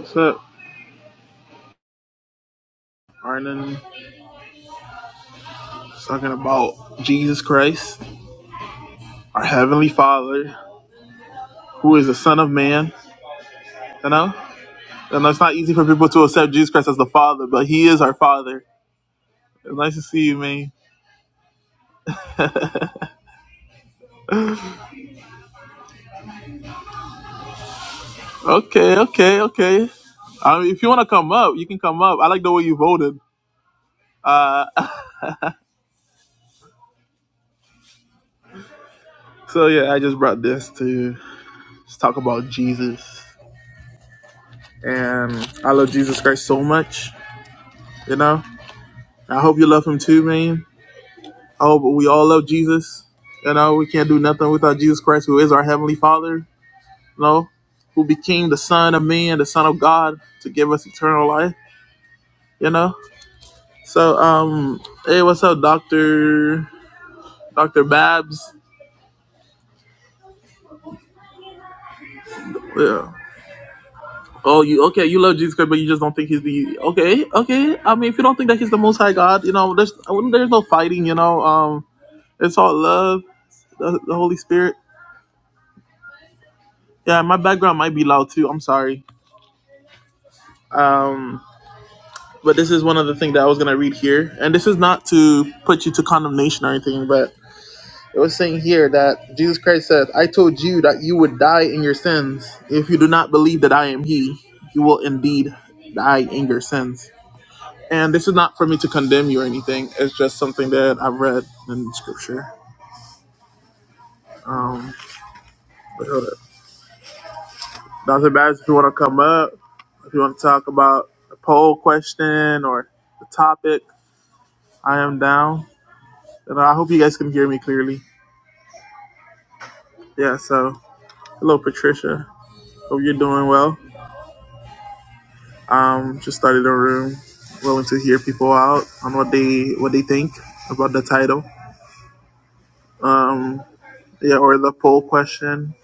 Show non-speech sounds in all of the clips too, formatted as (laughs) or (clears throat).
What's up, Arnon? Talking about Jesus Christ, our Heavenly Father, who is the Son of Man. You know, and it's not easy for people to accept Jesus Christ as the Father, but He is our Father. It's nice to see you, man. Okay, okay, okay. I mean, if you want to come up, you can come up. I like the way you voted. Uh, (laughs) so yeah, I just brought this to just talk about Jesus, and I love Jesus Christ so much. You know, I hope you love Him too, man. Oh, but we all love Jesus. You know, we can't do nothing without Jesus Christ, who is our Heavenly Father, you know, who became the Son of Man, the Son of God, to give us eternal life, you know. So, um, hey, what's up, Doctor Doctor Babs? Yeah. Oh, you okay? You love Jesus Christ, but you just don't think he's the okay. Okay. I mean, if you don't think that he's the Most High God, you know, there's there's no fighting. You know, um, it's all love, the, the Holy Spirit. Yeah, my background might be loud too. I'm sorry. Um, But this is one of the things that I was going to read here. And this is not to put you to condemnation or anything, but it was saying here that Jesus Christ said, I told you that you would die in your sins. If you do not believe that I am He, you will indeed die in your sins. And this is not for me to condemn you or anything. It's just something that I've read in scripture. Um, but hold up. Dr. Bass, if you want to come up, if you want to talk about a poll question or the topic, I am down. And I hope you guys can hear me clearly. Yeah, so hello, Patricia. Hope you're doing well. Um, just started a room, willing to hear people out on what they what they think about the title. Um, yeah, or the poll question.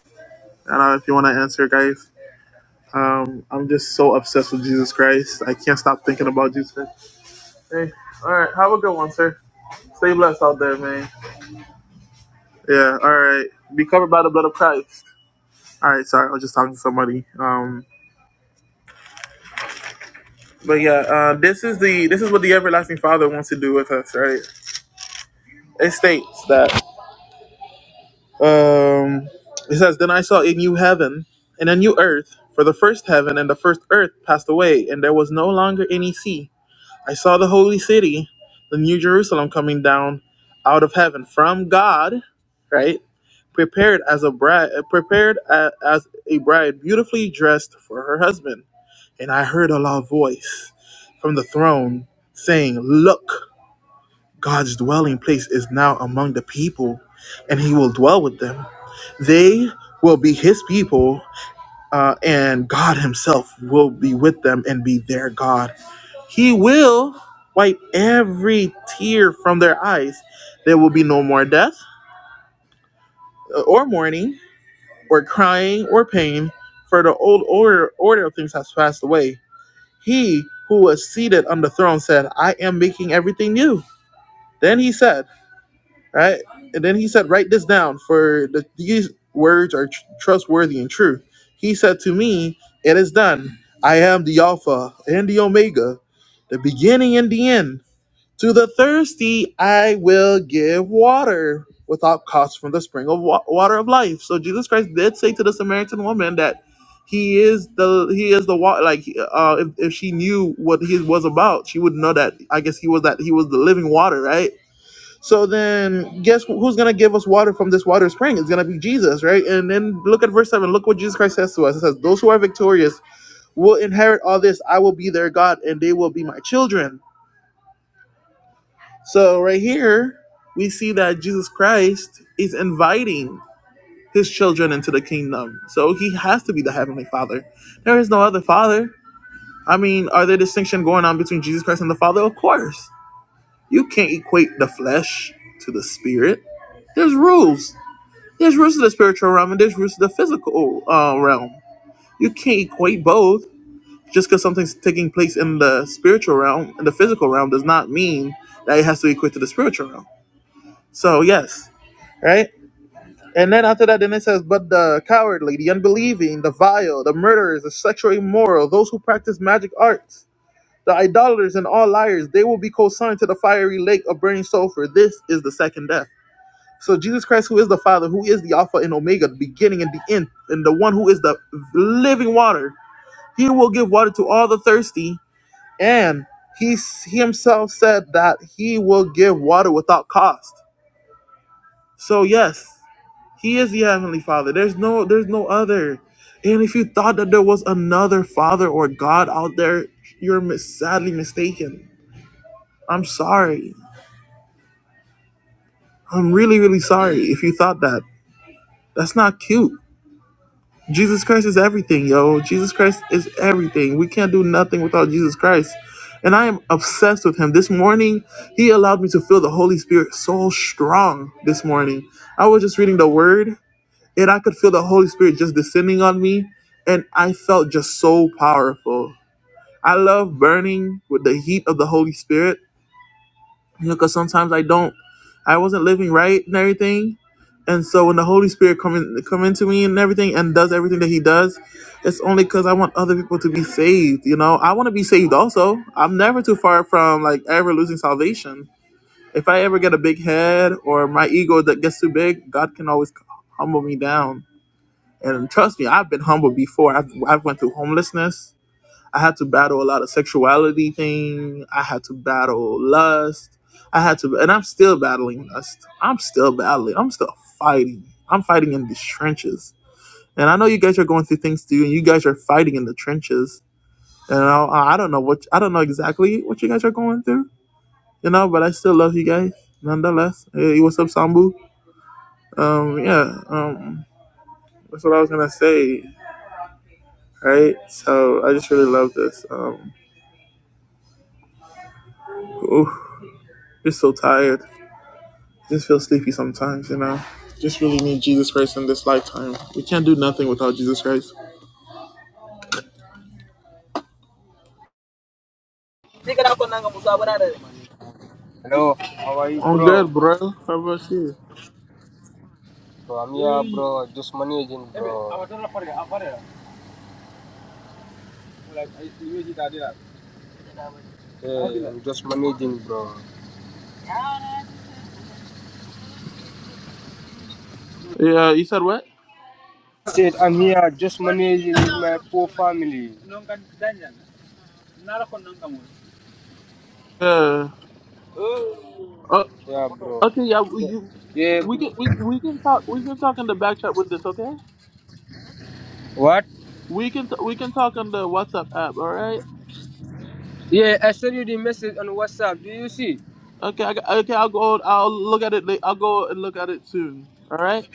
I don't know if you want to answer, guys. Um, I'm just so obsessed with Jesus Christ. I can't stop thinking about Jesus. Hey, all right, have a good one, sir. Stay blessed out there, man. Yeah, all right. Be covered by the blood of Christ. All right, sorry, I was just talking to somebody. Um, but yeah, uh, this is the this is what the everlasting Father wants to do with us, right? It states that um, it says, "Then I saw a new heaven and a new earth, for the first heaven and the first earth passed away, and there was no longer any sea. I saw the holy city, the new Jerusalem, coming down out of heaven from God, right? Prepared as a bride, prepared a, as a bride, beautifully dressed for her husband. And I heard a loud voice from the throne saying, 'Look.'" God's dwelling place is now among the people, and He will dwell with them. They will be His people, uh, and God Himself will be with them and be their God. He will wipe every tear from their eyes. There will be no more death, uh, or mourning, or crying, or pain, for the old order, order of things has passed away. He who was seated on the throne said, I am making everything new. Then He said, right? And then he said, Write this down, for the, these words are tr- trustworthy and true. He said to me, It is done. I am the Alpha and the Omega, the beginning and the end. To the thirsty, I will give water without cost from the spring of wa- water of life. So Jesus Christ did say to the Samaritan woman that he is the he is the water. Like uh, if, if she knew what he was about, she would know that. I guess he was that he was the living water, right? So then, guess who's going to give us water from this water spring? It's going to be Jesus, right? And then look at verse 7. Look what Jesus Christ says to us. It says, Those who are victorious will inherit all this. I will be their God, and they will be my children. So, right here, we see that Jesus Christ is inviting his children into the kingdom. So, he has to be the heavenly father. There is no other father. I mean, are there distinction going on between Jesus Christ and the Father? Of course. You can't equate the flesh to the spirit. There's rules There's roots of the spiritual realm and there's roots of the physical uh, realm. You can't equate both. Just because something's taking place in the spiritual realm and the physical realm does not mean that it has to equate to the spiritual realm. So yes, right. And then after that, then it says, "But the cowardly, the unbelieving, the vile, the murderers, the sexually immoral, those who practice magic arts, the idolaters, and all liars, they will be co-signed to the fiery lake of burning sulfur. This is the second death." So Jesus Christ, who is the Father, who is the Alpha and Omega, the beginning and the end, and the one who is the living water, he will give water to all the thirsty. And he, he himself said that he will give water without cost. So yes, he is the Heavenly Father. There's no there's no other. And if you thought that there was another Father or God out there, you're mis- sadly mistaken. I'm sorry. I'm really really sorry if you thought that. That's not cute. Jesus Christ is everything, yo. Jesus Christ is everything. We can't do nothing without Jesus Christ. And I am obsessed with him. This morning, he allowed me to feel the Holy Spirit so strong this morning. I was just reading the word and I could feel the Holy Spirit just descending on me. And I felt just so powerful. I love burning with the heat of the Holy Spirit you know, because sometimes I don't, I wasn't living right and everything. And so when the Holy Spirit come in, come into me and everything and does everything that He does, it's only because I want other people to be saved. You know, I want to be saved also. I'm never too far from like ever losing salvation. If I ever get a big head or my ego that gets too big, God can always humble me down. And trust me, I've been humbled before. I've I've went through homelessness. I had to battle a lot of sexuality thing. I had to battle lust. I had to, and I'm still battling lust. I'm still battling. I'm still fighting. I'm fighting in these trenches. And I know you guys are going through things too, and you guys are fighting in the trenches. And I I don't know what, I don't know exactly what you guys are going through, you know, but I still love you guys nonetheless. Hey, what's up, Sambu? Um, yeah, um, that's what I was gonna say, right? So I just really love this. Um, oof, just so tired. just feel sleepy sometimes, you know. Just really need Jesus Christ in this lifetime. We can't do nothing without Jesus Christ. Hello, how are you, I'm bro? good, bro. How about you? So I'm here, bro. Just managing, bro. Hey, I'm just managing, bro. Yeah, you said what? I Said I'm here, just managing with my poor family. Yeah. Oh, Yeah, bro. okay. Yeah, we- you, Yeah, we bro. can we, we can talk we can talk in the back chat with this. Okay. What? We can t- we can talk on the WhatsApp app. All right. Yeah, I sent you the message on WhatsApp. Do you see? Okay. I, got- okay. I'll go. I'll look at it. Late. I'll go and look at it soon. All right.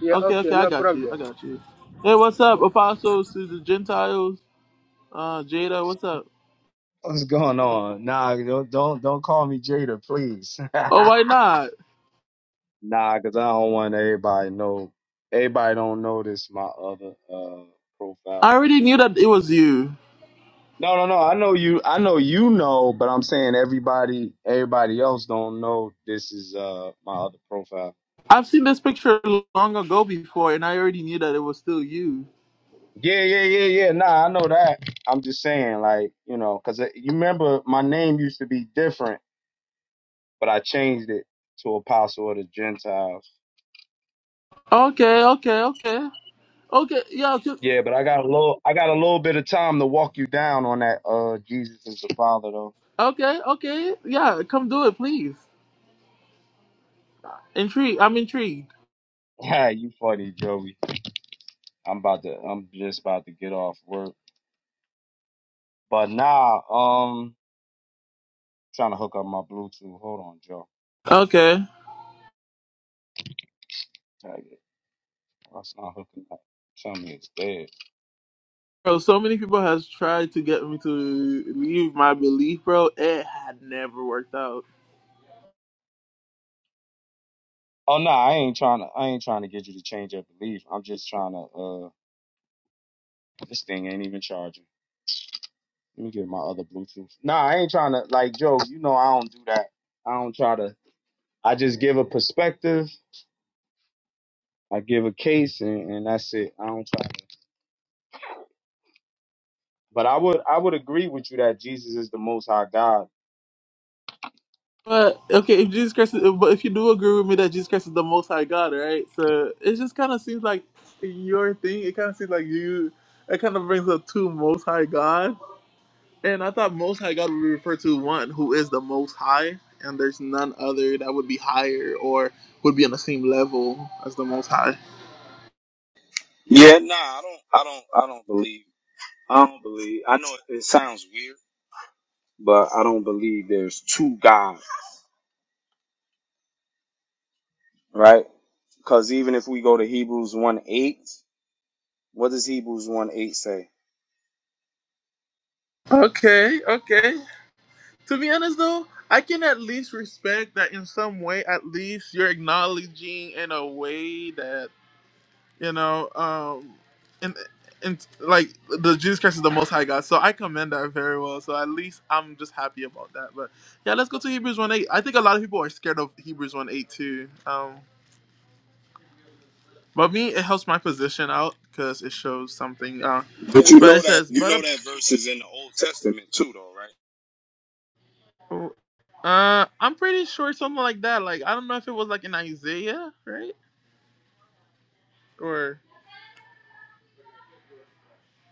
Yeah, Okay. okay, Okay. I no got you. I problem. got you. Hey, what's up, apostles to the Gentiles? Uh, Jada, what's up? What's going on? Nah, don't don't, don't call me Jada, please. (laughs) Oh, why not? nah, cause I don't want everybody know. Everybody don't notice my other uh profile. I already knew that it was you. No, no, no. I know you. I know you know, but I'm saying everybody, everybody else don't know this is uh my other profile. I've seen this picture long ago before, and I already knew that it was still you. Yeah, yeah, yeah, yeah. Nah, I know that. I'm just saying, like you know, cause it- you remember my name used to be different, but I changed it to Apostle of the Gentiles. Okay, okay, okay, okay. Yeah, just, Yeah, but I got a little I got a little bit of time to walk you down on that uh Jesus is the Father though. (laughs) okay, okay. Yeah, come do it, please. Intrigued. I'm intrigued. Yeah, you funny, Joey. I'm about to I'm just about to get off work. But nah, um trying to hook up my Bluetooth. Hold on, Joe. Okay, Tag it. That's not hooking up. Tell me it's dead. bro. So many people has tried to get me to leave my belief, bro. It had never worked out. Oh no, nah, I ain't trying to I ain't trying to get you to change your belief. I'm just trying to uh this thing ain't even charging. Let me get my other Bluetooth. Nah, I ain't trying to like Joe, you know I don't do that. I don't try to I just give a perspective I give a case and, and that's it. I don't try to. But I would I would agree with you that Jesus is the most high God. But okay, if Jesus Christ, is- but if you do agree with me that Jesus Christ is the Most High God, right? So it just kind of seems like your thing. It kind of seems like you. It kind of brings up two Most High God, and I thought Most High God would refer to one who is the Most High, and there's none other that would be higher or would be on the same level as the Most High. Yeah, nah, I don't, I don't, I don't believe. I don't believe. I know it, it sounds weird, but I don't believe there's two gods, right? Because even if we go to Hebrews one eight, what does Hebrews one eight say? Okay, okay. To be honest, though, I can at least respect that in some way. At least you're acknowledging in a way that you know um and and like the jesus christ is the most high god so i commend that very well so at least i'm just happy about that but yeah let's go to hebrews 1 8 i think a lot of people are scared of hebrews 1 8 too um but me it helps my position out because it shows something uh But you but know it that says you but know that verse is in the Old Testament too, though, right? a, uh i'm pretty sure something like that like i don't know if it was like in isaiah right or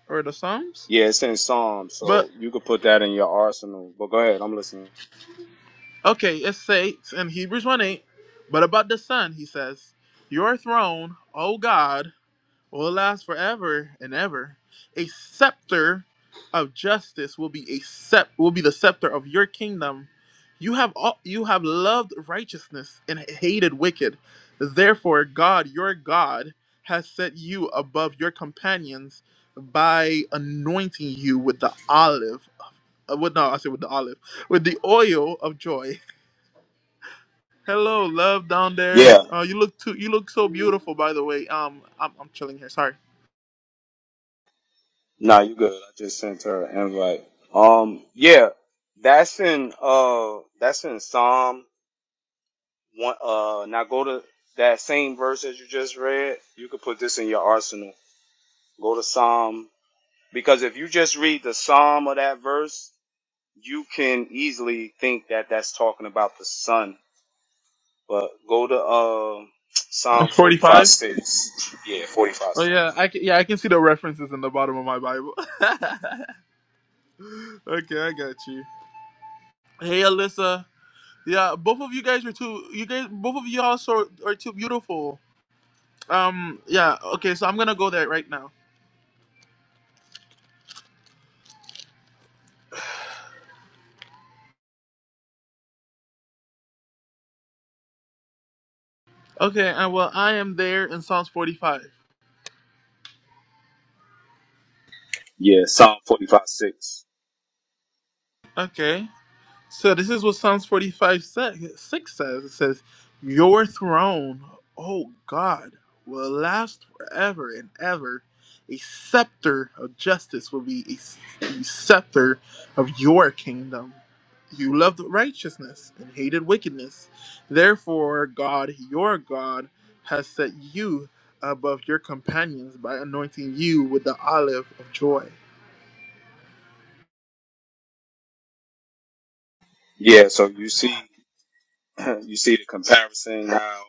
or the psalms Yeah, it's in Psalms, But so you could put that in your arsenal. But go ahead, I'm listening. Okay, it states in Hebrews 1 8, but about the Son, he says, Your throne, O God, will last forever and ever. A scepter of justice will be a sep- will be the scepter of your kingdom. You have all, you have loved righteousness and hated wicked. Therefore, God, your God, has set you above your companions by anointing you with the olive, uh, with no, I say with the olive, with the oil of joy. Hello, love down Yeah. there. Uh, you look too. You look so beautiful, by the way. Um, I'm I'm chilling here. Sorry. Nah, you good. I just sent her an invite. Um, yeah, that's in uh, that's in Psalm one. Uh, now go to that same verse that you just read. You could put this in your arsenal. Go to Psalm because if you just read the Psalm of that verse, you can easily think that that's talking about the sun. But go to uh, I'm Psalm forty-five 45. six. Yeah, forty-five Oh six. yeah, I can, yeah I can see the references in the bottom of my Bible. (laughs) okay, I got you. Hey, Alyssa. Yeah, both of you guys are too. You guys, both of you also are too beautiful. Um, yeah. Okay, so I'm gonna go there right now. Okay, and well, I am there in Psalms 45. Yeah, Psalm forty-five six. Okay. So this is what Psalms 45 se- 6 says. It says, Your throne, O God, will last forever and ever. A scepter of justice will be a, s- a scepter of your kingdom. You loved righteousness and hated wickedness. Therefore, God, your God, has set you above your companions by anointing you with the olive of joy. Yeah, so you see. (clears throat) you see the comparison how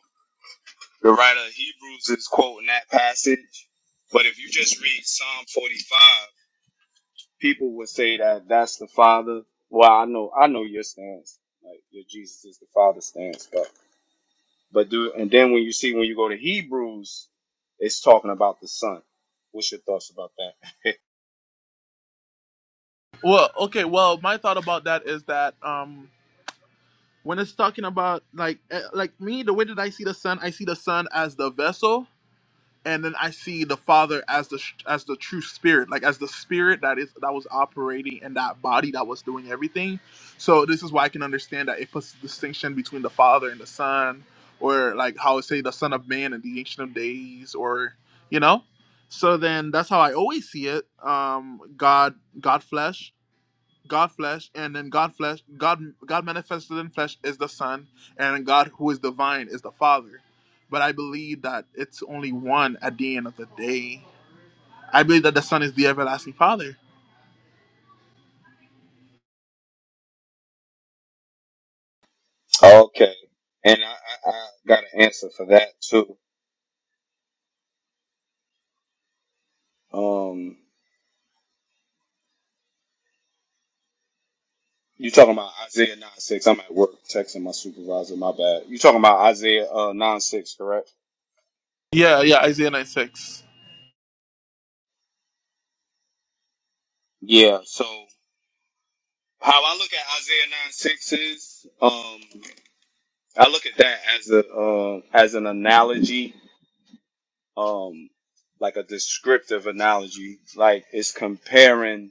the writer of Hebrews is quoting that passage. But if you just read Psalm 45, people would say that that's the Father. Well, I know, I know your stance, like your Jesus is the Father stance, but but do and then when you see when you go to Hebrews, it's talking about the Son. What's your thoughts about that? Well, okay, well, my thought about that is that. um when it's talking about like eh, like me the way that i see the son i see the son as the vessel and then i see the father as the as the true spirit like as the spirit that is that was operating in that body that was doing everything so this is why i can understand that it puts a distinction between the father and the son or like how it say the son of man and the ancient of days or you know so then that's how i always see it um god god flesh God flesh, and then God flesh, God God manifested in flesh is the Son, and then God who is divine is the Father. But I believe that it's only one at the end of the day. I believe that the Son is the everlasting Father. Okay, and I, I, I got an answer for that too. Um, You talking about Isaiah 9 6. I'm at work texting my supervisor, my bad. You talking about Isaiah uh, 9 6, correct? Yeah, yeah, Isaiah 9 6. Yeah, so how I look at Isaiah 9 6 is um I look at that as a uh, as an analogy, um like a descriptive analogy. Like it's comparing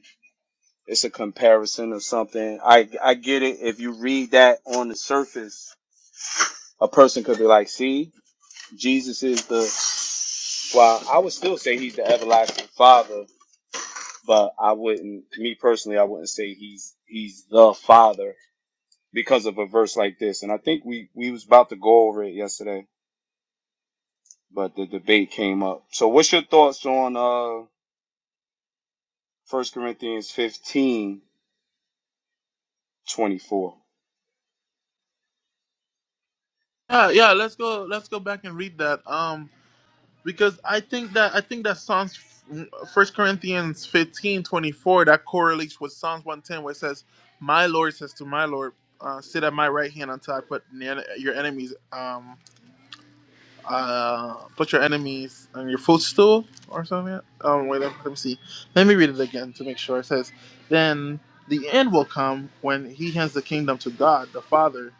it's a comparison of something. I I get it. If you read that on the surface, a person could be like, see, Jesus is the well, I would still say he's the everlasting father but I wouldn't, me personally, I wouldn't say he's he's the father because of a verse like this. And I think we we was about to go over it yesterday, but the debate came up. So, what's your thoughts on uh First Corinthians fifteen twenty four? Yeah, yeah, let's go let's go back and read that. Um because I think that I think that Psalms First Corinthians 15 24, that correlates with Psalms 110 where it says, My Lord says to my Lord, uh, sit at my right hand until I put ne- your enemies um uh, put your enemies on your footstool or something. Um, wait, let, let me see. Let me read it again to make sure. It says, Then the end will come when he hands the kingdom to God the Father,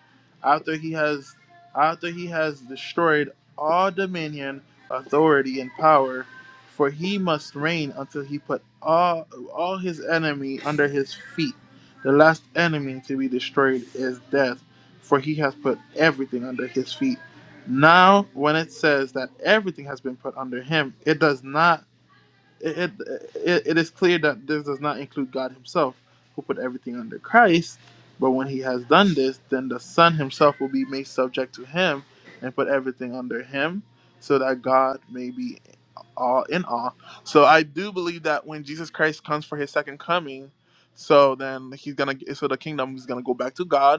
after he has after he has destroyed all dominion, authority, and power, for he must reign until he put all all his enemy under his feet. The last enemy to be destroyed is death, for he has put everything under his feet. Now, when it says that everything has been put under him, it does not. It, it, it is clear that this does not include God Himself, who put everything under Christ. But when He has done this, then the Son Himself will be made subject to Him and put everything under Him, so that God may be all in all. So I do believe that when Jesus Christ comes for His second coming, so then He's gonna. So the kingdom is gonna go back to God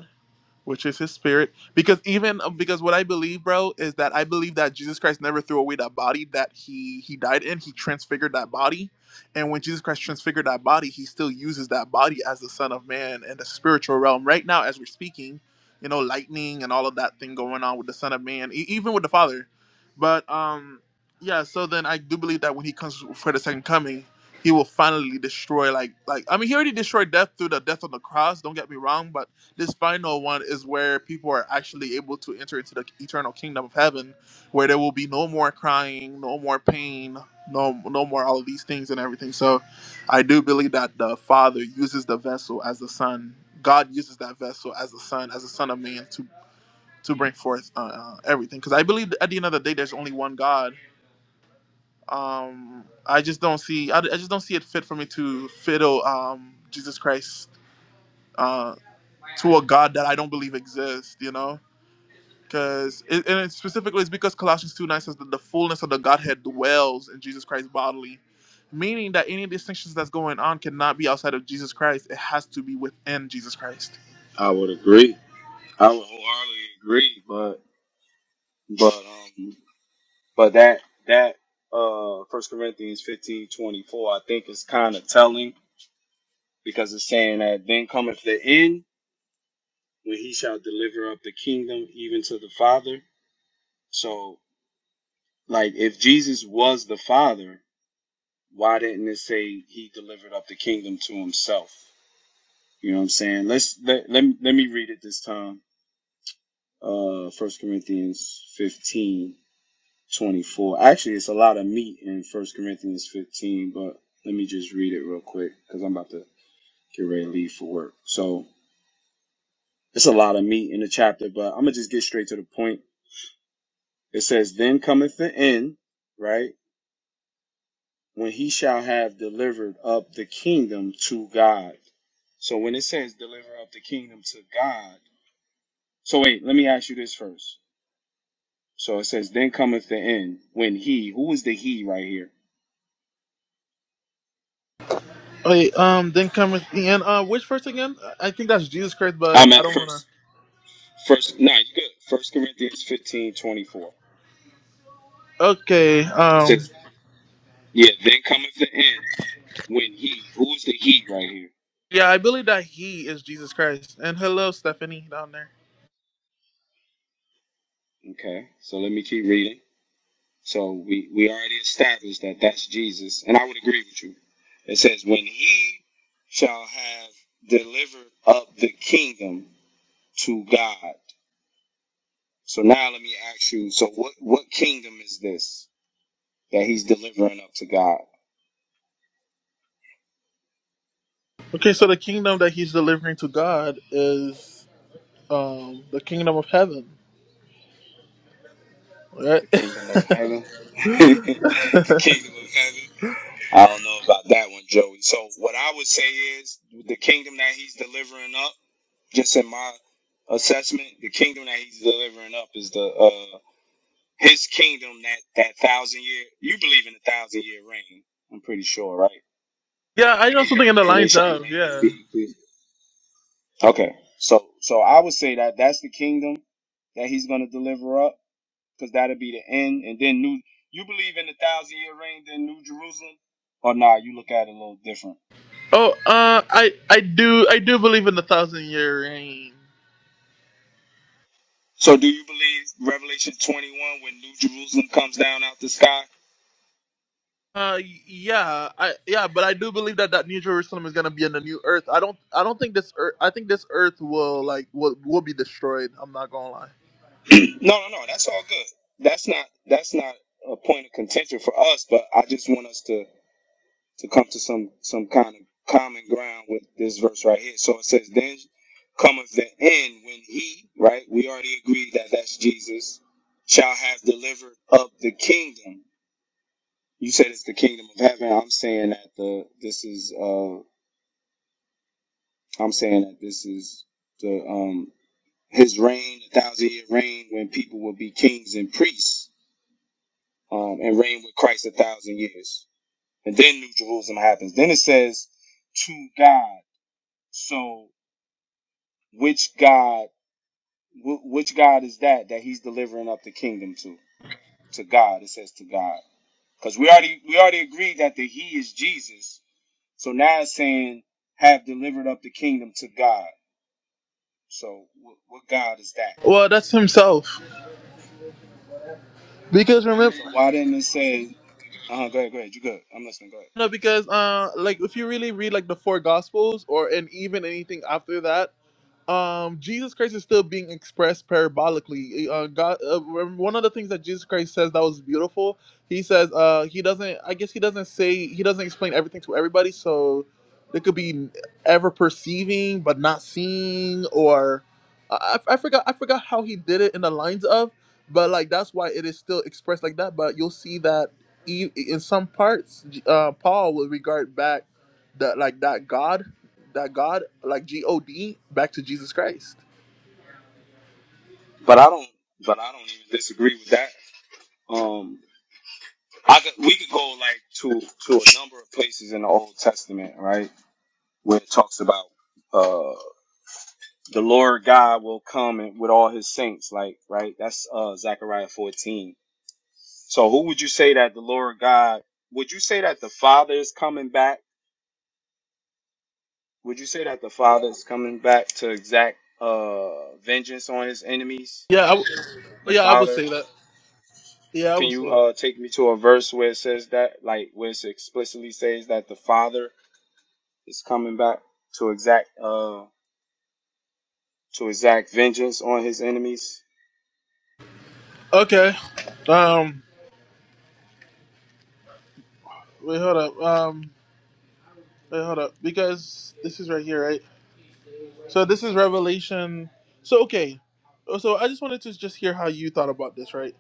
which is his spirit because even um, because what i believe bro is that i believe that jesus christ never threw away that body that he he died in he transfigured that body and when jesus christ transfigured that body he still uses that body as the son of man in the spiritual realm right now as we're speaking you know lightning and all of that thing going on with the son of man e- even with the father but um yeah so then i do believe that when he comes for the second coming he will finally destroy like like i mean he already destroyed death through the death on the cross don't get me wrong but this final one is where people are actually able to enter into the eternal kingdom of heaven, where there will be no more crying, no more pain, no no more all of these things and everything. So, I do believe that the Father uses the vessel as the Son. God uses that vessel as the Son, as the Son of Man, to to bring forth uh, uh, everything. Because I believe at the end of the day, there's only one God. Um, I just don't see. I, I just don't see it fit for me to fiddle um, Jesus Christ uh, to a God that I don't believe exists. You know because it, and it specifically it's because colossians 2 9 says that the fullness of the godhead dwells in jesus christ bodily meaning that any distinctions that's going on cannot be outside of jesus christ it has to be within jesus christ I would agree. I would wholeheartedly agree, but but um but that that uh First Corinthians 15 24, I think is kind of telling because it's saying that then cometh the end when he shall deliver up the kingdom even to the Father. So, like, if Jesus was the Father, why didn't it say he delivered up the kingdom to himself? You know what I'm saying? Let's let let, me- let me read it this time. Uh, First Corinthians 15 24. Actually, it's a lot of meat in First Corinthians 15, but let me just read it real quick because I'm about to get ready to leave for work. So it's a lot of meat in the chapter, but I'm gonna just get straight to the point It says, Then cometh the end, right? When he shall have delivered up the kingdom to God. So when it says deliver up the kingdom to God, so wait, let me ask you this first. So it says, Then cometh the end when he, who is the he right here? okay um then cometh the end uh which verse again i think that's jesus christ but I'm i at don't want first to first no, you good. First Corinthians 15 24. okay It um says, Yeah, then cometh the end when he, who is the he right here? yeah i believe that he is jesus christ and hello stephanie down there Okay, so let me keep reading. So we, we already established that that's Jesus. And I would agree with you. It says, when he shall have delivered up the kingdom to God. So now let me ask you, so what, what kingdom is this that he's delivering up to God? okay so the kingdom that he's delivering to god is um the kingdom of heaven right The (laughs) kingdom of heaven? (laughs) the kingdom of heaven? I don't know about that one, Joey. So what I would say is the kingdom that he's delivering up, just in my assessment, the kingdom that he's delivering up is the uh, his kingdom that that thousand year you believe in a thousand year reign i'm pretty sure right Yeah, I know something in the when they lines shall of reign and yeah. be be- okay so so i would say that that's the kingdom that he's going to deliver up because that'll be the end and then new you believe in the thousand year reign then new jerusalem or nah you look at it a little different Oh, uh, I I do I do believe in the thousand year reign. so do you believe revelation 21 when new jerusalem comes down out the sky Uh, y- yeah, I yeah, but I do believe that that New Jerusalem is gonna be in the new Earth. I don't I don't think this Earth I think this Earth will like will will be destroyed. I'm not gonna lie. (clears throat) no no no that's all good that's not that's not a point of contention for us but i just want us to to come to some some kind of common ground with this verse right here. So it says, "Then cometh the end when he." Right? We already agreed that that's Jesus shall have delivered up the kingdom. You said it's the kingdom of heaven. I'm saying that the this is uh I'm saying that this is the um his reign, a thousand year reign when people will be kings and priests um and reign with Christ a thousand years. And then New Jerusalem happens. Then it says to God. So Which God? wh- Which God is that that he's delivering up the kingdom to? To God, it says to God, because we already we already agreed that the He is Jesus. So now it's saying have delivered up the kingdom to God. So wh- what God is that? Well, that's himself because remember. So why didn't it say? Uh huh. Go ahead. Go ahead. You good? I'm listening. Go ahead. No, because uh, like if you really read like the four Gospels or and even anything after that, um jesus christ is still being expressed parabolically uh, god uh, one of the things that jesus christ says that was beautiful he says uh he doesn't i guess he doesn't say he doesn't explain everything to everybody so they could be ever perceiving but not seeing or I, I I forgot i forgot how he did it in the lines of but like that's why it is still expressed like that but you'll see that e- in some parts uh paul will regard back that like that god that God, like G O D, back to Jesus Christ. But I don't. But I don't even disagree with that. Um, I could, we could go like to to a number of places in the Old Testament, right, where it talks about. uh. the Lord God will come and with all his saints, like right? That's uh Zechariah 14. So who would you say that the Lord God would you say that the Father is coming back? Would you say that the Father is coming back to exact uh vengeance on his enemies? Yeah, I w- The yeah, I would Father? say that. Yeah, I Can would you say that. uh take me to a verse where it says that, like where it explicitly says that the Father is coming back to exact uh to exact vengeance on his enemies? Okay. Um, wait, hold up. Um, wait, hold up. Because this is right here, right? So this is Revelation. So okay. So I just wanted to just hear how you thought about this, right?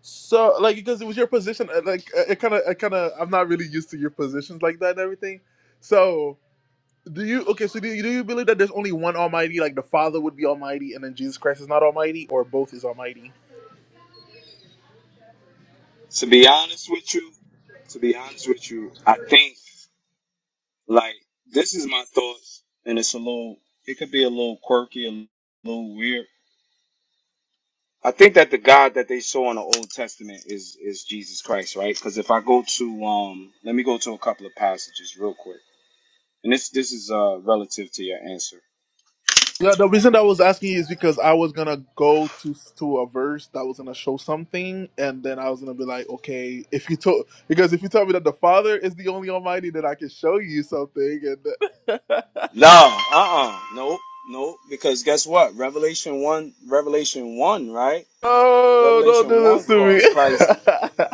So like because it was your position, uh, like uh, it kind of, I kind of, I'm not really used to your positions like that and everything. So. Do you okay? So do you, do you believe that there's only one Almighty, like the Father would be Almighty, and then Jesus Christ is not Almighty, or both is Almighty? To be honest with you, to be honest with you, I think like this is my thoughts, and it's a little, it could be a little quirky, a little weird. I think that the God that they saw in the Old Testament is is Jesus Christ, right? Because if I go to, um, let me go to a couple of passages real quick, and this this is uh relative to your answer. Yeah, the reason I was asking is because I was gonna go to to a verse that was gonna show something, and then I was gonna be like, okay, if you told because if you tell me that the Father is the only Almighty, then I can show you something. And then... (laughs) No, uh, uh nope, nope. Because guess what? Revelation one, Revelation one, right? oh, don't Revelation do one this to calls Christ me.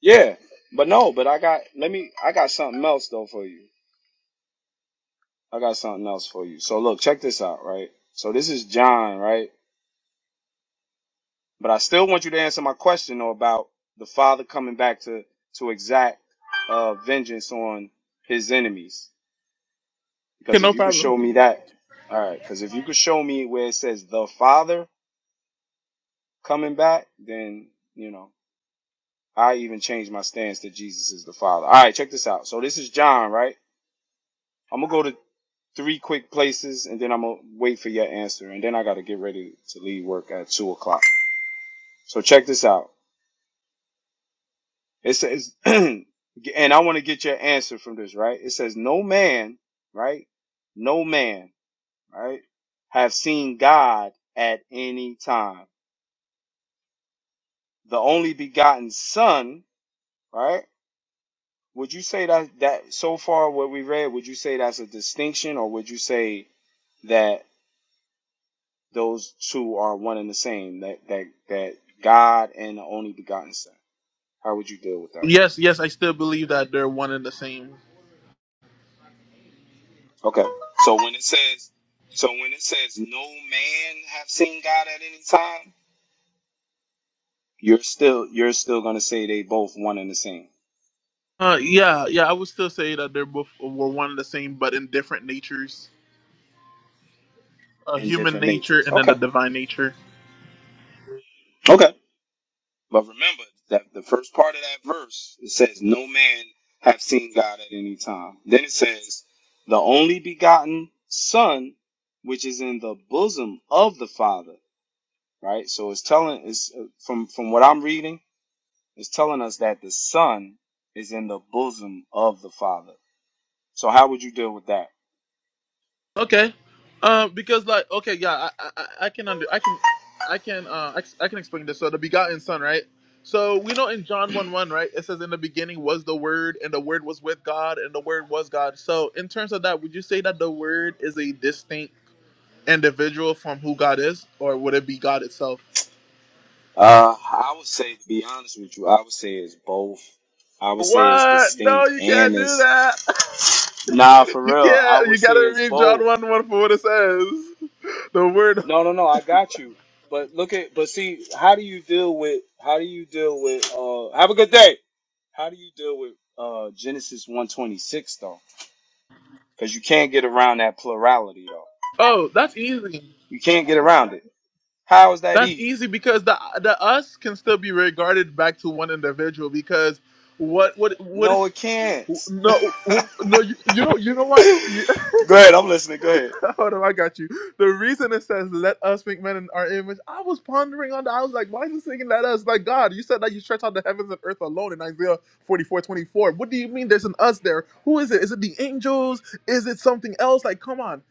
Yeah, but no, but I got let me I got something else though for you. I got something else for you. So look, check this out, right? So this is John, right? But I still want you to answer my question though about the father coming back to to exact uh vengeance on his enemies. (laughs) okay, Because if no you could problem. show me that, all right, because if you could show me where it says the father coming back, then you know, I even change my stance that Jesus is the father. All right, check this out. So this is John, right? I'm gonna go to three quick places, and then I'm gonna wait for your answer, and then I gotta get ready to leave work at two o'clock. So check this out. It says, (clears throat) and I want to get your answer from this, right? It says, no man, right? No man, right? Have seen God at any time. The only begotten Son, right? Would you say that that so far what we read? Would you say that's a distinction, or would you say that those two are one and the same. That that that God and the only begotten Son. How would you deal with that? Yes, yes, I still believe that they're one and the same. Okay. So when it says, so when it says, no man have seen God at any time, you're still you're still gonna say they both one and the same Uh, yeah, yeah, I would still say that they're both uh, were one and the same, but in different natures. Uh, in human different nature natures. and then the Okay. divine nature. Okay. But remember that the first part of that verse it says, no man have seen God at any time. Then it says, the only begotten Son, which is in the bosom of the Father. right? So it's telling is from from what I'm reading, it's telling us that the Son is in the bosom of the Father. So how would you deal with that? Okay, uh, because like, okay, yeah, I, I, I can under, I can, I can, uh, I, I can explain this. So the begotten Son, right? So we know in John one one, right? It says, "In the beginning was the Word, and the Word was with God, and the Word was God." So in terms of that, would you say that the Word is a distinct individual from who God is, or would it be God itself? Uh, I would say, to be honest with you, I would say it's both. I would say it's What? No, distinct you can't and do it's that. (laughs) nah for You real. I can't. would You say gotta it's read both. John one one for what it says. The word. No, no, no. I got you. But look at but see, how do you deal with how do you deal with uh? Have a good day. How do you deal with uh Genesis one twenty six though? Because you can't get around that plurality though. Oh, that's easy. You can't get around it. How is that That's easy? easy because the the us can still be regarded back to one individual because what what what No, is it can't. no no you, you know you know (laughs) what go ahead. I'm listening. Go ahead. (laughs) Hold on, I got you. The reason it says "Let us make men in our image," I was pondering on that. I was like, "Why is it saying let us?" Like God, you said that you stretch out the heavens and earth alone in Isaiah forty-four twenty-four. What do you mean? There's an us there. Who is it? Is it the angels? Is it something else? Like, come on.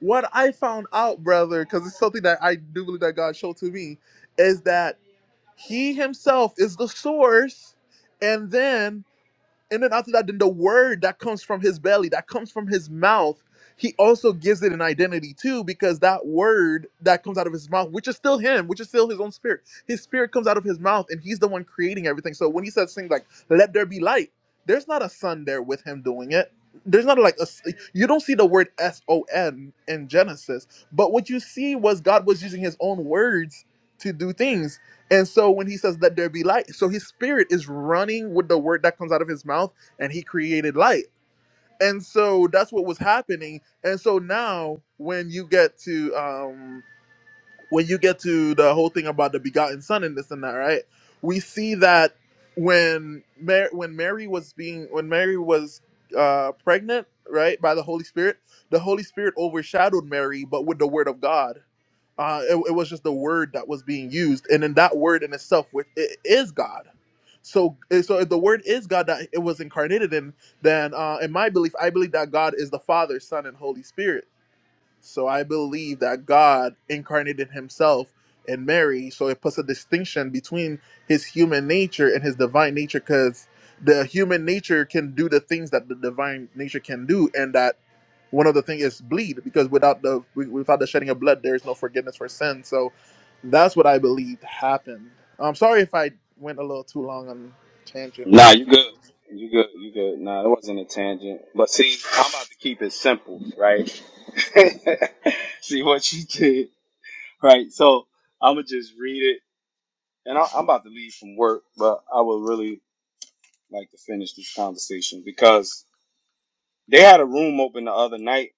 What I found out, brother, because it's something that I do believe that God showed to me, is that He Himself is the source, and then and then after that, then the word that comes from his belly, that comes from his mouth, he also gives it an identity too, because that word that comes out of his mouth, which is still him, which is still his own spirit, his spirit comes out of his mouth and he's the one creating everything. So when he says things like, let there be light, there's not a son there with him doing it. There's not like a, s- you don't see the word S O N in Genesis, but what you see was God was using his own words to do things and so when he says, let there be light, so his spirit is running with the word that comes out of his mouth, and he created light. And so that's what was happening. And so now when you get to um when you get to the whole thing about the begotten son and this and that, right? We see that when Mary when Mary was being when Mary was uh pregnant, right, by the Holy Spirit, the Holy Spirit overshadowed Mary, but with the word of God uh, it, it was just the word that was being used, and then that word in itself, which it is God. So, eh, so if the word is God that it was incarnated in, then uh, in my belief, I believe that God is the Father, Son, and Holy Spirit. So I believe that God incarnated himself in Mary. So it puts a distinction between his human nature and his divine nature because the human nature can do the things that the divine nature can do. And that one of the things is bleed because without the without the shedding of blood, there is no forgiveness for sin. So that's what I believe happened. I'm sorry if I went a little too long on tangent Nah, on you that. good. You good. You good. Nah, it wasn't a tangent. But see, I'm about to keep it simple, right? (laughs) see what you did, right? So I'm gonna just read it, and I- I'm about to leave from work, but I would really like to finish this conversation because they had a room open the other night,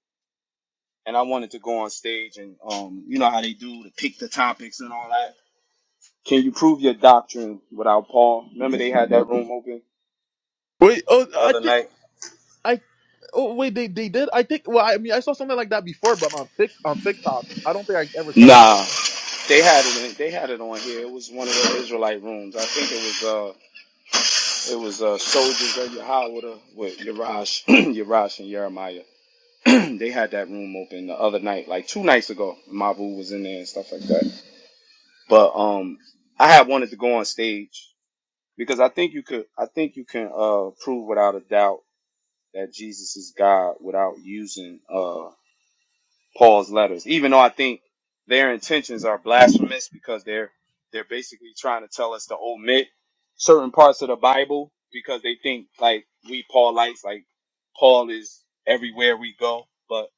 and I wanted to go on stage and um, you know how they do to pick the topics and all that. Can you prove your doctrine without Paul? Remember they had that room open Wait, oh, the I other think. night. I oh wait, they they did. I think. Well, I mean, I saw something like that before, but on Tik on TikTok, I don't think I ever saw it on Nah. here. They had it. They had it on here. It was one of the Israelite rooms. I think it was. uh It was uh soldiers of Yahweh with Yerash, (clears throat) Yerash and Jeremiah. (clears throat) they had that room open the other night, like two nights ago. Mavu was in there and stuff like that. But um, I had wanted to go on stage because I think you could. I think you can uh prove without a doubt that Jesus is God without using uh Paul's letters, even though I think their intentions are blasphemous because they're they're basically trying to tell us to omit certain parts of the Bible because they think like we Paulites, like Paul is everywhere we go. But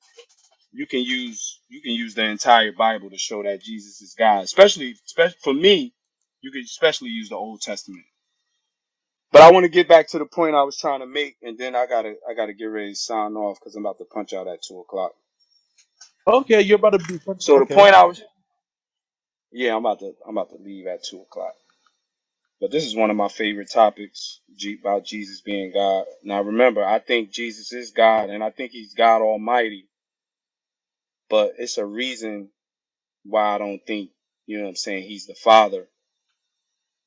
you can use you can use the entire Bible to show that Jesus is God. Especially, especially for me, you can especially use the Old Testament. But I want to get back to the point I was trying to make, and then I gotta I gotta get ready to sign off because I'm about to punch out at two o'clock. Okay, you're about to be punched. So the Okay, point I was Yeah, I'm about to I'm about to leave at two o'clock. But this is one of my favorite topics Je- about Jesus being God. Now remember, I think Jesus is God, and I think He's God Almighty. But it's a reason why I don't think you know what I'm saying He's the Father,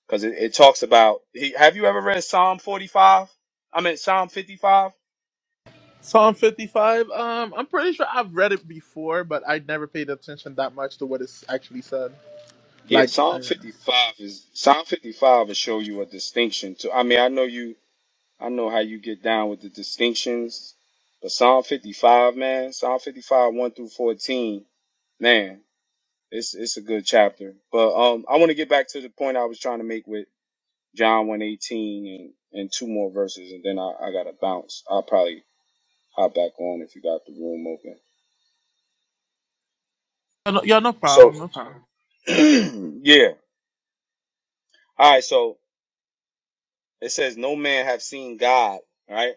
because it, it talks about. He, have you ever read Psalm 45? I mean Psalm 55. Psalm 55. Um, I'm pretty sure I've read it before, but I never paid attention that much to what it's actually said. Yeah, Like, Psalm yeah, 55 is Psalm 55 is show you a distinction. To I mean, I know you. I know how you get down with the distinctions. But Psalm 55, man, Psalm 55, 1 through 14, man, it's it's a good chapter. But um, I want to get back to the point I was trying to make with John 118 and, and two more verses, and then I, I got to bounce. I'll probably hop back on if you got the room open. no, yeah, no So, problem, no problem. (clears throat) yeah. All right, so it says, No man have seen God, right,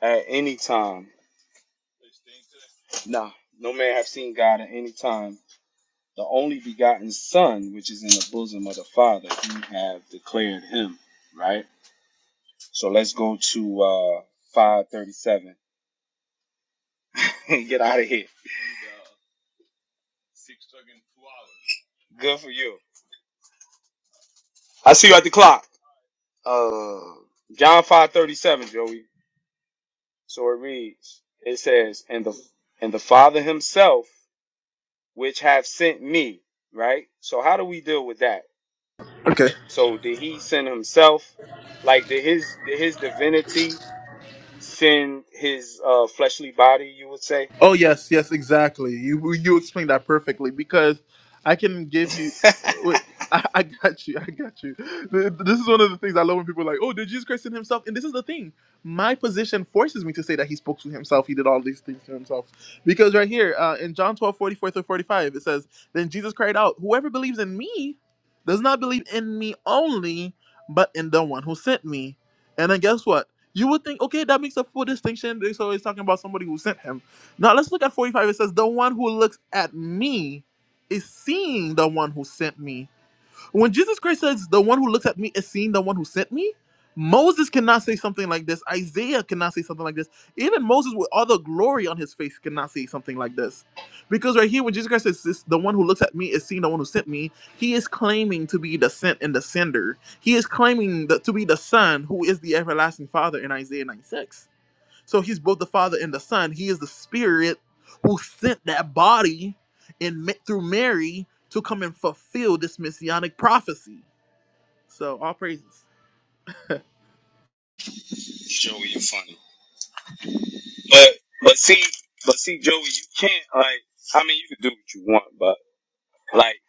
at any time. Nah, no man have seen God at any time the only begotten Son, which is in the bosom of the Father, you have declared him, right? So let's go to uh, 537 and (laughs) get out of here. Good for you. I see you at the clock. Uh, John 537, Joey. So it reads, it says, and the and the Father himself, which have sent me, right? So how do we deal with that? Okay. So did he send himself? Like did his did his divinity send his uh, fleshly body, you would say. Oh yes, yes, exactly. You you explained that perfectly because I can (laughs) give you. Wait, I, I got you. I got you. Th- This is one of the things I love when people are like, "Oh, did Jesus Christ send himself?" And this is the thing. My position forces me to say that he spoke to himself. He did all these things to himself. Because right here uh, in John 12 44 through 45, it says, Then Jesus cried out, 'Whoever believes in me does not believe in me only, but in the one who sent me. And then guess what? You would think, okay, that makes a full distinction. They're always talking about somebody who sent him. Now let's look at 45. It says, The one who looks at me is seeing the one who sent me. When Jesus Christ says, The one who looks at me is seeing the one who sent me, Moses cannot say something like this. Isaiah cannot say something like this. Even Moses, with all the glory on his face, cannot say something like this. Because right here, when Jesus Christ says, this, The one who looks at me is seeing the one who sent me, he is claiming to be the sent and the sender. He is claiming that, to be the Son who is the everlasting Father in Isaiah 96 so he's both the Father and the Son. He is the Spirit who sent that body and through Mary to come and fulfill this messianic prophecy. So all praises. Joey, you're funny, but but see, but see, Joey, you can't like. I mean, you can do what you want, but like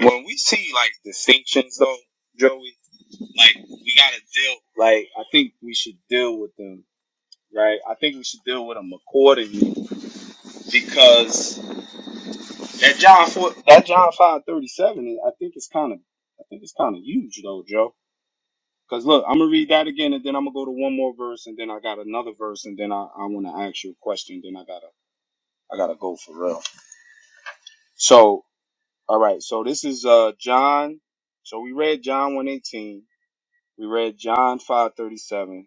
when we see like distinctions, though, Joey, like we gotta deal. Like I think we should deal with them, right? I think we should deal with them accordingly because that John four, that John five thirty seven, I think it's kind of, I think it's kind of huge though, Joe. Because look, I'm gonna read that again, and then I'm gonna go to one more verse, and then I got another verse, and then I, I want to ask you a question. Then I gotta I gotta go for real. So all right, so this is uh John. So we read John one eighteen. We read John five thirty seven.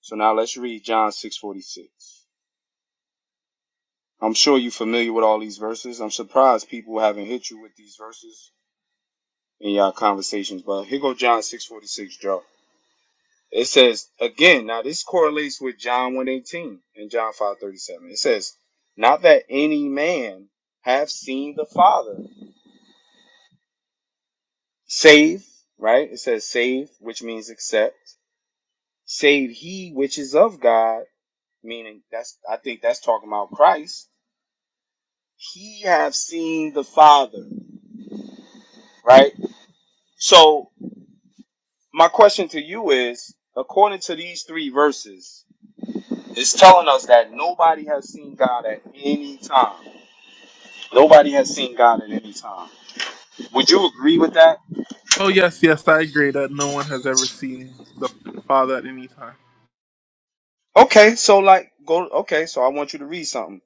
So now let's read John six forty six. I'm sure you're familiar with all these verses. I'm surprised people haven't hit you with these verses in y'all conversations. But here go John six forty six, Joe. It says again, now this correlates with John 118 and John 537. It says, Not that any man have seen the Father, save, right? It says save, which means accept, save he which is of God, meaning that's I think that's talking about Christ. He have seen the Father, right? So my question to you is according to these three verses, it's telling us that nobody has seen God at any time Nobody has seen God at any time. Would you agree with that? Oh yes, yes, I agree that no one has ever seen the Father at any time. Okay, so like go okay, so I want you to read something.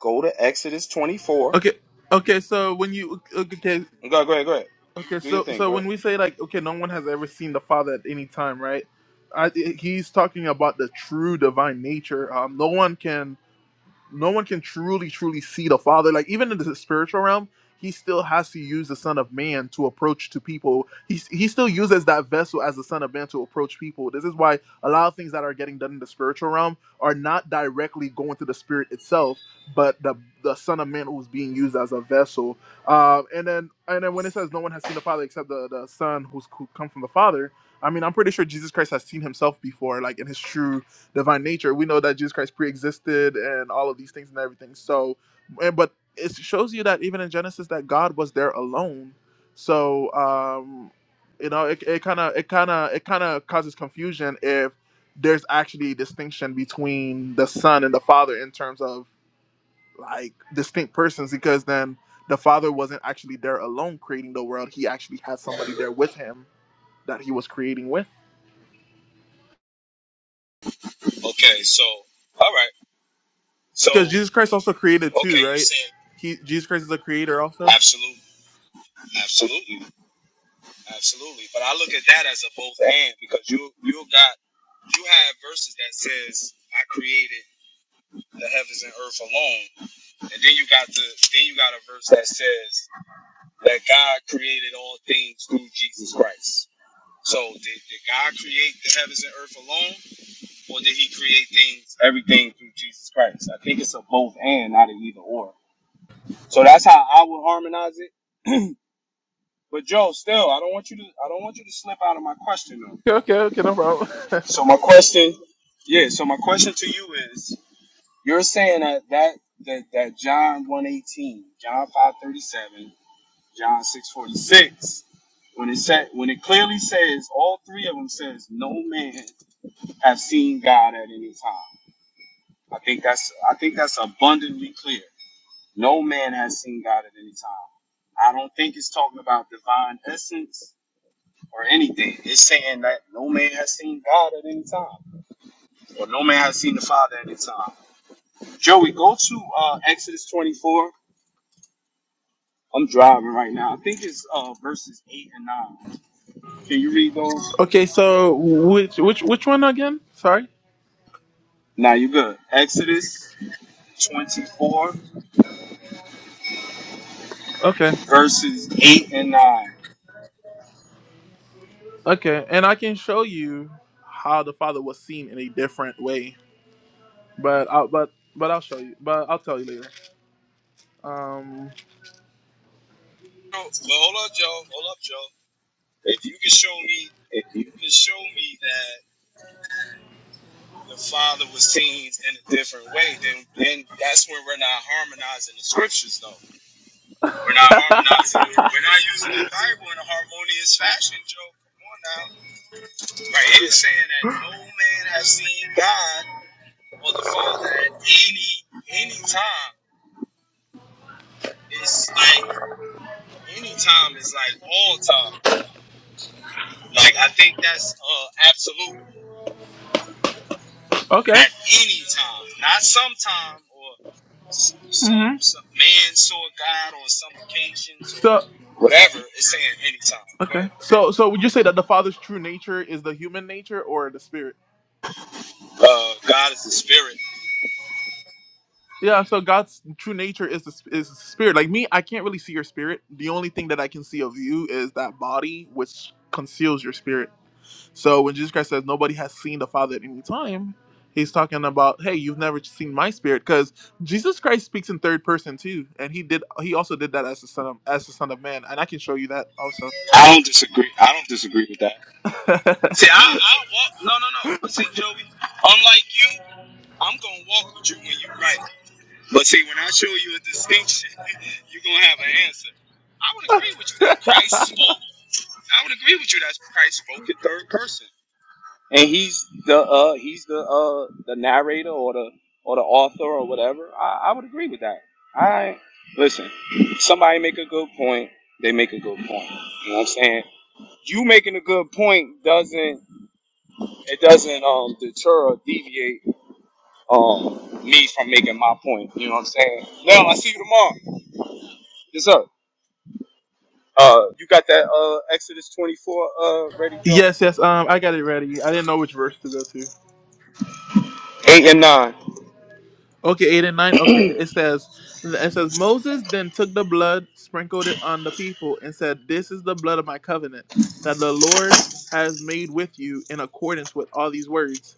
Go to Exodus 24. Okay, okay. So when you okay, Go go ahead, go ahead. okay. Do your So thing, so go when ahead. we say like okay, no one has ever seen the Father at any time, right? I, he's talking about the true divine nature. Um, no one can no one can truly truly see the father like even in the spiritual realm he still has to use the son of man to approach to people he, he still uses that vessel as the son of man to approach people this is why a lot of things that are getting done in the spiritual realm are not directly going to the spirit itself but the the son of man who's being used as a vessel um, and then and then when it says no one has seen the father except the, the son who's who come from the father i mean i'm pretty sure jesus christ has seen himself before like in his true divine nature. We know that Jesus Christ pre-existed and all of these things and everything. So, and, but it shows you that even in Genesis, that God was there alone. So, um, you know, it it kind of it kind of it kind of causes confusion if there's actually distinction between the Son and the Father in terms of like distinct persons, because then the Father wasn't actually there alone creating the world. He actually had somebody there with him that he was creating with. Okay, so all right, so Because Jesus Christ also created okay, too, you right? saying He Jesus Christ is a creator also. absolutely, absolutely, absolutely, but I look at that as a both and because you you got you have verses that says I created the heavens and earth alone, and then you got the then you got a verse that says that God created all things through Jesus Christ. So did, did God create the heavens and earth alone, or did He create things, everything through Jesus Christ? I think it's a both and, not an either or. So that's how I would harmonize it. But Joe, still, I don't want you to, I don't want you to slip out of my question though. Okay, okay, okay, no problem. (laughs) So my question, yeah. So my question to you is, you're saying that that that, that John one eighteen, John five thirty seven John six forty six, when it said when it clearly says all three of them says no man have seen God at any time. I think that's I think that's abundantly clear. No man has seen God at any time. I don't think it's talking about divine essence or anything. It's saying that no man has seen God at any time, or no man has seen the Father at any time. Joey, go to uh, Exodus twenty four. I'm driving right now. I think it's uh, verses eight and nine. Can you read those? okay, so which which which one again? Sorry. Now you good. Exodus 24, Okay, verses 8 and 9. okay, and I can show you how the Father was seen in a different way, but I'll, but but I'll show you, but I'll tell you later. Um. But hold up, Joe. Hold up, Joe. If you can show me, if you can show me that the Father was seen in a different way, then then that's where we're not harmonizing the scriptures, though. We're not (laughs) harmonizing. We're not using the Bible in a harmonious fashion, Joe. Come on now. Right here, saying that no man has seen God or the Father at any any time. It's like Any time is like all time. Like I think that's uh absolute Okay. at any time, not sometime or s- some, hmm some man saw God on some occasions or So, s- whatever. It's saying any time. But okay. go So, so would you say that the Father's true nature is the human nature or the spirit? ahead. Uh, God is the spirit. Yeah. So God's true nature is the s- is the spirit. Like me, I can't really see your spirit. The only thing that I can see of you is that body, which conceals your spirit. So when Jesus Christ says nobody has seen the Father at any time, he's talking about hey, you've never seen my spirit because Jesus Christ speaks in third person too, and he did he also did that as the son of as the son of man, and I can show you that also. I don't disagree. I don't disagree with that. (laughs) See, I, I walk. No, no, no. But see, Joey, unlike you, I'm gonna walk with you when you right. But see, when I show you a distinction, (laughs) you're gonna have an answer. I would agree with you that Christ spoke. I would agree with you. That's Christ spoke in third person, and he's the uh, he's the uh, the narrator or the or the author or whatever. I, I would agree with that. I listen. Somebody make a good point. They make a good point. You know what I'm saying? You making a good point doesn't it doesn't um deter or deviate um me from making my point. You know what I'm saying? Now I see you tomorrow. Yes sir. Uh, you got that uh Exodus 24 uh ready, Joe? Yes, yes. Um, I got it ready. I didn't know which verse to go to. Eight and nine. Okay, eight and nine. Okay, it says, it says Moses then took the blood, sprinkled it on the people, and said, "This is the blood of my covenant that the Lord has made with you in accordance with all these words."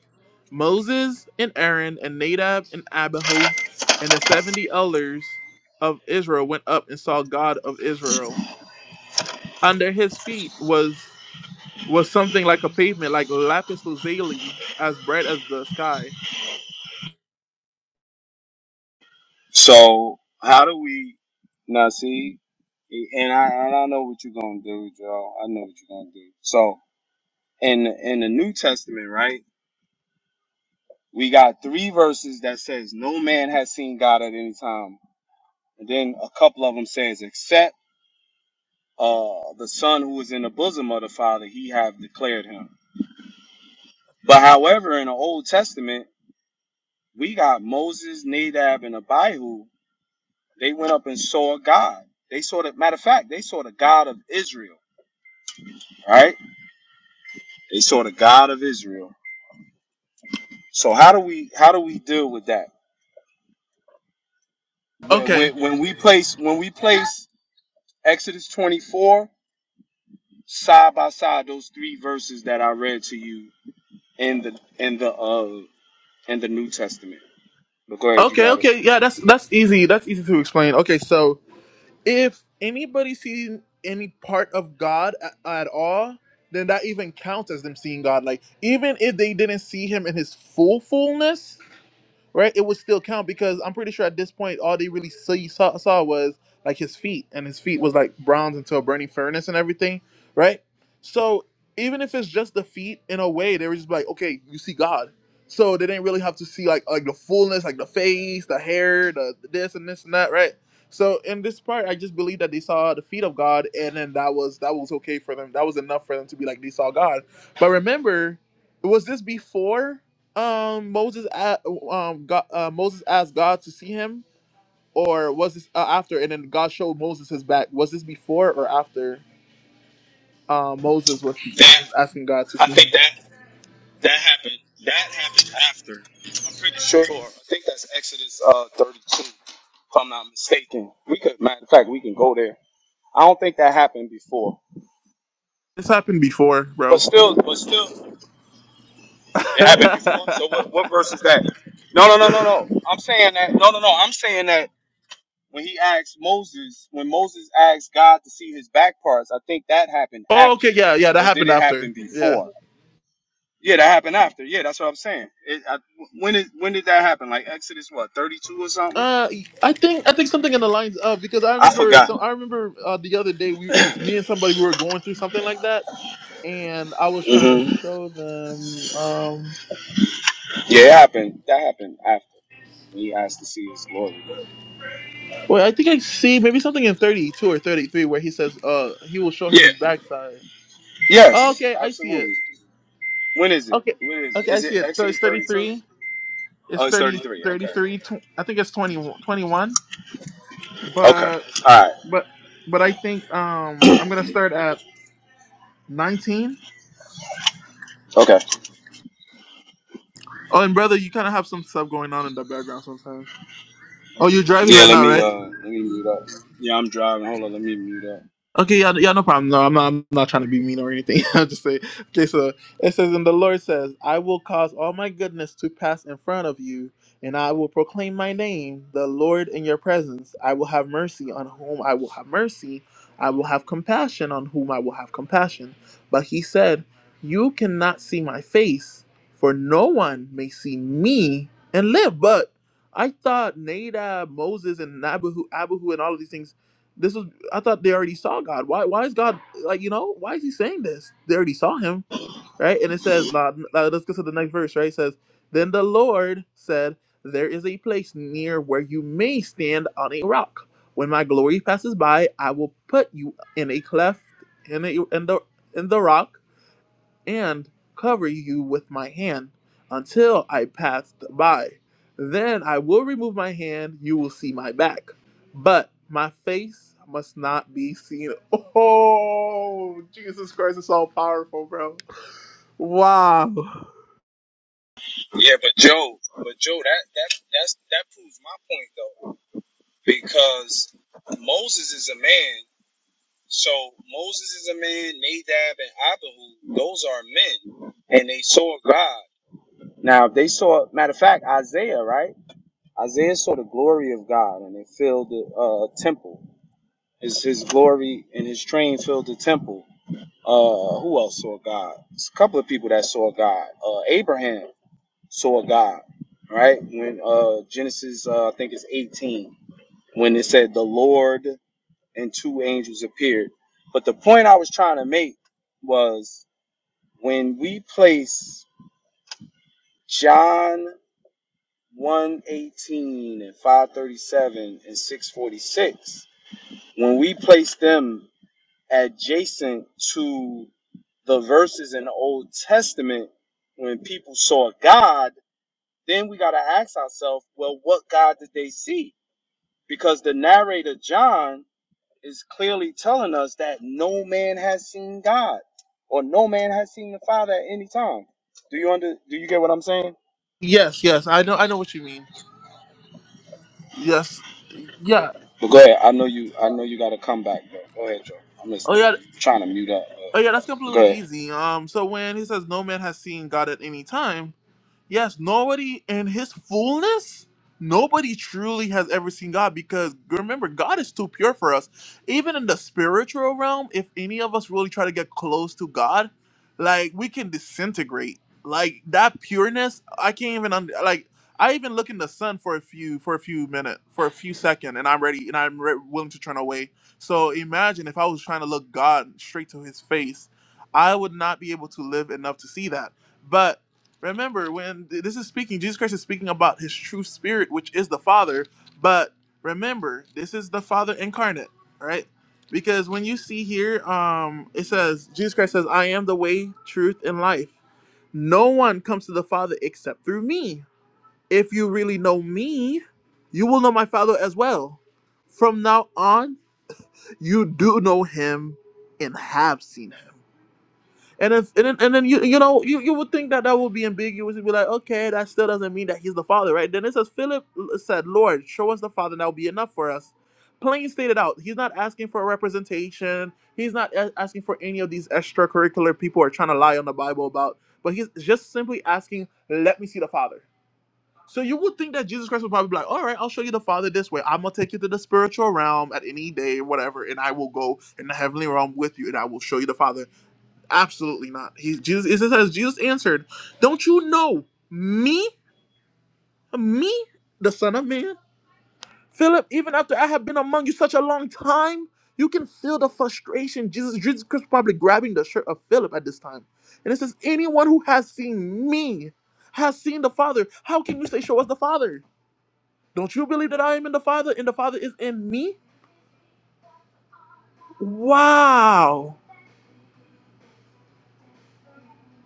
Moses and Aaron and Nadab and Abihu and the seventy elders of Israel went up and saw God of Israel. Under his feet was was something like a pavement, like lapis lazuli, as bright as the sky. So how do we now see? And I and I know what you're gonna do, Joe. I know what you're gonna do. So in in the New Testament, right? We got three verses that says no man has seen God at any time, and then a couple of them says except uh the Son who is in the bosom of the Father, he have declared him. But however, in the Old Testament, we got Moses, Nadab, and Abihu. They went up and saw God. They saw the matter of fact, they saw the God of Israel, right? They saw the God of Israel. So how do we how do we deal with that? When, Okay. when, when we place when we place Exodus 24 side by side those three verses that I read to you in the in the uh in the New Testament. But go ahead, you Okay, got it. okay. Yeah, that's that's easy. That's easy to explain. Okay, so if anybody sees any part of God at, at all, then that even counts as them seeing God. Like even if they didn't see him in his full fullness, right? It would still count because I'm pretty sure at this point all they really see, saw, saw was like his feet, and his feet was like bronze into a burning furnace and everything, right? So even if it's just the feet, in a way, they were just like, okay, you see God. So they didn't really have to see like like the fullness, like the face, the hair, the this and this and that, right? So in this part, I just believe that they saw the feet of God, and then that was that was okay for them. That was enough for them to be like they saw God. But remember, was this before? um Moses a- um God, uh, Moses asked God to see him or was this uh, after and then God showed Moses his back was this before or after uh, Moses was That was asking God to I see think him that that happened that happened after. I'm pretty sure. I think that's Exodus uh 32 if I'm not mistaken. We could matter of fact we can go there. I don't think that happened before. this happened before But bro still but still It (laughs) happened before. So what? What verse is that? No, no, no, no, no. I'm saying that. No, no, no. I'm saying that when he asked Moses, when Moses asked God to see his back parts, I think that happened oh okay after, yeah yeah that or did happened it after happen yeah before? Yeah, that happened after. Yeah, that's what I'm saying. It, I, when is when did that happen? Like Exodus what 32 or something? uh I think I think something in the lines of because I I remember forgot. so I remember uh, the other day we me and somebody we were going through something like that and I was trying to hmm show them um, Yeah, it happened. That happened after when he asked to see his glory. Wait, I think I see maybe something in 32 or 33 where he says uh he will show him Yeah. his backside. Oh, Yes, okay, I see it. absolutely. When is it? Okay. When is Okay, I is see it it. So it's Exodus 32? 33. It's Oh, it's 30 33. Okay. 33 tw- I think it's 20 21. Okay. But All right. but but I think um I'm going to start at 19. Okay. Oh, and brother, you kind of have some stuff going on in the background sometimes. Oh, you're driving Yeah, right let now, me right? uh let me mute up. Yeah, I'm driving. Hold on, let me mute up. Okay, yeah, yeah, no problem. No, I'm not, I'm not trying to be mean or anything. (laughs) i just say, okay, so it says, and the Lord says, I will cause all my goodness to pass in front of you, and I will proclaim my name, the Lord, in your presence. I will have mercy on whom I will have mercy. I will have compassion on whom I will have compassion. But he said, You cannot see my face, for no one may see me and live. But I thought Nadab, Moses, and Abihu, Abihu, and all of these things. This was I thought they already saw God. Why? Why is God like you know? Why is he saying this? They already saw him, right? And it says, la- la- let's go to the next verse, right? It says, then the Lord said, "There is a place near where you may stand on a rock. When my glory passes by, I will put you in a cleft in a, in the in the rock." and cover you with my hand until I passed by. Then I will remove my hand, you will see my back, but my face must not be seen. (laughs) Oh, Jesus Christ It's all powerful, bro. Wow. Yeah, but Joe, but Joe, that that that's that proves my point though, because Moses is a man. So Moses is a man. Nadab and Abihu, those are men, and they saw God. Now, if they saw, matter of fact, Isaiah, right? Isaiah saw the glory of God, and it filled the uh, temple. His his glory and his train filled the temple. Uh, who else saw God? It's a couple of people that saw God. Uh, Abraham saw God, right? When uh, Genesis, uh, I think it's 18, when it said the Lord and two angels appeared. But the point I was trying to make was when we place John 118 and 537 and 646, when we place them adjacent to the verses in the Old Testament when people saw God, then we got to ask ourselves, well, what God did they see? Because the narrator, John, is clearly telling us that no man has seen God or no man has seen the Father at any time. Do you under do you get what I'm saying? Yes, yes, I know I know what you mean. Yes. Yeah. But go ahead. I know you I know you gotta come back bro. Go ahead, Joe. I'm Oh listening. yeah. I'm trying to mute up. Oh yeah, that's But completely go ahead. easy. Um so when he says no man has seen God at any time, Yes, nobody in his fullness, nobody truly has ever seen God because remember, God is too pure for us. Even in the spiritual realm, if any of us really try to get close to God, like we can disintegrate. Like that pureness, I can't even un- like. I even look in the sun for a few for a few minutes for a few seconds, and I'm ready and I'm re- willing to turn away. So imagine if I was trying to look God straight to His face, I would not be able to live enough to see that. But Remember, when this is speaking, Jesus Christ is speaking about his true spirit, which is the Father. But remember, this is the Father incarnate, right? Because when you see here, um, it says, Jesus Christ says, I am the way, truth, and life. No one comes to the Father except through me. If you really know me, you will know my Father as well. From now on, you do know him and have seen him. And if and then, and then you you know you, you would think that that would be ambiguous. You'd be like, okay, that still doesn't mean that he's the father, right? Then it says Philip said, "Lord, show us the Father, and that will be enough for us." Plain stated out. He's not asking for a representation. He's not a- asking for any of these extracurricular people are trying to lie on the Bible about. But he's just simply asking, "Let me see the Father." So you would think that Jesus Christ would probably be like, "All right, I'll show you the Father this way. I'm gonna take you to the spiritual realm at any day, whatever, and I will go in the heavenly realm with you, and I will show you the Father." Absolutely not. He, Jesus, it says, Jesus answered, Don't you know me? Me, the Son of Man? Philip, even after I have been among you such a long time, you can feel the frustration. Jesus, Jesus Christ probably grabbing the shirt of Philip at this time. And it says, Anyone who has seen me has seen the Father. How can you say, Show us the Father? Don't you believe that I am in the Father and the Father is in me? Wow.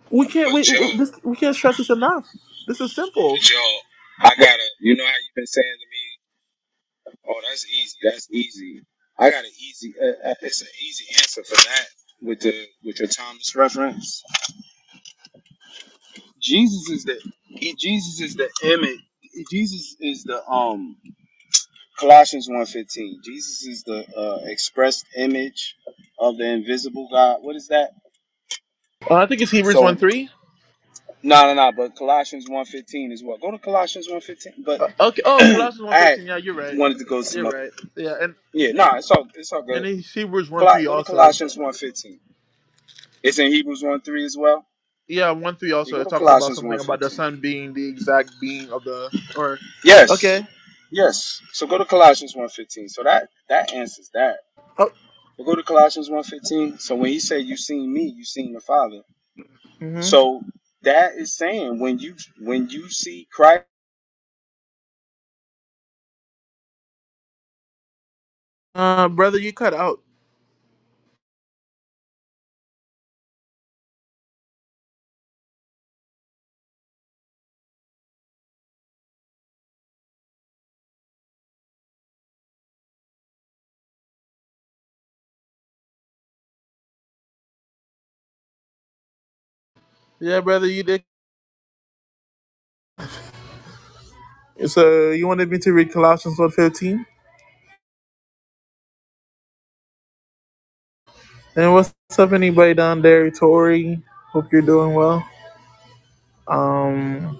We can't But we, we, Joe, this, we can't stress this enough. This is simple. Joe, I gotta. You know how you've been saying to me. Oh, that's easy. That's easy. I got an easy. Uh, uh, it's an easy answer for that with the with your Thomas reference. Jesus is the he- Jesus is the image. Jesus is the um Colossians one fifteen. Jesus is the uh, expressed image of the invisible God. What is that? Uh, I think it's Hebrews 1 So 3. no no no. But Colossians one fifteen is what. Go to Colossians one fifteen. But Okay. (clears throat) Oh, I Colossians one had fifteen. Yeah, you're right. wanted to go to some You're other. right. Yeah, and Yeah no. It's all it's all and good. in Hebrews one Col- three Go to also. Colossians one fifteen. It's in Hebrews 1 3 as well. Yeah, one three You also. go It to talks about Colossians one something about the fifteen. sun being the exact being of the or. Yes. Okay. Yes. So go to Colossians one fifteen. So that that answers that. Oh. But go to Colossians one fifteen. So when he said you seen me, you seen the Father. hmm So that is saying when you when you see Christ. Uh, brother, you cut out. Yeah, brother, you did. So you wanted me to read Colossians one fifteen. And what's up, anybody down there, Tori? Hope you're doing well. Um,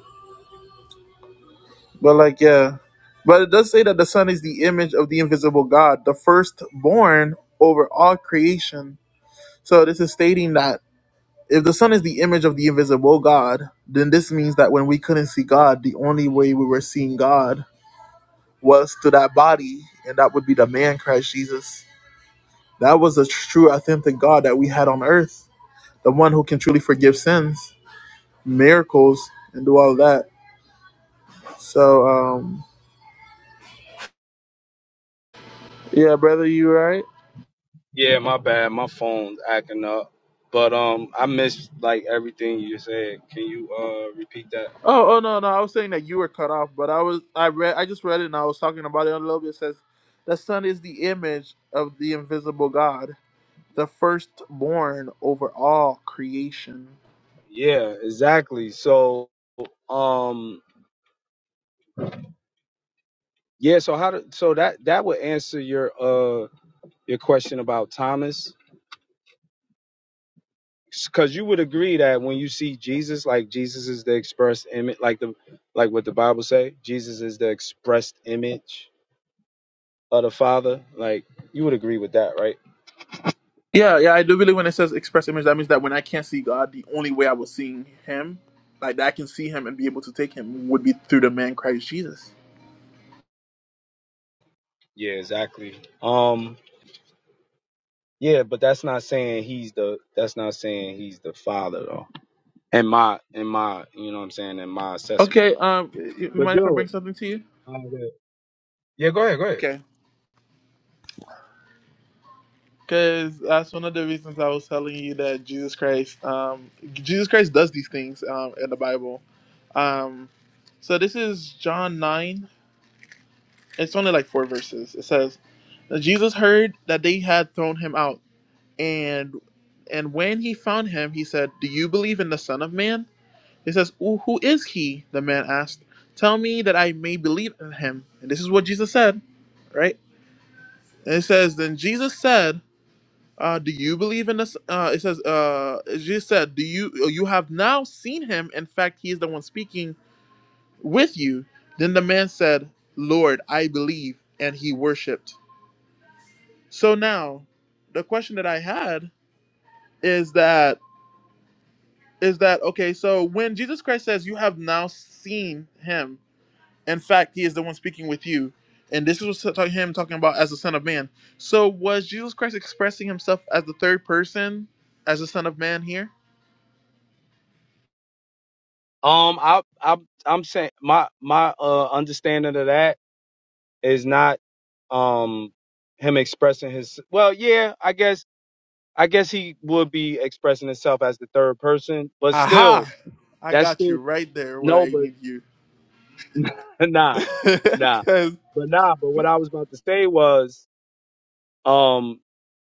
but like, yeah. But it does say that the sun is the image of the invisible God, the firstborn over all creation. So this is stating that if the Son is the image of the invisible God, then this means that when we couldn't see God, the only way we were seeing God was through that body, and that would be the man Christ Jesus. That was the true, authentic God that we had on earth, the one who can truly forgive sins, miracles, and do all that. So, um, yeah, brother, you right? Yeah, my bad. My phone's acting up. But um I missed like everything you said. Can you uh repeat that? Oh, oh no, no, I was saying that you were cut off, but I was, I read, I just read it, and I was talking about it a little bit. It says, the Son is the image of the invisible God the firstborn over all creation. Yeah, exactly. So um yeah, so how do, so that that would answer your uh your question about Thomas cuz you would agree that when you see Jesus like Jesus is the express image like the like what the Bible say, Jesus is the expressed image of the Father. Like you would agree with that, right? Yeah, yeah, I do believe when it says express image, that means that when I can't see God, the only way I was seeing Him, like that I can see Him and be able to take Him, would be through the man Christ Jesus. Yeah, exactly. Um Yeah, but that's not saying he's the that's not saying he's the father though. In my in my you know what I'm saying in my assessment. Okay, um, you But mind if I dude. bring something to you? uh, Yeah, go ahead, go ahead. Okay, because that's one of the reasons I was telling you that Jesus Christ, um, Jesus Christ does these things um, in the Bible. Um, so this is John nine. It's only like four verses. It says, "Jesus heard that they had thrown him out." And and when he found him, he said, Do you believe in the Son of Man? He says, "Who Who is he? The man asked. Tell me that I may believe in him. And this is what Jesus said, right? And it says, Then Jesus said, uh, Do you believe in this? Uh, it says, uh, Jesus said, Do you you have now seen him? In fact, he is the one speaking with you. Then the man said, Lord, I believe. And he worshiped. So now, the question that I had is that is that okay so when jesus christ says you have now seen him in fact he is the one speaking with you and this is what him talking about as the son of man so was jesus christ expressing himself as the third person as the son of man here um, I I I'm saying my my uh understanding of that is not um him expressing his well yeah I guess I guess he would be expressing himself as the third person, but still aha i that's got still you right there what no, i but need you (laughs) nah (laughs) nah. 'Cause- But nah, but what I was about to say was, um.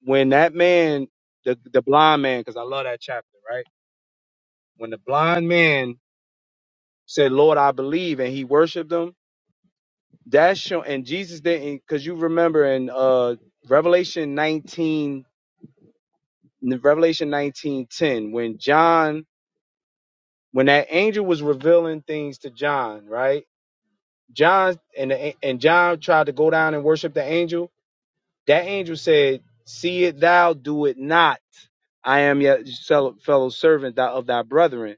when that man, the the blind man, because I love that chapter, right? When the blind man said, "Lord, I believe," and he worshipped him, that's show. And Jesus didn't, because you remember in uh Revelation nineteen, Revelation nineteen ten, when John, when that angel was revealing things to John, right? John and the, and John tried to go down and worship the angel. That angel said, "See it thou, do it not." I am yet fellow servant of thy brethren.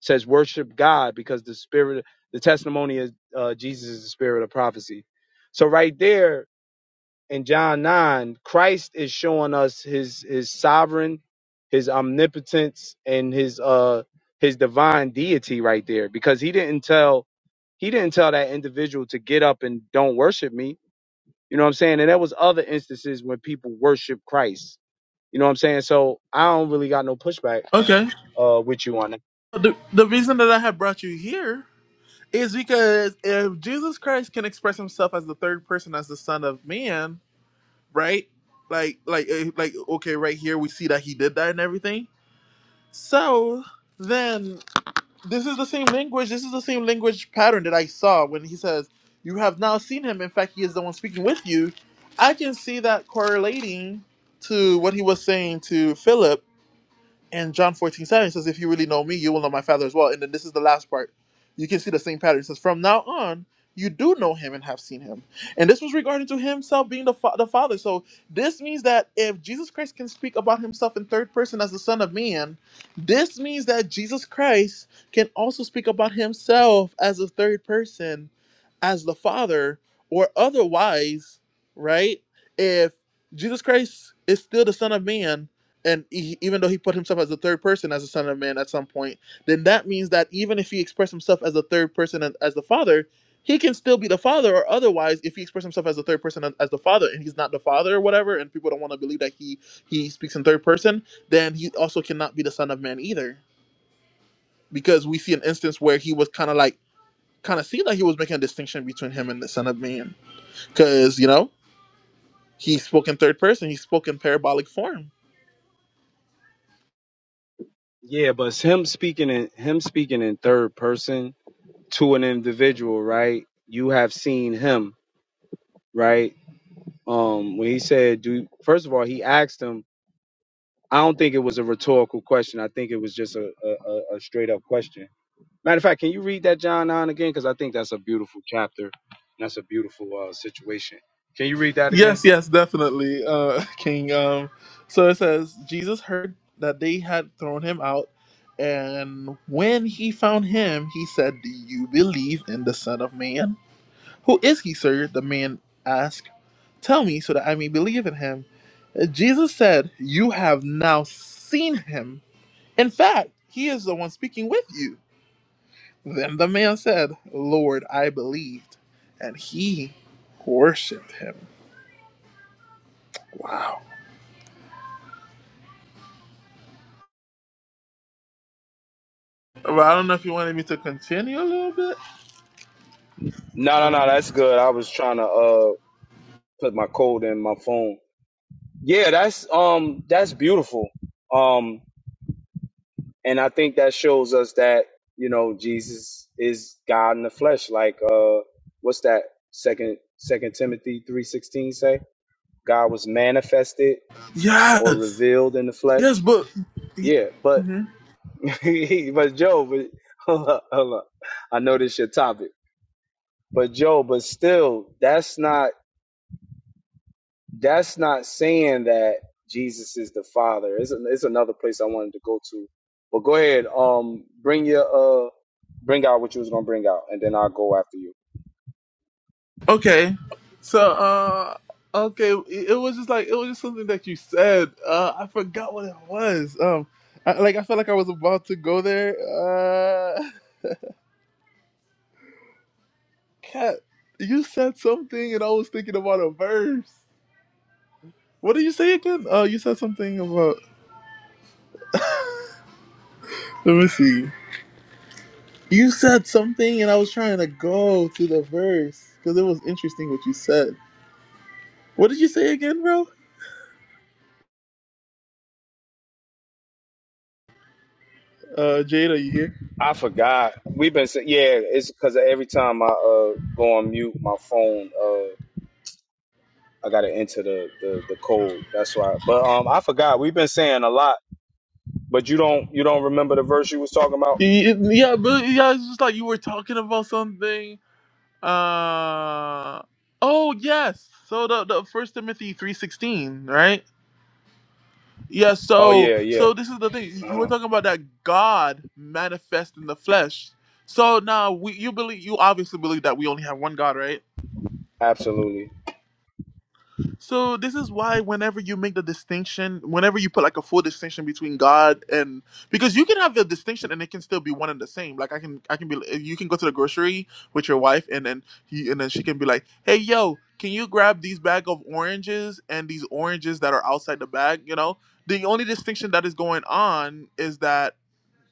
Says worship God because the spirit, the testimony of uh, Jesus is the spirit of prophecy. So right there in John nine, Christ is showing us his his sovereign, his omnipotence, and his uh his divine deity right there because he didn't tell he didn't tell that individual to get up and don't worship me. You know what I'm saying? And there was other instances when people worship Christ. You know what I'm saying? So I don't really got no pushback okay uh with you on that. the, the reason that i have brought you here is because if jesus christ can express himself as the third person as the son of man right? Like, like, eh, like, okay, right here we see that he did that and everything. So then, this is the same language. This is the same language pattern that I saw when he says, "You have now seen him." In fact, he is the one speaking with you. I can see that correlating to what he was saying to Philip and John 14 7 says, If you really know me, you will know my Father as well. And then this is the last part. You can see the same pattern. It says, From now on, you do know him and have seen him. And this was regarding to himself being the, fa- the Father. So this means that if Jesus Christ can speak about himself in third person as the Son of Man, this means that Jesus Christ can also speak about himself as a third person, as the Father, or otherwise, right? If Jesus Christ is still the Son of Man, and he, even though he put himself as the third person as the son of man at some point then that means that even if he expressed himself as the third person and as the father he can still be the father or otherwise if he expressed himself as the third person and as the father and he's not the father or whatever and people don't want to believe that he he speaks in third person then he also cannot be the son of man either because we see an instance where he was kind of like kind of see that he was making a distinction between him and the son of man because you know he spoke in third person. He spoke in parabolic form. Yeah, but it's him speaking in him speaking in third person to an individual, right? You have seen him, right? Um when he said do first of all he asked him, I don't think it was a rhetorical question. I think it was just a a, a a straight up question. Matter of fact, can you read that John 9 again? Because I think that's a beautiful chapter. and That's a beautiful uh, situation. Can you read that Yes, again? yes, definitely, uh, (laughs) King. Um, so it says Jesus heard that they had thrown him out, and when he found him, he said, "Do you believe in the Son of Man?" Who is he, sir? The man asked. Tell me so that I may believe in him. Jesus said, You have now seen him. In fact, he is the one speaking with you. Then the man said, Lord, I believed. And he worshiped him. Wow. Well, I don't know if you wanted me to continue a little bit. No, no, no, Um, that's good. I was trying to uh put my code in my phone. Yeah, that's um that's beautiful. Um and I think that shows us that, you know, Jesus is God in the flesh. Like uh what's that second second Timothy three sixteen say? God was manifested or yes. revealed in the flesh. Yes, but. Yeah, but mhm. (laughs) but Joe, but (laughs) hold up, hold up. I know this your topic. But Joe, but still, that's not that's not saying that Jesus is the Father. It's, it's another place I wanted to go to. But go ahead. Um, bring your uh, bring out what you was gonna bring out, and then I'll go after you. Okay. So, uh, okay, it, it was just like it was just something that you said. Uh, I forgot what it was. Um, I, like I felt like I was about to go there. Uh, (laughs) Kat, you said something, and I was thinking about a verse. What did you say again? Uh, you said something about. Let me see. You said something, and I was trying to go to the verse because it was interesting what you said. What did you say again, bro? Uh, Jade, are you here? I forgot. We've been saying yeah. It's because every time I uh go on mute, my phone uh I gotta enter the the the code. That's why. But um, I forgot. We've been saying a lot, but you don't you don't remember the verse you was talking about? Y- Yeah, but yeah, it's just like you were talking about something. Uh oh yes. So the the First Timothy three sixteen, right? Yeah. Oh So yeah, yeah. so this is the thing you were Uh-huh. talking about that God manifest in the flesh. So now we you believe you obviously believe that we only have one God, right? Absolutely. So this is why whenever you make the distinction, whenever you put like a full distinction between God and because you can have the distinction and it can still be one and the same. Like I can I can be like, you can go to the grocery with your wife and then he and then she can be like, "Hey yo, can you grab these bag of oranges and these oranges that are outside the bag, you know?" The only distinction that is going on is that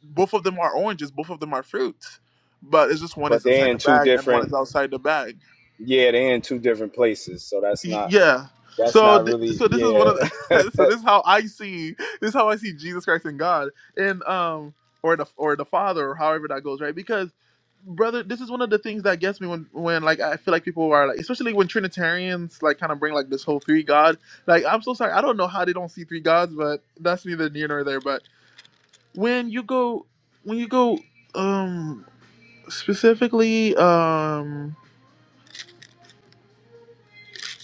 both of them are oranges, both of them are fruits. But it's just one But is they're inside the in two bag and one different. is outside the bag. Yeah, they're in two different places, so that's Y- not Yeah. that's So, not th- really so this is one yeah of (laughs) the, (laughs) so this is how I see this is how I see Jesus Christ and God and um or the or the Father or however that goes right because brother this is one of the things that gets me when when like I feel like people are like especially when Trinitarians like kind of bring like this whole three God like I'm so sorry I don't know how they don't see three gods but that's neither near nor there but when you go when you go um specifically um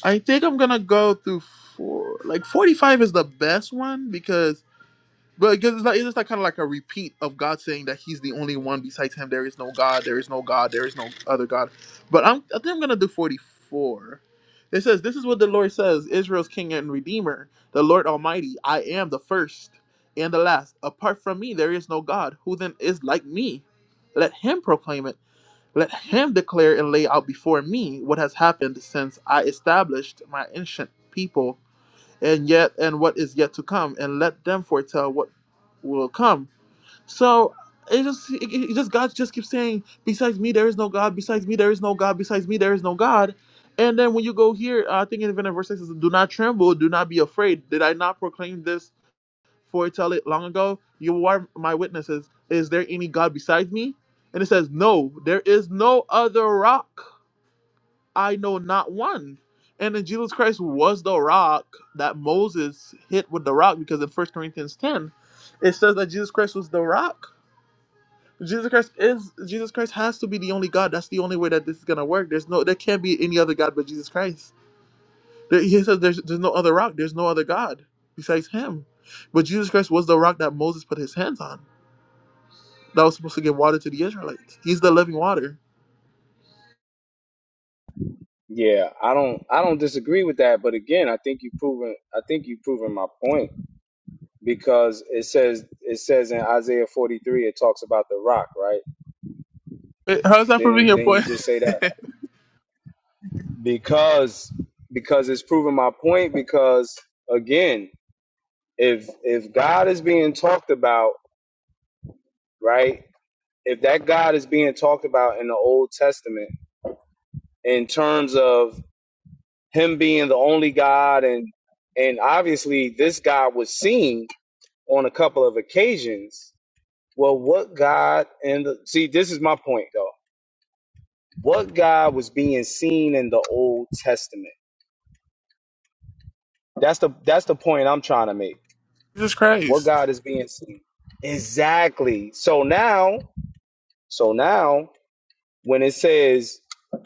I think I'm gonna go through four. Like 45 is the best one because, but because it's like it's just like kind of like a repeat of God saying that He's the only one besides Him. There is no God. There is no God. There is no other God. But I'm I think I'm gonna do 44. It says, "This is what the Lord says: Israel's King and Redeemer, the Lord Almighty. I am the first and the last. Apart from me, there is no God. Who then is like me? Let him proclaim it." Let him declare and lay out before me what has happened since I established my ancient people, and yet and what is yet to come, and let them foretell what will come. So it just it, it- just God just keeps saying, besides me there is no God, besides me there is no God, besides me there is no God. And then when you go here, I think even in verse six it says, "Do not tremble, do not be afraid. Did I not proclaim this?" For it long ago, you are my witnesses. Is there any God besides me? And it says, No, there is no other rock. I know not one. And then Jesus Christ was the rock that Moses hit with the rock because in First Corinthians 10, it says that Jesus Christ was the rock. Jesus Christ is Jesus Christ has to be the only God. That's the only way that this is gonna work. There's no there can't be any other God but Jesus Christ. There, he says there's there's no other rock, there's no other God besides him. But Jesus Christ was the rock that Moses put his hands on. that was supposed to give water to the Israelites. He's the living water. yeah. I don't I don't disagree with that, but again, I think you proven I think you've proven my point because it says it says in Isaiah forty three it talks about the rock, right? Wait, how is that Then proving it, your then you point? just say that (laughs) because because it's proven my point because again, if if God is being talked about, right? If that God is being talked about in the Old Testament in terms of him being the only God and and obviously this God was seen on a couple of occasions. Well, what God and the, see this is my point though. What God was being seen in the Old Testament. That's the that's the point I'm trying to make. Jesus What Christ. God is being seen. Exactly. So now, so now when it says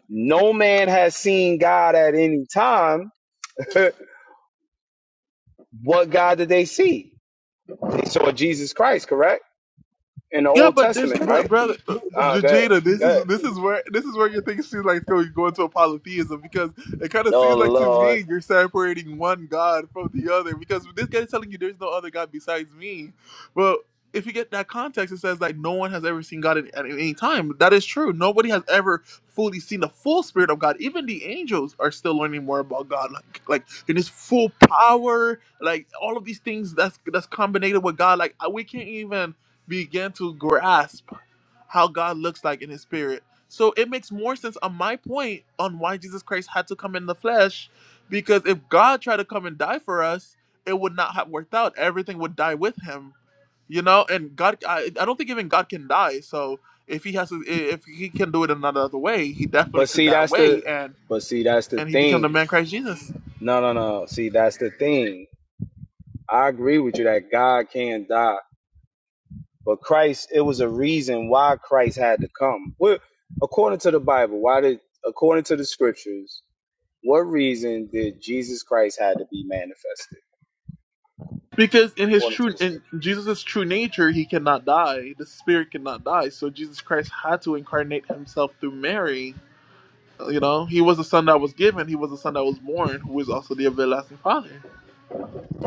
no man has seen God at any time, (laughs) what God did they see? They saw Jesus Christ, correct? in the Yeah, Old but this, Testament, but right? brother, uh, Ah, good, Jada, this good. is this is where this is where you think she's like going going to a polytheism because it kind of Oh seems like to Lord, me you're separating one God from the other because this guy is telling you there's no other God besides me. Well, if you get that context, it says like no one has ever seen God at, at any time. That is true. Nobody has ever fully seen the full spirit of God. Even the angels are still learning more about God, like like in His full power, like all of these things that's that's combined with God. Like uh, we can't even begin to grasp how God looks like in his spirit. So it makes more sense on my point on why Jesus Christ had to come in the flesh, because if God tried to come and die for us, it would not have worked out. Everything would die with him, you know. And God, I, I don't think even God can die. So if he has, to, if he can do it another other way, he definitely but took see, that that's way, the, and but see, that's the and he became the thing. man Christ Jesus. No, no, no. See, that's the thing. I agree with you that God can die, but Christ. It was a reason why Christ had to come. Well, according to the Bible, why did, according to the Scriptures, what reason did Jesus Christ had to be manifested? Because in his According to true the in Scriptures. Jesus' true nature, he cannot die. The spirit cannot die. So Jesus Christ had to incarnate himself through Mary. You know, he was the son that was given. He was the son that was born, who is also the everlasting Father.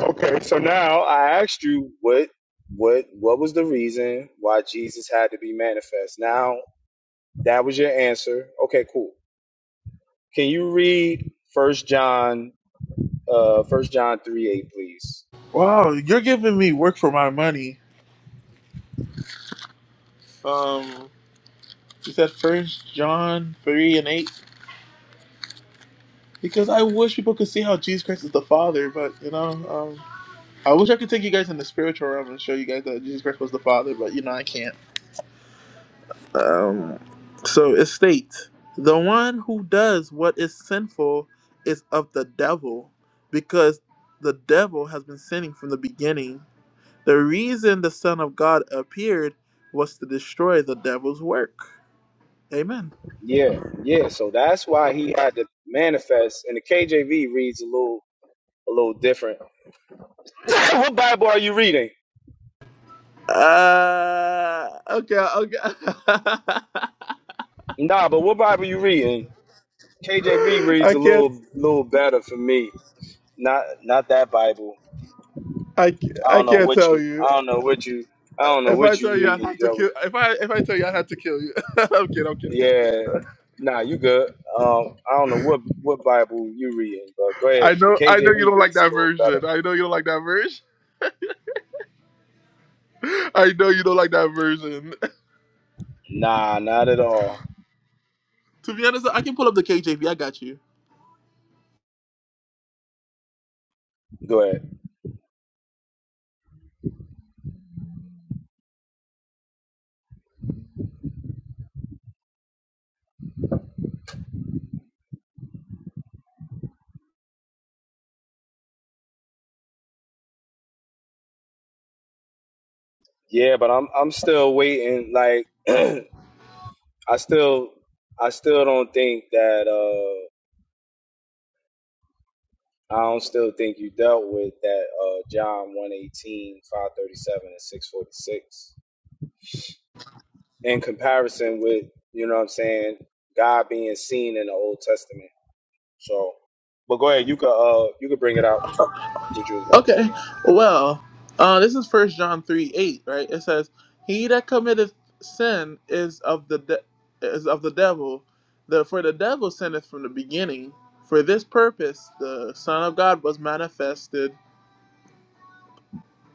Okay, so now I asked you what what what was the reason why Jesus had to be manifest. Now that was your answer. Okay, cool. Can you read First John, uh, First John three eight, please? Wow, you're giving me work for my money. Um, you said First John three and eight. Because I wish people could see how Jesus Christ is the Father, but you know, um, I wish I could take you guys in the spiritual realm and show you guys that Jesus Christ was the Father, but you know, I can't. Um, so it states, the one who does what is sinful is of the devil, because the devil has been sinning from the beginning. The reason the Son of God appeared was to destroy the devil's work. Amen. Yeah, yeah. So that's why he had to manifest. And the KJV reads a little a little different. (laughs) what Bible are you reading? Uh, okay, okay. (laughs) Nah, but what Bible you reading? KJV I reads a can't, little little better for me. Not not that Bible. I, ca- I I don't know can't what tell you. you. I don't know what you. I Uh, don't know If I what you tell you, I'd reading, have to kill. Joey. If I, if I tell you, I'd have to kill you. (laughs) I'm kidding. I'm kidding. Yeah, nah, you good. Um, I don't know what what Bible you reading, but go ahead. I The know, I know you KJV don't like reads a that little better. version. I know you don't like that version. (laughs) I know you don't like that version. Nah, not at all. (laughs) to be honest, I can pull up the KJV. I got you. Go ahead. Yeah, but I'm I'm still waiting. Like (clears throat) I still I still don't think that. uh I don't still think you dealt with that uh John one eighteen five thirty seven and 646. in comparison with, you know what I'm saying, God being seen in the Old Testament. So, but go ahead, you could uh you could bring it out what you was about to Okay. bring out. Well, uh, this is First John three eight, right? It says, "He that committeth sin is of the de- is of the devil, the, for the devil sinneth from the beginning. For this purpose, the Son of God was manifested.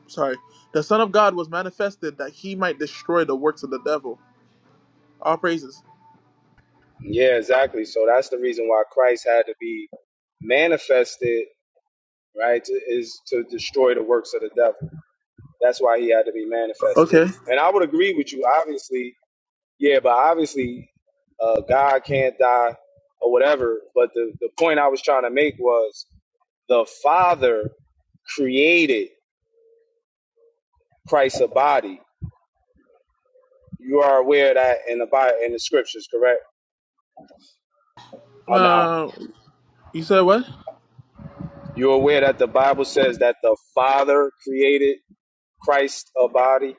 Sorry, the Son of God was manifested that he might destroy the works of the devil. All praises. Yeah, exactly. So that's the reason why Christ had to be manifested, right? to- Is to destroy the works of the devil. That's why he had to be manifested. Okay. And I would agree with you, obviously. Yeah, but obviously, uh, God can't die or whatever. But the the point I was trying to make was the Father created. Christ a body. You are aware that in the Bible, in the scriptures, correct? Or now Uh, You said what? you're aware that the Bible says that the Father created Christ a body.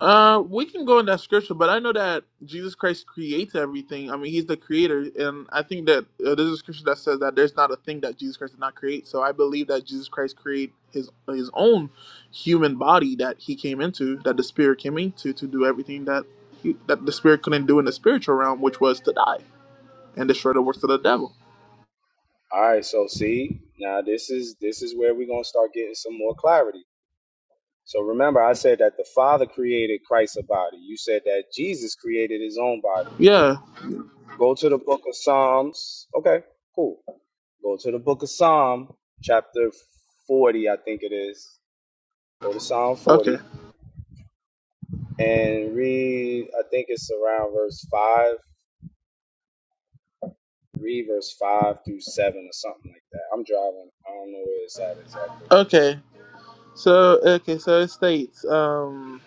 Uh, we can go in that scripture, but I know that Jesus Christ creates everything. I mean, He's the creator, and I think that uh, there's a scripture that says that there's not a thing that Jesus Christ did not create. So I believe that Jesus Christ created His His own human body that He came into, that the Spirit came into to do everything that he, that the Spirit couldn't do in the spiritual realm, which was to die and destroy the works of the devil. All right, so see now this is this is where we're gonna start getting some more clarity. So remember, I said that the Father created Christ a body. You said that Jesus created His own body. Yeah. Go to the Book of Psalms. Okay, cool. Go to the Book of Psalm, chapter forty, I think it is. Go to Psalm Okay. forty and read, I think it's around verse 5. Read verse 5 through 7 or something like that. I'm driving. I don't know where it's at exactly. Okay. So okay. So it states. Um,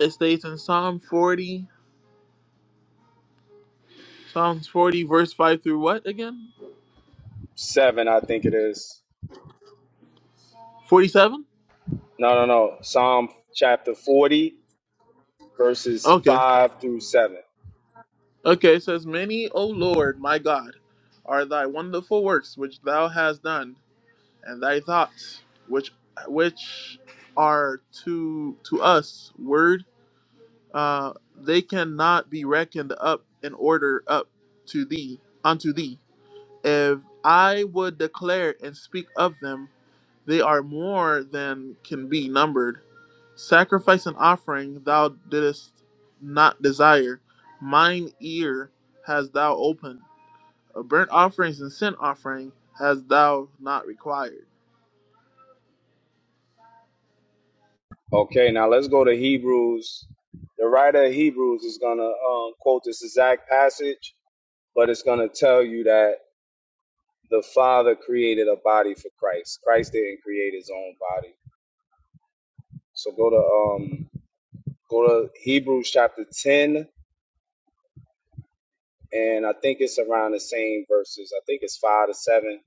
it states in Psalm 40. Psalms 40, verse 5 through what again? 7, I think it is. 47? No, no, no. Psalm chapter 40, verses Okay. 5 through 7. Okay, it says, Many, O Lord, my God, are thy wonderful works which thou hast done, and thy thoughts which which are to to us word, uh, they cannot be reckoned up in order up to thee unto thee. If I would declare and speak of them, They are more than can be numbered. Sacrifice and offering thou didst not desire. Mine ear hast thou opened. Of Burnt offerings and sin offering hast thou not required. Okay, now let's go to Hebrews. The writer of Hebrews is going to um, quote this exact passage, but it's going to tell you that the Father created a body for Christ. Christ didn't create his own body. So go to um, Go to Hebrews chapter 10, and I think it's around the same verses. I think it's five to seven.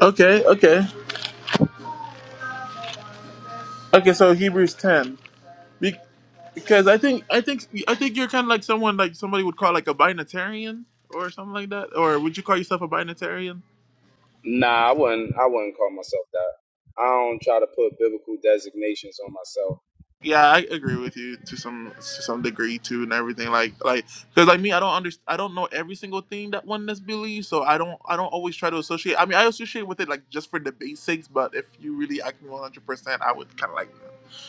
Okay, okay, okay. So Hebrews ten, Be- because I think I think I think you're kind of like someone like somebody would call like a binitarian or something like that. Or would you call yourself a binitarian? Nah, I wouldn't. I wouldn't call myself that. I don't try to put biblical designations on myself. Yeah, I agree with you to some to some degree too, and everything like like because like me, I don't understand. I don't know every single thing that one oneness believes, so I don't I don't always try to associate. I mean, I associate with it like just for the basics, but if you really ask me one hundred percent, I would kind of like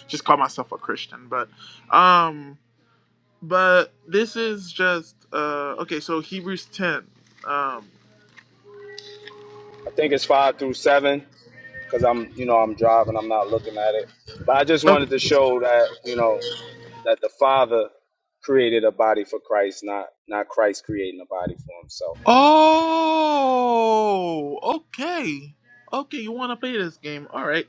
just call myself a Christian. But um, but this is just uh okay. So Hebrews ten. Um. I think it's five through seven because I'm, you know, I'm driving. I'm not looking at it. But I just okay. wanted to show that, you know, that the Father created a body for Christ, not not Christ creating a body for Himself. Oh, okay, okay. You want to play this game? All right.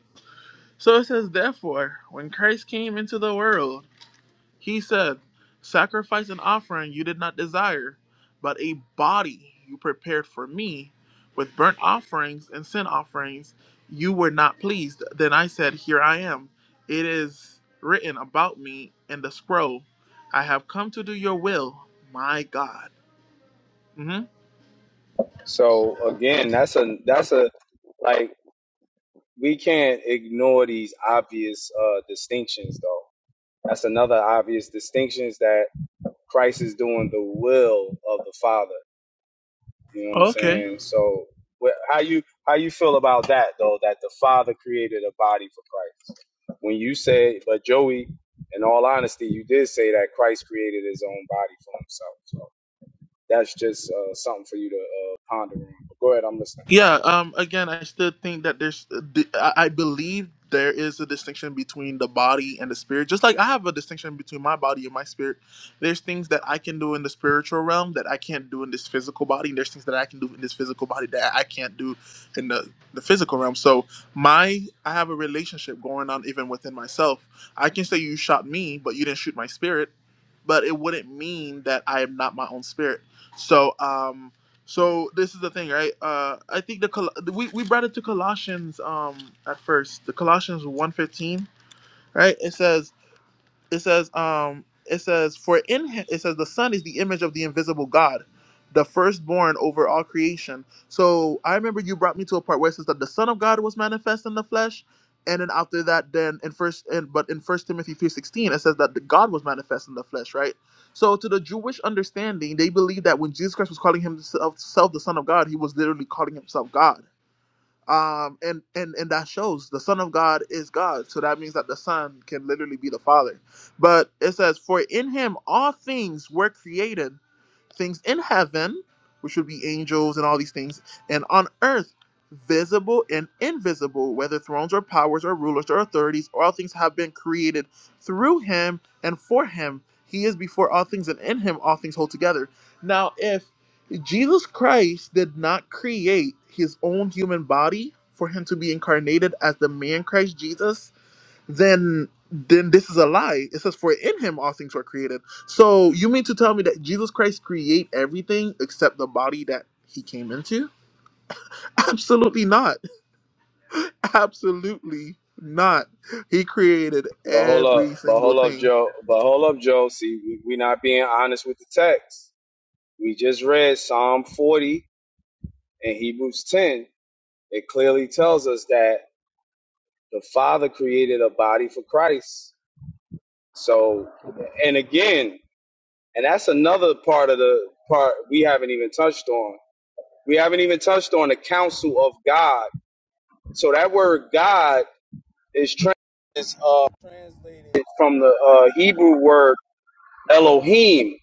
So it says, Therefore, when Christ came into the world, he said, Sacrifice and offering you did not desire, but a body you prepared for me. With burnt offerings and sin offerings you were not pleased. Then I said, Here I am. It is written about me in the scroll. I have come to do your will, my God. hmm So again, that's a that's a like we can't ignore these obvious uh, distinctions, though. That's another obvious distinction is that Christ is doing the will of the Father. You know what I'm Okay. saying? So, wh- how you how you feel about that though? That the Father created a body for Christ. When you say, but Joey, in all honesty, you did say that Christ created His own body for Himself. So that's just uh, something for you to uh, ponder on. But go ahead, I'm listening. Yeah. Um. Again, I still think that there's. uh, the- I I believe there is a distinction between the body and the spirit. Just like I have a distinction between my body and my spirit. There's things that I can do in the spiritual realm that I can't do in this physical body. And there's things that I can do in this physical body that I can't do in the the physical realm. So my I have a relationship going on even within myself. I can say you shot me, but you didn't shoot my spirit. But it wouldn't mean that I am not my own spirit. So um so this is the thing, right? Uh, I think the Col- we we brought it to Colossians um at first, the Colossians one fifteen, right? It says it says um it says for in him it says the son is the image of the invisible god the firstborn over all creation so i remember you brought me to a part where it says that the son of god was manifest in the flesh and then after that then in first and but in first timothy 3.16 it says that the god was manifest in the flesh right so to the jewish understanding they believe that when jesus christ was calling himself self the son of god he was literally calling himself god um, and and and that shows the Son of God is God. So that means that the Son can literally be the Father. But it says, "For in Him all things were created, things in heaven, which would be angels and all these things, and on earth, visible and invisible, whether thrones or powers or rulers or authorities, all things have been created through Him and for Him. He is before all things, and in Him all things hold together." Now, if Jesus Christ did not create his own human body for him to be incarnated as the man Christ Jesus, then then this is a lie. It says, "For in him all things were created." So you mean to tell me that Jesus Christ create everything except the body that he came into? (laughs) Absolutely not. Absolutely not. He created But hold up, every but single hold up, thing. Joe. But hold up, Joe. See, we, we not being honest with the text. We just read Psalm 40 and Hebrews 10. It clearly tells us that the Father created a body for Christ. So, and again, and that's another part of the part we haven't even touched on. We haven't even touched on the counsel of God. So that word God is, trans, is uh, translated from the uh, Hebrew word Elohim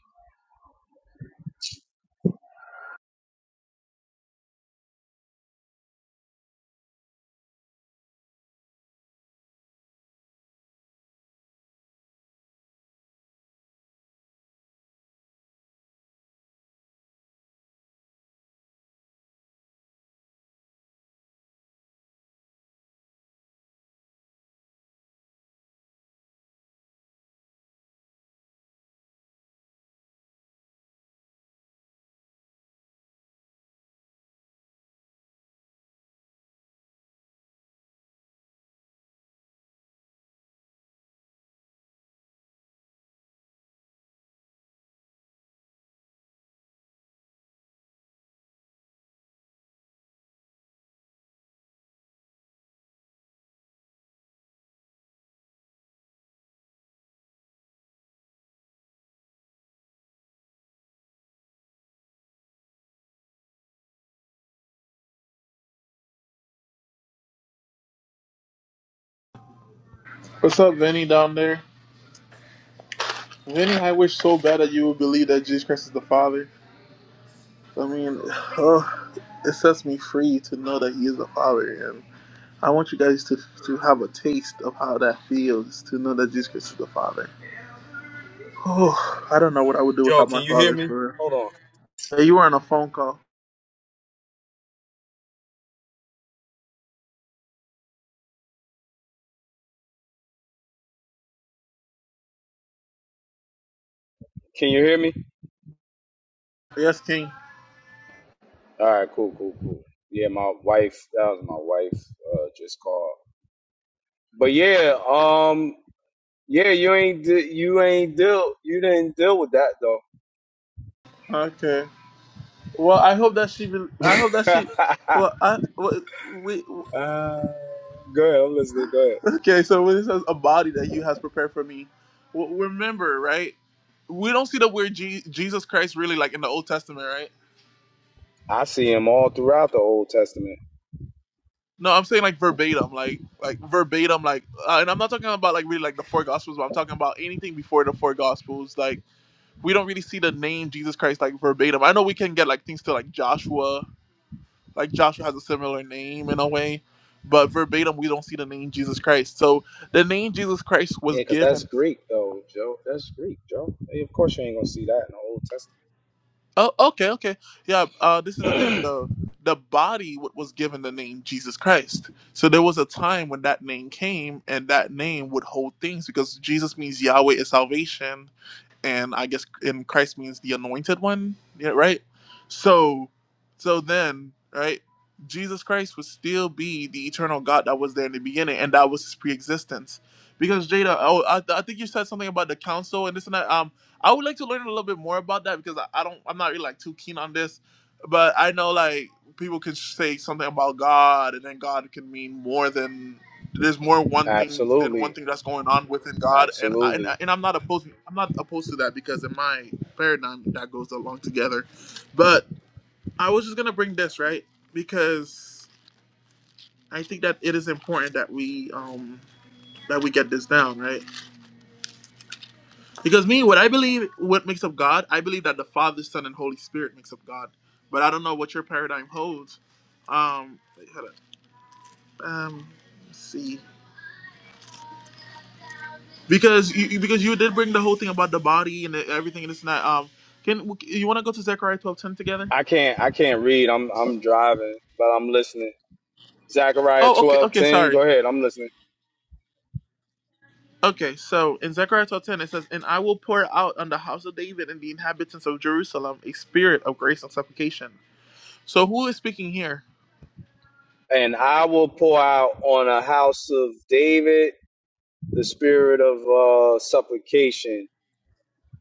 What's up, Vinny down there? Vinny, I wish so bad that you would believe that Jesus Christ is the Father. I mean, oh, it sets me free to know that He is the Father, and I want you guys to to have a taste of how that feels to know that Jesus Christ is the Father. Oh, I don't know what I would do Joe, without can my you hear Father me? for. Hold on. Hey, you were on a phone call. Can you hear me? Yes, King. All right, cool, cool, cool. Yeah, my wife. That was my wife. Uh, just called. But yeah, um, yeah, you ain't de- you ain't deal you didn't deal with that though. Okay. Well, I hope that she. bel- I hope that (laughs) she. Well, I. Well, we. uh, go ahead, I'm listening. Go ahead. Okay, so when it says a body that He has prepared for me, well, remember, right? We don't see the word Je- Jesus Christ really like in the Old Testament, right? I see him all throughout the Old Testament. No, I'm saying like verbatim, like like verbatim, like, uh, and I'm not talking about like really like the four gospels, but I'm talking about anything before the four gospels. Like we don't really see the name Jesus Christ like verbatim. I know we can get like things to like Joshua, like Joshua has a similar name in a way, but verbatim we don't see the name Jesus Christ. So the name Jesus Christ was Yeah, because that's given Greek though, Joe. That's Greek, Joe. Hey, of course you ain't gonna see that in the Old Testament. Oh, okay, okay. Yeah, uh, this is the thing. The the body wa- was given the name Jesus Christ. So there was a time when that name came, and that name would hold things because Jesus means Yahweh is salvation and I guess in Christ means the anointed one, yeah, right? So, so then, right, Jesus Christ would still be the eternal God that was there in the beginning, and that was his pre-existence. Because Jada, oh, I, I think you said something about the council and this and that. Um, I would like to learn a little bit more about that because I, I don't, I'm not really like too keen on this, but I know like people can say something about God, and then God can mean more than there's more one thing than one Absolutely, thing that's going on within God, and I, and, I- absolutely. and I'm not opposed. I'm not opposed to that because in my paradigm that goes along together. But I was just gonna bring this right because I think that it is important that we um that we get this down right because me what I believe what makes up God I believe that the Father Son and Holy Spirit makes up God, but I don't know what your paradigm holds. Um, wait, hold up. um, let's see because you, because you did bring the whole thing about the body and everything and this and that. Um, can you want to go to Zechariah twelve ten together? I can't I can't read. I'm I'm driving, but I'm listening. Zechariah Oh, okay, twelve okay, ten. Go sorry. ahead, I'm listening. Okay, so in Zechariah twelve ten it says, "And I will pour out on the house of David and the inhabitants of Jerusalem a spirit of grace and supplication." So who is speaking here? And I will pour out on a house of David the spirit of uh, supplication.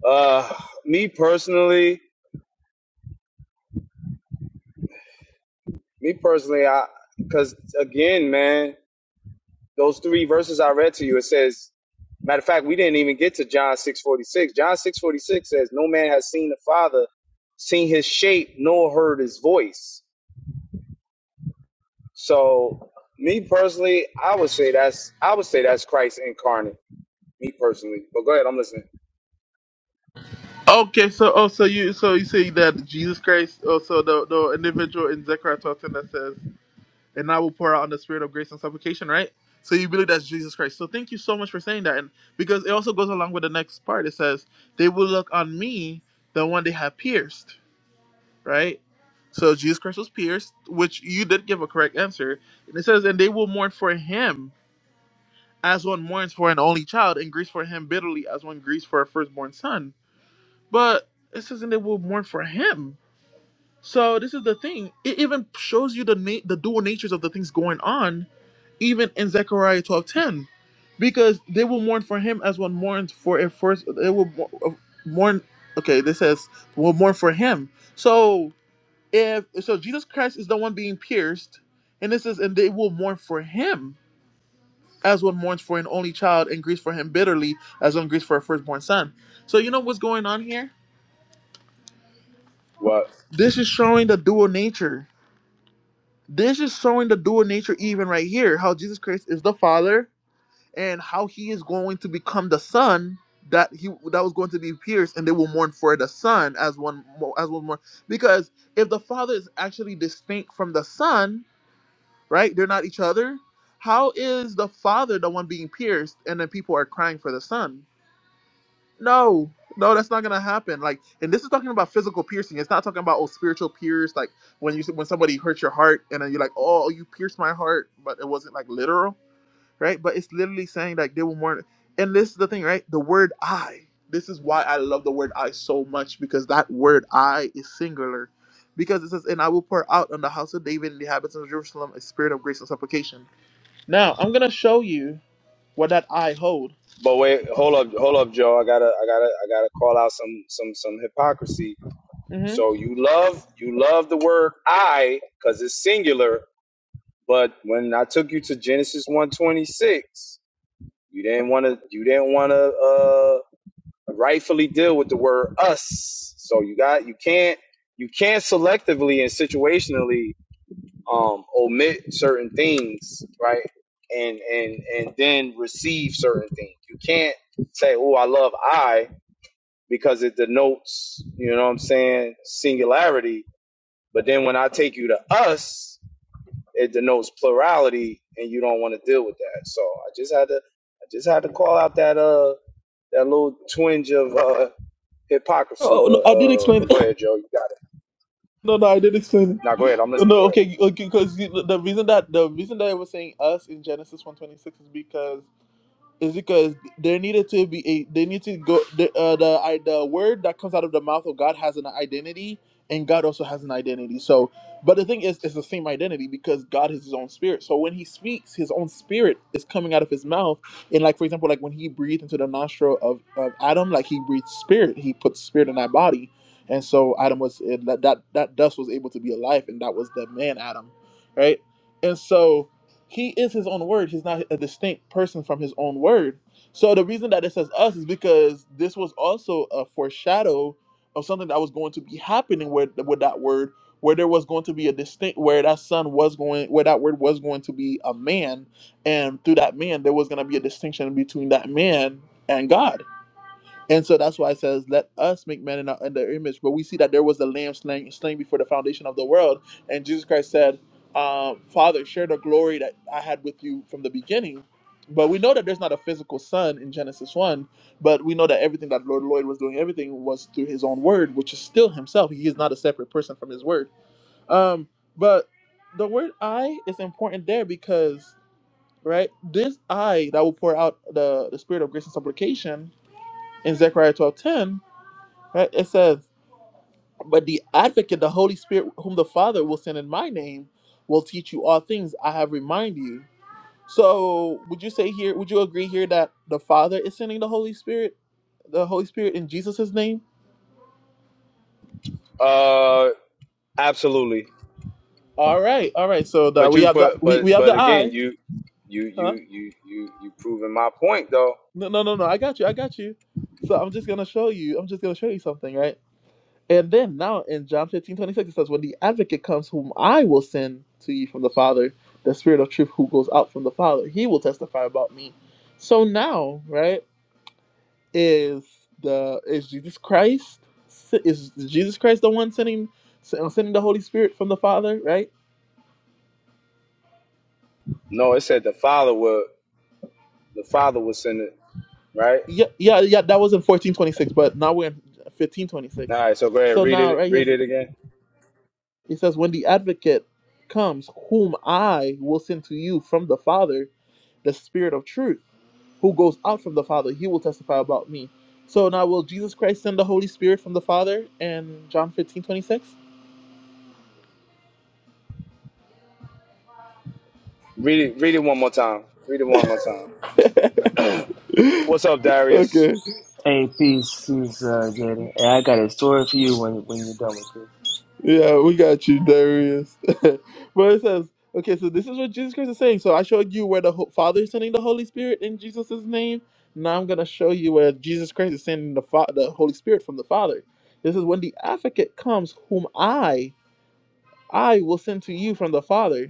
Uh, me personally, me personally, I because again, man, those three verses I read to you, it says. Matter of fact, we didn't even get to John six forty six. John six forty six says, "No man has seen the Father, seen His shape, nor heard His voice." So, me personally, I would say that's I would say that's Christ incarnate me personally. But go ahead, I'm listening. Okay, so oh, so you so you say that Jesus Christ, oh, so the the individual in Zechariah twelve ten that says. and I will pour out on the spirit of grace and supplication, right? So you believe that's Jesus Christ. So thank you so much for saying that. And because it also goes along with the next part, it says, They will look on me, the one they have pierced, right? So Jesus Christ was pierced, which you did give a correct answer. And it says, And they will mourn for him as one mourns for an only child, and grieves for him bitterly as one grieves for a firstborn son. But it says, And they will mourn for him so this is the thing. It even shows you the na- the dual natures of the things going on, even in Zechariah twelve ten, because they will mourn for him as one mourns for a first. They will mo- uh, mourn. Okay, this says will mourn for him. So if so, Jesus Christ is the one being pierced, and this is and they will mourn for him as one mourns for an only child and grieves for him bitterly as one grieves for a firstborn son. So you know what's going on here. What? This is showing the dual nature This is showing the dual nature even right here, how Jesus Christ is the Father and how he is going to become the Son that he that was going to be pierced and they will mourn for the son as one as one more because if the father is actually distinct from the son right they're not each other how is the father the one being pierced and then people are crying for the son no, no, that's not gonna happen. Like, and this is talking about physical piercing. It's not talking about oh spiritual pierce, like when you when somebody hurts your heart and then you're like, oh, you pierced my heart, but it wasn't like literal, right? But it's literally saying like they were more. And this is the thing, right? The word "I." This is why I love the word "I" so much because that word "I" is singular, because it says, "And I will pour out on the house of David and the inhabitants of Jerusalem a spirit of grace and supplication." Now I'm gonna show you what that "I" hold. but wait, hold up, hold up, Joe. I gotta, I gotta, I gotta call out some, some, some hypocrisy. hmm So you love, you love the word "I" because it's singular. But when I took you to Genesis one twenty six, you didn't want to, you didn't want to uh, rightfully deal with the word "us." So you got, you can't, you can't selectively and situationally um, omit certain things, right? And and and then receive certain things. You can't say, "Oh, I love I," because it denotes, you know, what I'm saying singularity. But then when I take you to us, it denotes plurality, and you don't want to deal with that. So I just had to, I just had to call out that uh that little twinge of uh hypocrisy. Oh, But no, I did uh, explain. but go ahead, Joe, you got it. No, no, I did explain Now go ahead, I'm it. listening. No, Go okay, because the reason that the reason that I was saying us in Genesis one twenty six is because is because there needed to be a they need to go the uh, the I, the word that comes out of the mouth of God has an identity and God also has an identity. So, but the thing is, it's the same identity because God is His own Spirit. So when He speaks, His own Spirit is coming out of His mouth. And like for example, like when He breathed into the nostril of, of Adam, like He breathed spirit, He put spirit in that body, and so Adam was that that that dust was able to be alive, and that was the man Adam, right? And so he is his own word. He's not a distinct person from his own word. So the reason that it says us is because this was also a foreshadow of something that was going to be happening with with that word, where there was going to be a distinct where that son was going where that word was going to be a man, and through that man there was going to be a distinction between that man and God. And so that's why it says, "Let us make man in our in their image." But we see that there was a lamb slain, slain before the foundation of the world, and Jesus Christ said, um, "Father, share the glory that I had with you from the beginning." But we know that there's not a physical son in Genesis one, but we know that everything that Lord Lloyd was doing, everything was through His own Word, which is still Himself. He is not a separate person from His Word. Um, but the word "I" is important there because, right, this "I" that will pour out the the Spirit of grace and supplication in Zechariah 12:10 Right? It says, But the advocate, the Holy Spirit, whom the Father will send in my name, will teach you all things I have remind you. So would you say here, would you agree here that the Father is sending the Holy Spirit, the Holy Spirit in Jesus' name? ahead. Uh, absolutely. All right, all right. So that But we you have the but we, we but have but the again, I. you you Huh? you you you you proving my point though. No, no, no, no. I got you, I got you. So I'm just gonna show you, I'm just gonna show you something, right? And then now in John 15 26 it says, When the advocate comes, whom I will send to you from the Father, the Spirit of truth who goes out from the Father, he will testify about me. So now, right, is the is Jesus Christ si, is Jesus Christ the one sending sending the Holy Spirit from the Father, right? No, it said the father will the father will send it, right? Yeah, yeah, yeah, that was in 1426, but now we're in All 1526. right, so go ahead, So read now, it right here, read it again. it says, When the advocate comes, whom I will send to you from the Father, the Spirit of truth who goes out from the Father, he will testify about me. So now will Jesus Christ send the Holy Spirit from the Father in John 15 26. Read it read it one more time. Read it one more time. What's up, (laughs) Darius? okay. Hey, peace, peace, uh, Jada. Hey, I got a story for you when when you're done with this. Yeah, we got you, Darius. (laughs) but it says, okay, so this is what Jesus Christ is saying. So I showed you where the Ho- Father is sending the Holy Spirit in Jesus' name. Now I'm going to show you where Jesus Christ is sending the, Fa- the Holy Spirit from the Father. This is when the advocate comes, whom I, I will send to you from the Father.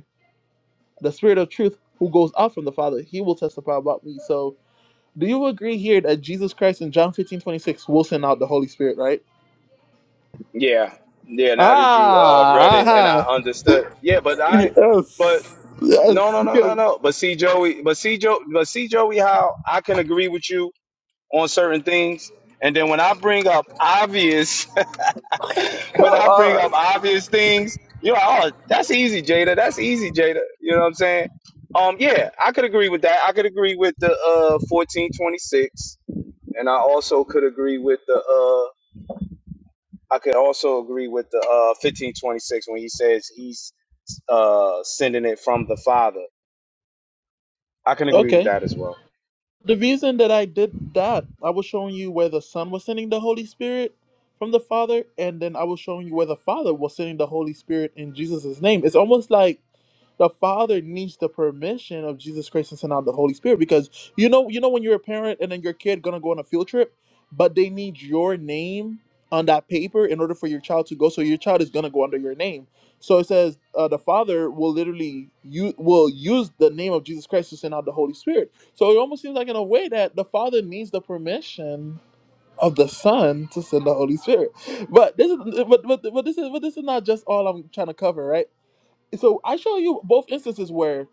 the Spirit of truth who goes out from the Father, he will testify about me. So, do you agree here that Jesus Christ in John 15 26, will send out the Holy Spirit, right? Yeah. Yeah, now that you uh read Ah, it and I aha. understood. Yeah, but I but yes, no no yes, no yes. no no. But see Joey but see Joe but see Joey how I can agree with you on certain things. And then when I bring up obvious (laughs) Come when I bring up on. obvious things, you're like, oh, that's easy, Jada. That's easy, Jada. You know what I'm saying? Um, yeah, I could agree with that. I could agree with the uh 1426, and I also could agree with the uh I could also agree with the uh 1526 when he says he's uh sending it from the Father. I can agree with Okay. that as well. The reason that I did that, I was showing you where the Son was sending the Holy Spirit from the Father, and then I was showing you where the Father was sending the Holy Spirit in Jesus' name. It's almost like the Father needs the permission of Jesus Christ to send out the Holy Spirit because you know, you know, when you're a parent and then your kid gonna go on a field trip, but they need your name on that paper in order for your child to go. So your child is gonna go under your name. So it says uh, the Father will literally you will use the name of Jesus Christ to send out the Holy Spirit. So it almost seems like, in a way, that the Father needs the permission of the Son to send the Holy Spirit. But this is, but but, but this is, but this is not just all I'm trying to cover, right? So I show you both instances where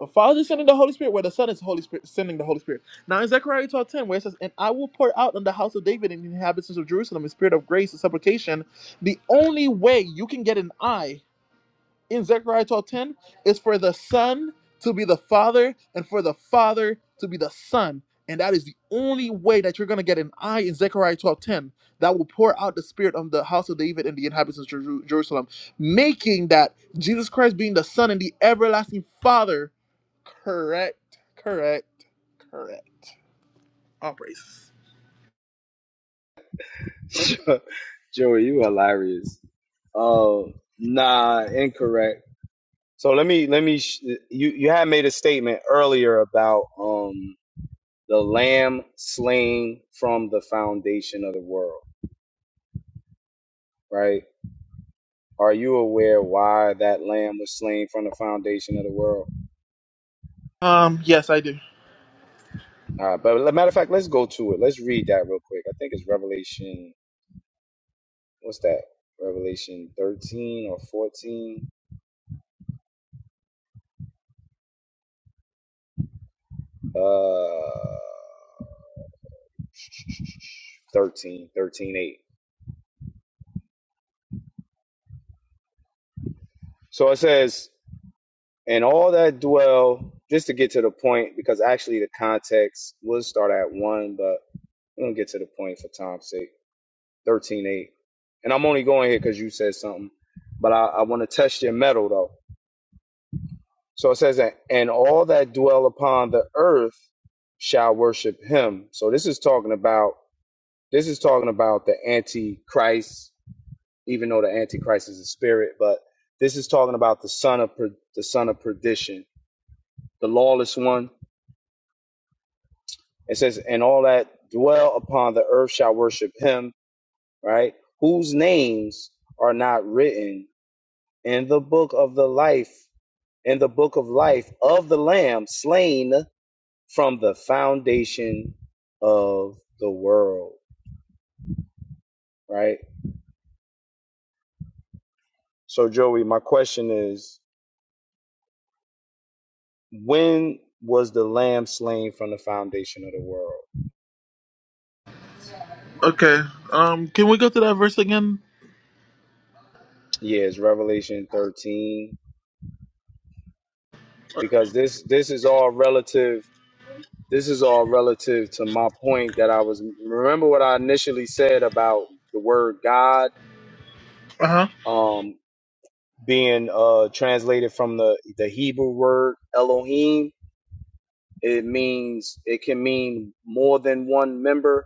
the Father is sending the Holy Spirit, where the Son is Holy Spirit sending the Holy Spirit. Now in Zechariah 12, ten, where it says, "And I will pour out on the house of David and the inhabitants of Jerusalem a spirit of grace and supplication." The only way you can get an eye in Zechariah 12:10 is for the son to be the father and for the father to be the son. And that is the only way that you're going to get an eye in Zechariah 12:10 that will pour out the spirit on the house of David and the inhabitants of Jeru- Jerusalem, making that Jesus Christ being the son and the everlasting father correct, correct, correct. All praises. (laughs) Joey, you hilarious. Oh, nah, incorrect. So let me let me sh- you you had made a statement earlier about um the lamb slain from the foundation of the world, right? Are you aware why that lamb was slain from the foundation of the world? Um, yes, I do. Uh, but as a matter of fact, let's go to it. Let's read that real quick. I think it's Revelation. What's that? Revelation thirteen or fourteen? Uh, 13, 13 8. So it says. and all that dwell just to get to the point because actually the context would start at one but we're gonna get to the point for time's sake 13.8 and i'm only going here because you said something but i, I want to test your metal though so it says that and all that dwell upon the earth shall worship him so this is talking about this is talking about the antichrist even though the antichrist is a spirit but this is talking about the son of per, the son of perdition the lawless one It says, and all that dwell upon the earth shall worship him, right? Whose names are not written in the book of the life, in the book of life of the Lamb slain from the foundation of the world, right? So, Joey, my question is when was the Lamb slain from the foundation of the world? Okay. Um, can we go to that verse again? Yes, Revelation 13, because this this is all relative this is all relative to my point that I was remember what I initially said about the word God Uh huh. um being uh translated from the the Hebrew word Elohim it means it can mean more than one member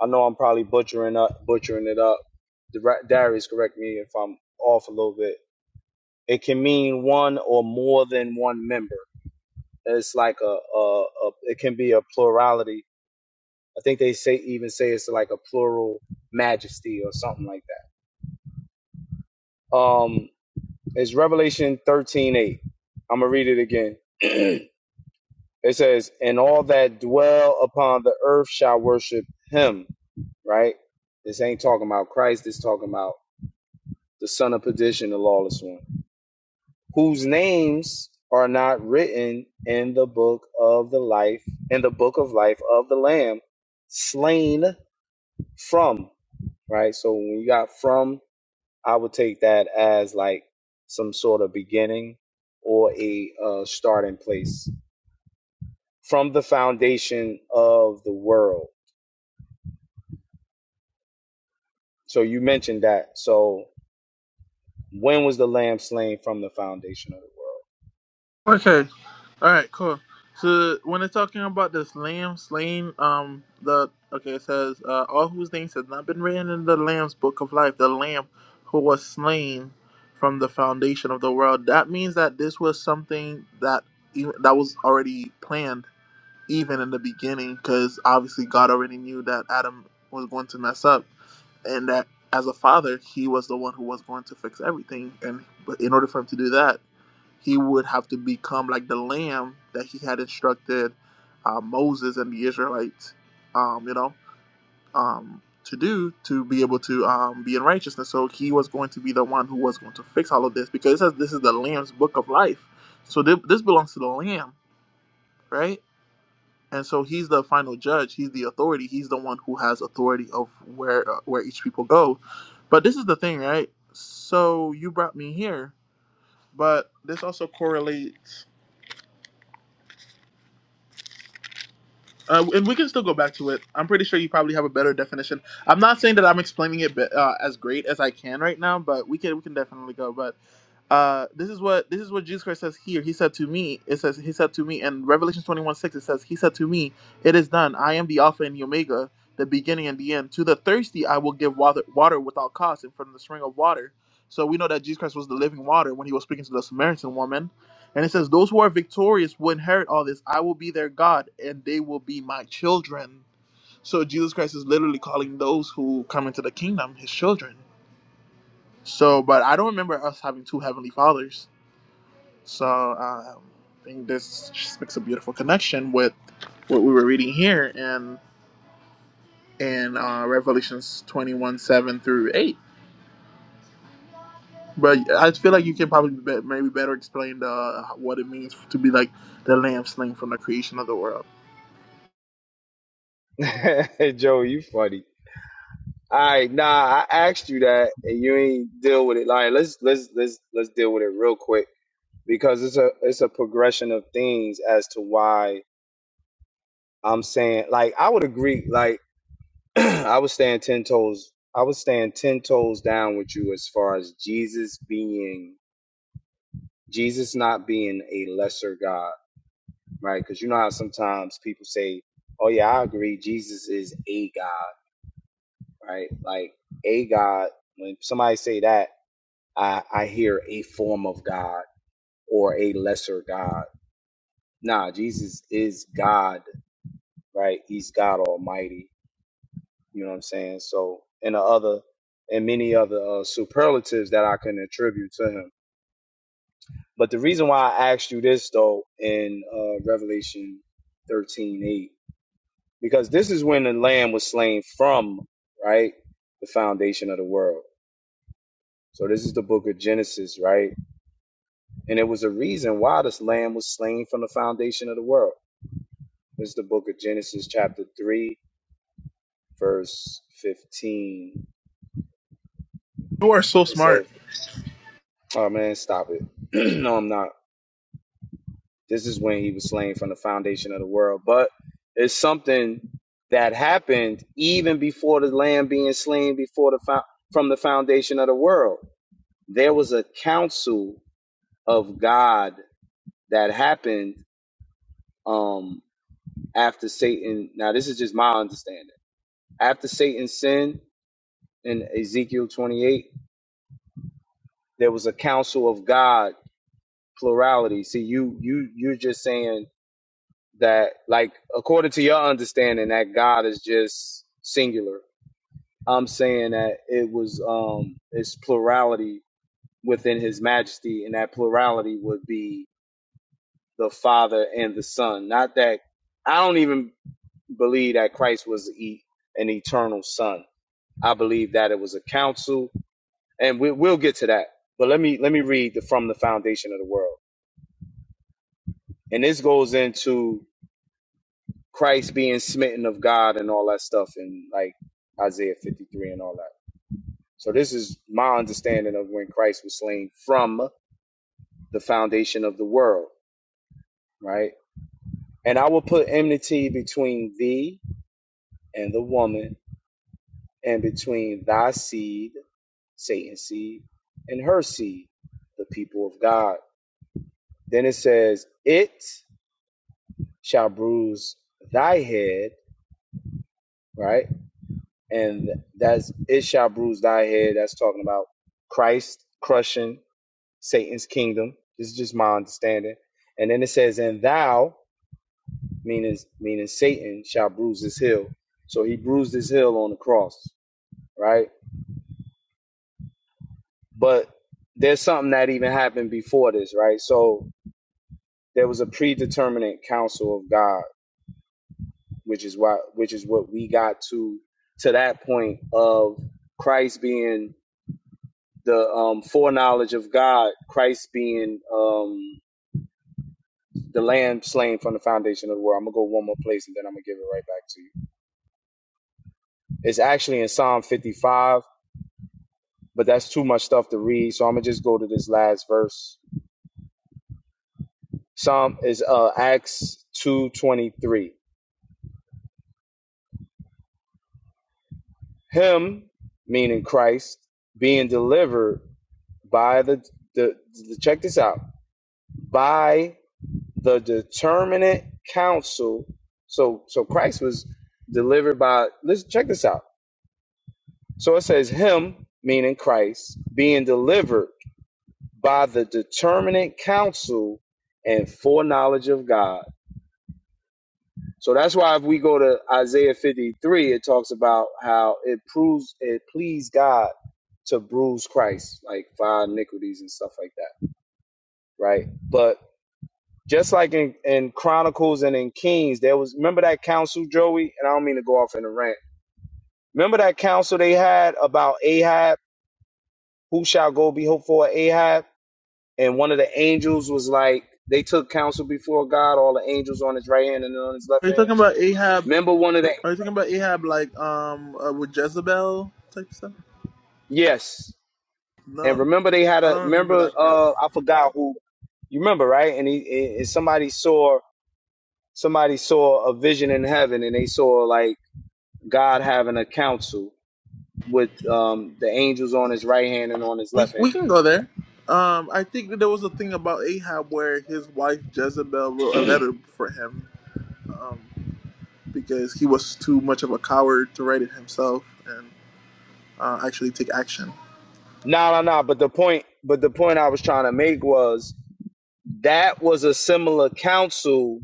I know I'm probably butchering up butchering it up Dar- Darius correct me if I'm off a little bit it can mean one or more than one member it's like a, a, a it can be a plurality I think they say even say it's like a plural majesty or something like that. Um, it's Revelation 138 i I'm gonna read it again. (clears throat) it says, "And all that dwell upon the earth shall worship Him." Right? This ain't talking about Christ. This talking about the Son of Perdition, the lawless one, whose names are not written in the book of the life, in the book of life of the Lamb, slain from. Right? So when you got from I would take that as like some sort of beginning or a uh, starting place from the foundation of the world. So you mentioned that. So when was the lamb slain from the foundation of Okay. All right. Cool. So when they're talking about this lamb slain, um, the okay it says uh, all whose names have not been written in the Lamb's book of life, the Lamb who was slain from the foundation of the world. That means that this was something that e- that was already planned even in the beginning, because obviously God already knew that Adam was going to mess up and that as a father, he was the one who was going to fix everything. And but in order for him to do that, he would have to become like the lamb that he had instructed uh, Moses and the Israelites, um, you know, um, to do to be able to um, be in righteousness. So he was going to be the one who was going to fix all of this because it says this is the lamb's book of life. So thi- this belongs to the lamb, right? And so he's the final judge. He's the authority. He's the one who has authority of where uh, where each people go. But this is the thing, right? So you brought me here, but this also correlates Uh, and we can still go back to it. I'm pretty sure you probably have a better definition. I'm not saying that I'm explaining it be- uh, as great as I can right now, but we can we can definitely go. But uh, this is what this is what Jesus Christ says here. He said to me, it says he said to me in Revelation 21, 6, it says, He said to me, It is done. I am the Alpha and the Omega, the beginning and the end. To the thirsty I will give water water without cost and from the spring of water. So we know that Jesus Christ was the living water when he was speaking to the Samaritan woman and it says, Those who are victorious will inherit all this. I will be their God, and they will be my children. So Jesus Christ is literally calling those who come into the kingdom his children. So, but I don't remember us having two heavenly fathers. So um, I think this just makes a beautiful connection with what we were reading here and in uh, Revelations 21 7 through 8. But I feel like you can probably be, maybe better explain the, what it means to be like the lamb slain from the creation of the world. the world? (laughs) Joe, you funny. All right, nah, I asked you that and you ain't deal with it. Like let's let's let's let's deal with it real quick because it's a it's a progression of things as to why I'm saying like I would agree like (clears throat) I was staying ten toes. I was staying ten toes down with you as far as Jesus being Jesus not being a lesser God, right? Because you know how sometimes people say, "Oh yeah, I agree. Jesus is a God, right?" Like a God. When somebody say that, I I hear a form of God or a lesser God. Nah, Jesus is God, right? He's God Almighty You know what I'm saying? So, and the other, and many other uh, superlatives that I can attribute to him. But the reason why I asked you this though in uh, Revelation 13 8, because this is when the Lamb was slain from, right? The foundation of the world. So this is the book of Genesis, right? And it was a reason why this Lamb was slain from the foundation of the world. This is the book of Genesis, chapter 3, verse 15. You are so It smart. says, oh man, stop it. (clears throat) no, I'm not. This is when he was slain from the foundation of the world. But it's something that happened even before the lamb being slain before the fo- from the foundation of the world. There was a council of God that happened um, after Satan. Now this is just my understanding. After Satan sinned in Ezekiel 28, there was a council of God plurality. See, you you you're just saying that like according to your understanding that god is just singular i'm saying that it was um it's plurality within his majesty and that plurality would be the father and the son not that i don't even believe that christ was e- an eternal son i believe that it was a council and we, we'll get to that but let me let me read the from the foundation of the world and this goes into Christ being smitten of God and all that stuff in like Isaiah 53 and all that. So this is my understanding of when Christ was slain from the foundation of the world, right? And I will put enmity between thee and the woman, and between thy seed, Satan's seed, and her seed, the people of God. Then it says, It shall bruise thy head, right? and that's it shall bruise thy head. That's talking about Christ crushing Satan's kingdom. This is just my understanding. And then it says, and thou, meaning meaning Satan, shall bruise his heel. So he bruised his heel on the cross, right? But there's something that even happened before this, right? So there was a predeterminate counsel of God, which is why which is what we got to to that point of Christ being the um, foreknowledge of God, Christ being um, the lamb slain from the foundation of the world. I'm gonna go one more place and then I'm gonna give it right back to you. It's actually in Psalm 55, but that's too much stuff to read, so I'm gonna just go to this last verse. Psalm is uh, Acts 2:23. Him, meaning Christ, being delivered by the, the the check this out by the determinate counsel. So so Christ was delivered by listen, check this out. So it says him, meaning Christ, being delivered by the determinate counsel and foreknowledge of God. So that's why if we go to Isaiah 53, it talks about how it proves it pleased God to bruise Christ, like five iniquities and stuff like that. Right? But. Just like in, in Chronicles and in Kings, there was remember that council, Joey, and I don't mean to go off in a rant. Remember that council they had about Ahab, who shall go behold for Ahab? And one of the angels was like, they took counsel before God, all the angels on his right hand and on his left Are you hand. talking about Ahab? Remember one of the Are you talking about Ahab like um uh, with Jezebel type stuff? yes. And No, remember they had I a don't remember remember that part. uh I forgot who you remember, right? And he and somebody saw somebody saw a vision in heaven and they saw like God having a council with um, the angels on his right hand and on his We left we hand. can go there. Um, I think that there was a thing about Ahab where his wife Jezebel wrote a letter for him, um, because he was too much of a coward to write it himself and uh, actually take action. No, no, no. But the point, but the point I was trying to make was that was a similar counsel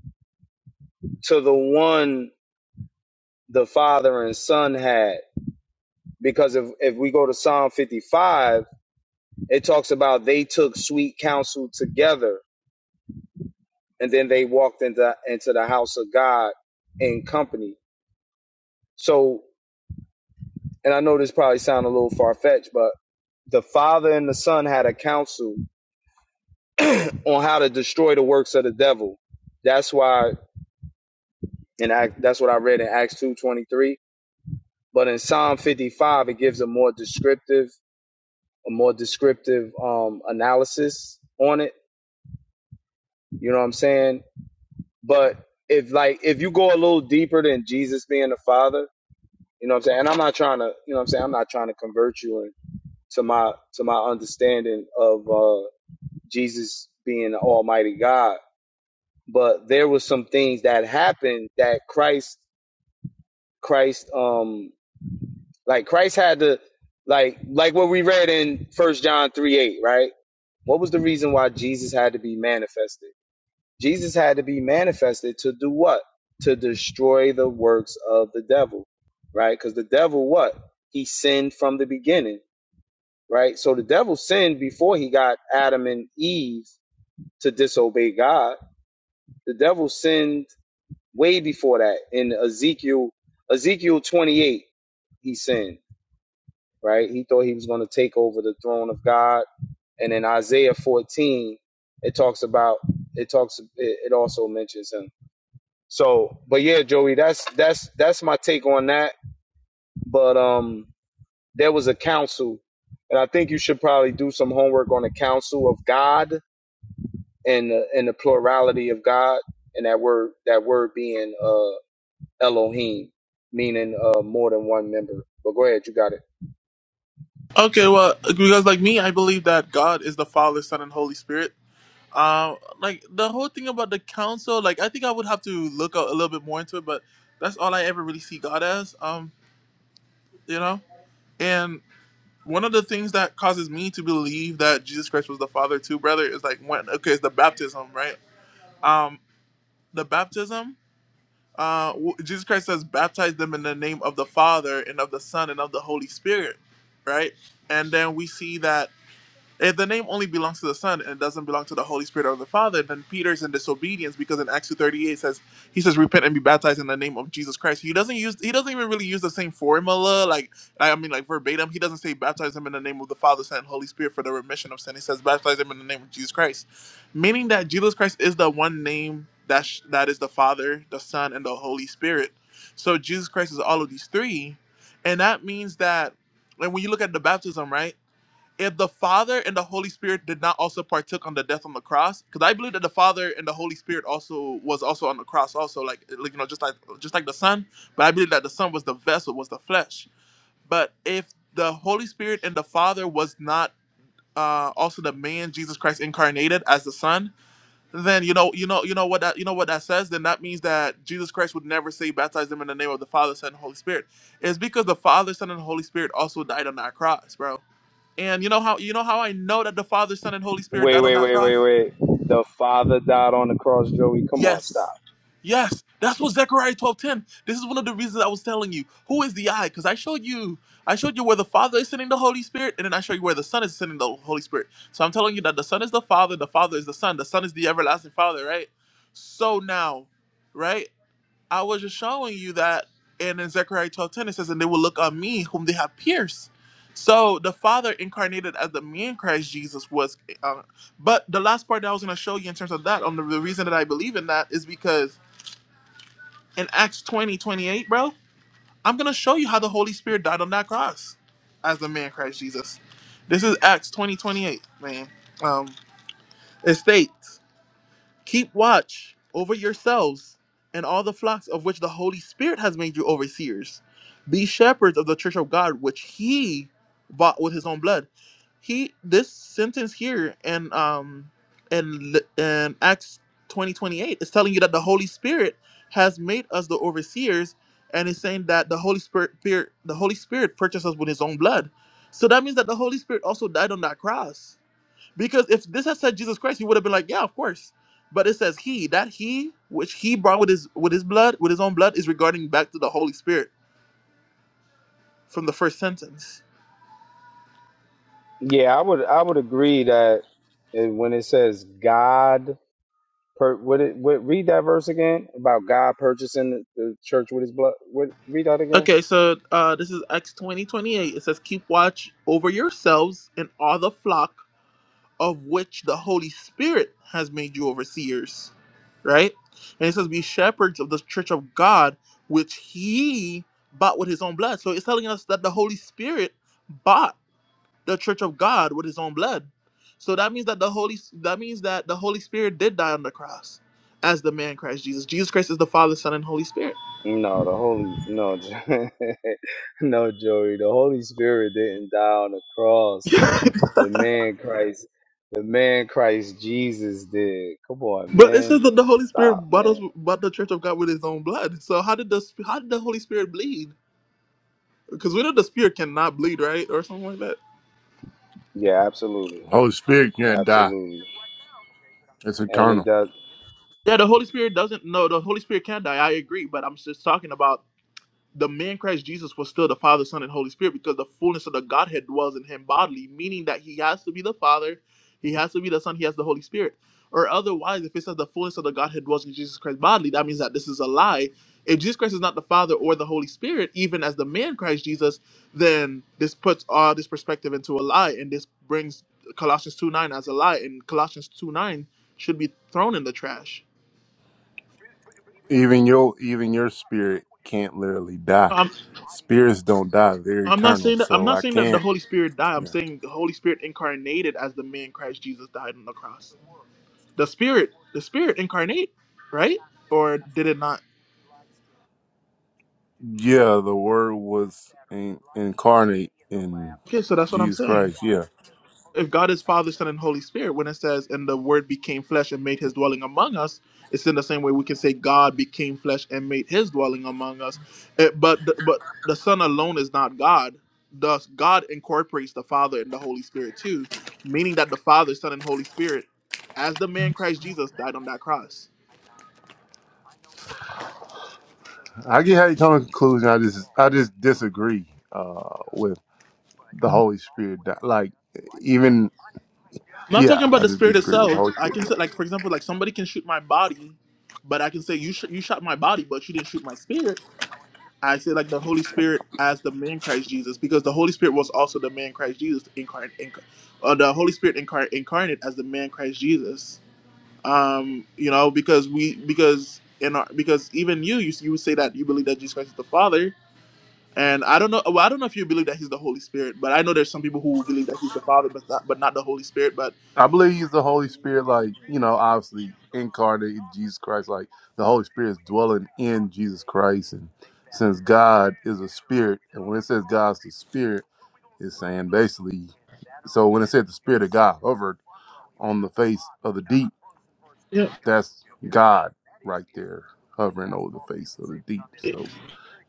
to the one the father and son had. Because if, if we go to Psalm 55, it talks about they took sweet counsel together and then they walked into, into the house of God in company. So, and I know this probably sounds a little far fetched, but the father and the son had a counsel. (clears throat) on how to destroy the works of the devil. That's why and that's what I read in Acts two twenty three. But in Psalm fifty five, it gives a more descriptive, a more descriptive um, analysis on it. You know what I'm saying? But if like if you go a little deeper than Jesus being the Father, you know what I'm saying. And I'm not trying to, you know what I'm saying. I'm not trying to convert you to my to my understanding of uh, Jesus being the Almighty God. But there was some things that happened that Christ Christ um like Christ had to like like what we read in first John 3 8, right? What was the reason why Jesus had to be manifested? Jesus had to be manifested to do what? To destroy the works of the devil, right? Because the devil what? He sinned from the beginning, right? So the devil sinned before he got Adam and Eve to disobey God. The devil sinned way before that in Ezekiel, Ezekiel 28, he sinned right? He thought he was going to take over the throne of God. And in Isaiah 14, it talks about it talks it, it also mentions him. So, but yeah, Joey, that's that's that's my take on that. But um there was a council and I think you should probably do some homework on the council of God and the, and the plurality of God and that word that word being uh Elohim meaning uh more than one member. But go ahead, you got it. Okay, well, because like me, I believe that God is the Father, Son, and Holy Spirit. Uh, like the whole thing about the council, like I think I would have to look a, a little bit more into it, but that's all I ever really see God as. Um, you know, and one of the things that causes me to believe that Jesus Christ was the Father too, brother, is like when okay, it's the baptism, right? Um, the baptism. Uh, w- Jesus Christ says, "Baptize them in the name of the Father and of the Son and of the Holy Spirit," right? And then we see that. If the name only belongs to the Son and doesn't belong to the Holy Spirit or the Father, then Peter's in disobedience because in Acts two thirty eight says he says repent and be baptized in the name of Jesus Christ. He doesn't use he doesn't even really use the same formula like I mean like verbatim. He doesn't say baptize him in the name of the Father, Son, and Holy Spirit for the remission of sin. He says baptize him in the name of Jesus Christ, meaning that Jesus Christ is the one name that sh- that is the Father, the Son, and the Holy Spirit. So Jesus Christ is all of these three, and that means that and when you look at the baptism, right? if the Father and the Holy Spirit did not also partook on the death on the cross, because I believe that the Father and the Holy Spirit also was also on the cross, also like like you know just like just like the Son, but I believe that the Son was the vessel, was the flesh. But if the Holy Spirit and the Father was not uh, also the man Jesus Christ incarnated as the Son, then you know you know you know what that you know what that says. Then that means that Jesus Christ would never say baptize them in the name of the Father, Son, and Holy Spirit. It's because the Father, Son, and Holy Spirit also died on that cross, bro and you know how you know how I know that the Father, Son, and Holy Spirit Wait, died on wait, that wait, cross? wait, wait. The Father died on the cross, Joey. Come on, stop. Yes. Yes. That's what Zechariah 12:10. This is one of the reasons I was telling you. Who is the I? Because I showed you, I showed you where the Father is sending the Holy Spirit, and then I show you where the Son is sending the Holy Spirit. So I'm telling you that the Son is the Father, the Father is the Son, the Son is the everlasting Father, right? So now, right? I was just showing you that and in Zechariah 12 10 it says, And they will look on me whom they have pierced. So the Father incarnated as the man Christ Jesus was. Uh, but the last part that I was going to show you in terms of that, on the, the reason that I believe in that is because in Acts 20 28, bro, I'm going to show you how the Holy Spirit died on that cross as the man Christ Jesus. This is Acts 20 28, man. Um, it states. Keep watch over yourselves and all the flocks of which the Holy Spirit has made you overseers. Be shepherds of the church of God, which He bought with His own blood. He this sentence here in um in L- in Acts twenty twenty eight is telling you that the Holy Spirit has made us the overseers, and is saying that the Holy Spirit- the Holy Spirit purchased us with His own blood. So that means that the Holy Spirit also died on that cross because if this had said Jesus Christ, he would have been like, yeah, of course. But it says he, that he which he brought with his with his blood, with his own blood, is regarding back to the Holy Spirit from the first sentence. Yeah, I would, I would agree that it, when it says God, per, would it, what read that verse again about God purchasing the, the church with His blood. What read that again. Okay, so uh, this is Acts twenty twenty eight. It says, "Keep watch over yourselves and all the flock of which the Holy Spirit has made you overseers." Right, and it says, "Be shepherds of the church of God, which He bought with His own blood." So it's telling us that the Holy Spirit bought the church of God with his own blood. So that means that the Holy that means that the Holy Spirit did die on the cross as the man Christ Jesus. Jesus Christ is the Father, Son, and Holy Spirit. No, the Holy, no, Jo- (laughs) no, Joey. The Holy Spirit didn't die on the (laughs) cross. The man Christ, the man Christ Jesus did. Come on, but it says man. that the Holy Spirit Stop, bought us man. bought the church of God with his own blood. So how did the how did the Holy Spirit bleed? Because we know the spirit cannot bleed, right? Or something like that. Yeah, absolutely, Holy Spirit can't die. absolutely. It's and he eternal. does. Yeah, the Holy Spirit doesn't no, the Holy Spirit can die. I agree, but I'm just talking about the man Christ Jesus was still the Father, Son, and Holy Spirit because the fullness of the Godhead dwells in him bodily, meaning that he has to be the Father, he has to be the Son, he has the Holy Spirit. Or otherwise, if it says the fullness of the Godhead dwells in Jesus Christ bodily, that means that this is a lie. If Jesus Christ is not the Father or the Holy Spirit, even as the man Christ Jesus, then this puts all this perspective into a lie, and this brings Colossians 2 9 as a lie, and Colossians 2 9 should be thrown in the trash. Even your even your spirit can't literally die. Spirits don't die. They're I'm not eternal. saying that I'm So not I saying that the can't. Holy Spirit died. I'm Yeah, saying the Holy Spirit incarnated as the man Christ Jesus died on the cross. The Spirit, the Spirit incarnate, right? Or did it not? Yeah, the Word was in, incarnate in Okay, so that's what I'm Jesus saying. Christ. Yeah, if God is Father, Son, and Holy Spirit, when it says, and the Word became flesh and made his dwelling among us, it's in the same way we can say God became flesh and made his dwelling among us. It- but, the, but the Son alone is not God. Thus, God incorporates the Father and the Holy Spirit too, meaning that the Father, Son, and Holy Spirit, as the man Christ Jesus, died on that cross. I get how you come to the conclusion. I just I just disagree uh, with the Holy Spirit. di- Like even I'm not yeah, talking about I the just Spirit disagree with the itself. Holy I Spirit. can say, like, for example, like somebody can shoot my body, but I can say, you, sh- you shot my body, but you didn't shoot my spirit I say like the Holy Spirit as the man Christ Jesus because the Holy Spirit was also the man Christ Jesus incarnate, inc- uh, the Holy Spirit incarnate, incarnate as the man Christ Jesus. Um, you know, because we because in our because even you you you would say that you believe that Jesus Christ is the Father, and I don't know well I don't know if you believe that he's the Holy Spirit, but I know there's some people who believe that he's the Father, but not, but not the Holy Spirit, but I believe he's the Holy Spirit, like, you know, obviously incarnate in Jesus Christ. Like, the Holy Spirit is dwelling in Jesus Christ. And since God is a spirit, and when it says God's the spirit, it's saying basically, so when it said the spirit of God hovered on the face of the deep, Yeah. that's God right there hovering over the face of the deep. So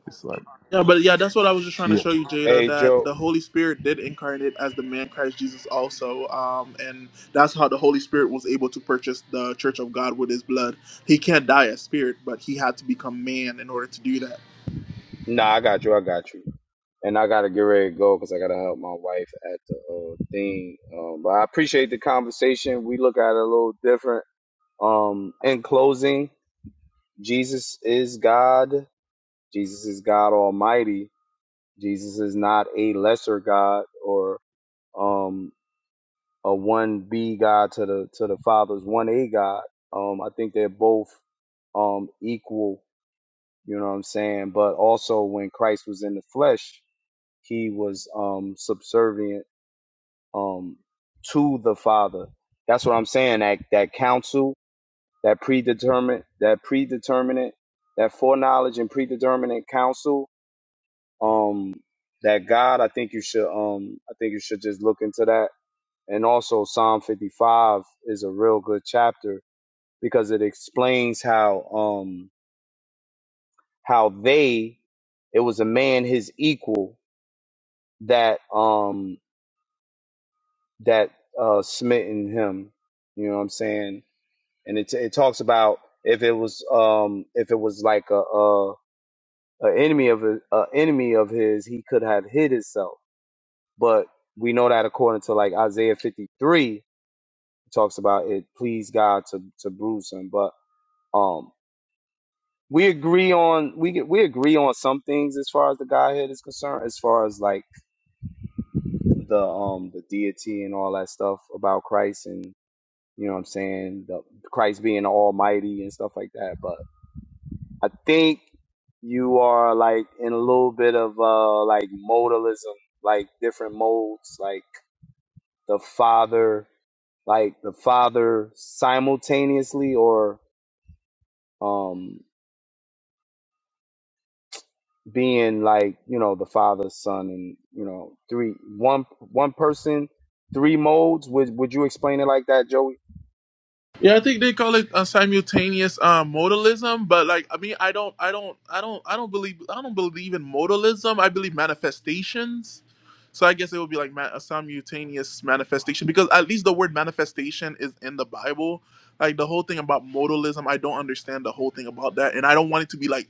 it's like, Yeah, but yeah, that's what I was just trying to yeah. show you, Jada, Hey that Joe, the Holy Spirit did incarnate as the man Christ Jesus also. Um, and that's how the Holy Spirit was able to purchase the church of God with his blood. He can't die as spirit, but he had to become man in order to do that. nah, I got you, I got you. And I gotta get ready to go because I gotta help my wife at the uh, thing. Um, but I appreciate the conversation. We look at it a little different. Um, in closing, Jesus is God. Jesus is God Almighty. Jesus is not a lesser God or um, a one B God to the to the Father's one A God. Um, I think they're both um, equal You know what I'm saying? But also when Christ was in the flesh, he was um subservient um to the Father. That's what I'm saying. That that counsel, that predetermined that predeterminate, that foreknowledge and predeterminate counsel, um, that God, I think you should um I think you should just look into that. And also Psalm fifty five is a real good chapter because it explains how um how they it was a man his equal that um that uh smitten him you know what i'm saying and it it talks about if it was um if it was like a a, a enemy of a, a enemy of his he could have hid himself but we know that according to like isaiah 53 it talks about it pleased god to to bruise him but um we agree on we get- we agree on some things as far as the godhead is concerned as far as like the um the deity and all that stuff about christ and. you know what I'm saying? The Christ being almighty and stuff like that. But I think you are like in a little bit of uh like modalism, like different modes, like the father, like the father simultaneously or um being like, you know, the father, son and you know, three one one person, three modes. Would would you explain it like that, Joey? Yeah, I think they call it uh, simultaneous uh, modalism, but like I mean, I don't, I don't, I don't, I don't believe, I don't believe in modalism. I believe manifestations. So I guess it would be like ma- a simultaneous manifestation because at least the word manifestation is in the Bible. Like the whole thing about modalism, I don't understand the whole thing about that, and I don't want it to be like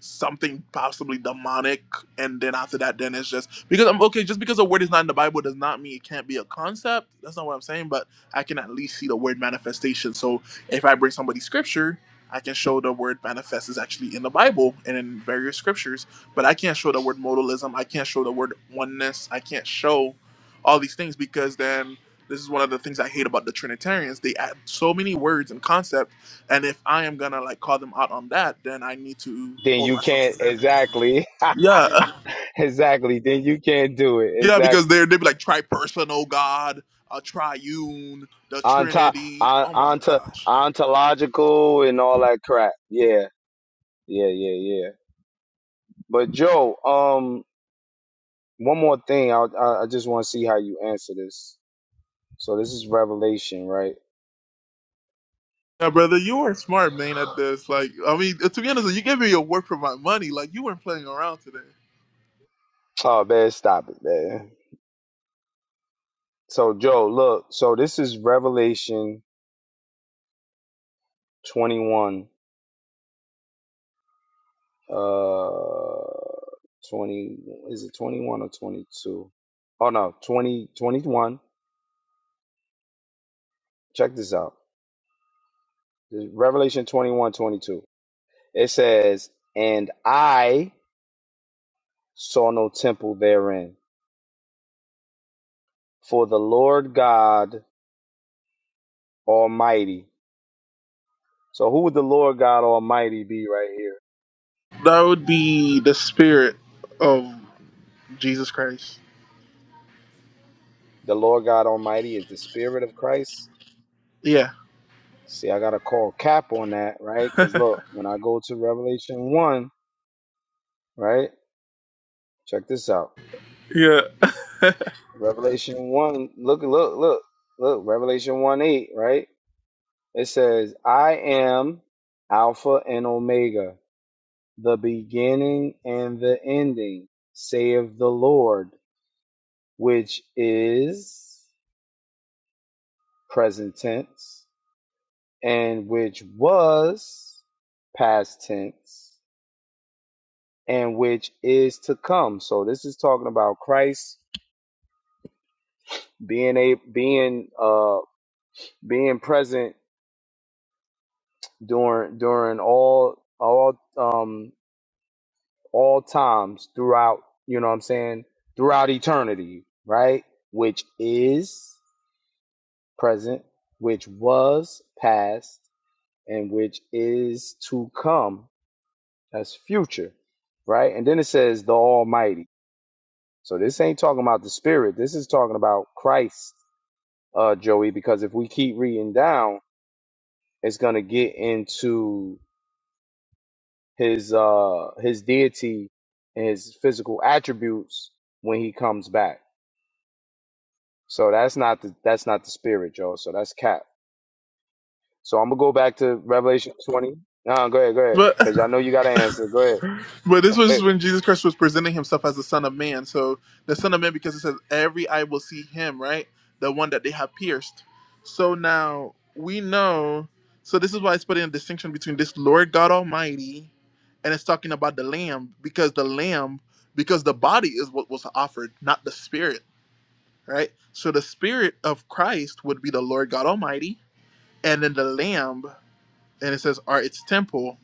something possibly demonic, and then after that, then it's just because I'm okay. Just because a word is not in the Bible does not mean it can't be a concept. That's not what I'm saying, but I can at least see the word manifestation. So if I bring somebody scripture, I can show the word manifest is actually in the Bible and in various scriptures, but I can't show the word modalism. I can't show the word oneness. I can't show all these things because then this is one of the things I hate about the Trinitarians. They add so many words and concept, and if I am gonna like call them out on that, then I need to Then hold you myself to can't standard. exactly Yeah, (laughs) exactly. Then you can't do (laughs) yeah, it. because they're they'd be like tripersonal God, a triune, the Onto, Trinity. on, Oh my onto, gosh. ontological and all that crap. Yeah, yeah, yeah, yeah. But Joe, um, one more thing. I, I, I just want to see how you answer this. So this is Revelation, right? Yeah, brother, you were smart, man, at this. Like, I mean, uh, to be honest, you gave me your work for my money. Like, you weren't playing around today. Oh, man, stop it, man. So Joe, look. So this is Revelation twenty-one. Uh, twenty. Is it twenty-one or twenty-two? Oh no, 20 21. Check this out. This is Revelation 21, 22. It says, And I saw no temple therein, for the Lord God Almighty. So, who would the Lord God Almighty be right here? That would be the spirit of Jesus Christ. The Lord God Almighty is the Spirit of Christ. Yeah. See, I got to call cap on that, right? Because look, when I go to Revelation 1, right? Check this out. Yeah. (laughs) Revelation 1, look, look, look, look, Revelation 1 8, right? It says, I am Alpha and Omega the beginning and the ending, saith the Lord, which is present tense, and which was past tense, and which is to come. So this is talking about Christ being a being uh being present during during all all um all times throughout, you know what I'm saying, throughout eternity, right? Which is present, which was past, and which is to come. That's future, right? And then it says the Almighty. So this ain't talking about the Spirit. This is talking about Christ, uh, Joey. Because if we keep reading down, it's gonna get into his uh his deity and his physical attributes when he comes back. So that's not the that's not the Spirit, Joe. So that's cap. So I'm gonna go back to Revelation 20. No, go ahead, go ahead, But because I know you got an answer. Go But this was ahead. when Jesus Christ was presenting himself as the Son of Man. So the Son of Man, because it says, every eye will see him, right? The one that they have pierced. So now we know. So this is why it's putting a distinction between this Lord God Almighty and it's talking about the Lamb, because the Lamb, because the body is what was offered, not the Spirit, right? So the Spirit of Christ would be the Lord God Almighty. And then the Lamb and it says, "All right, it's temple."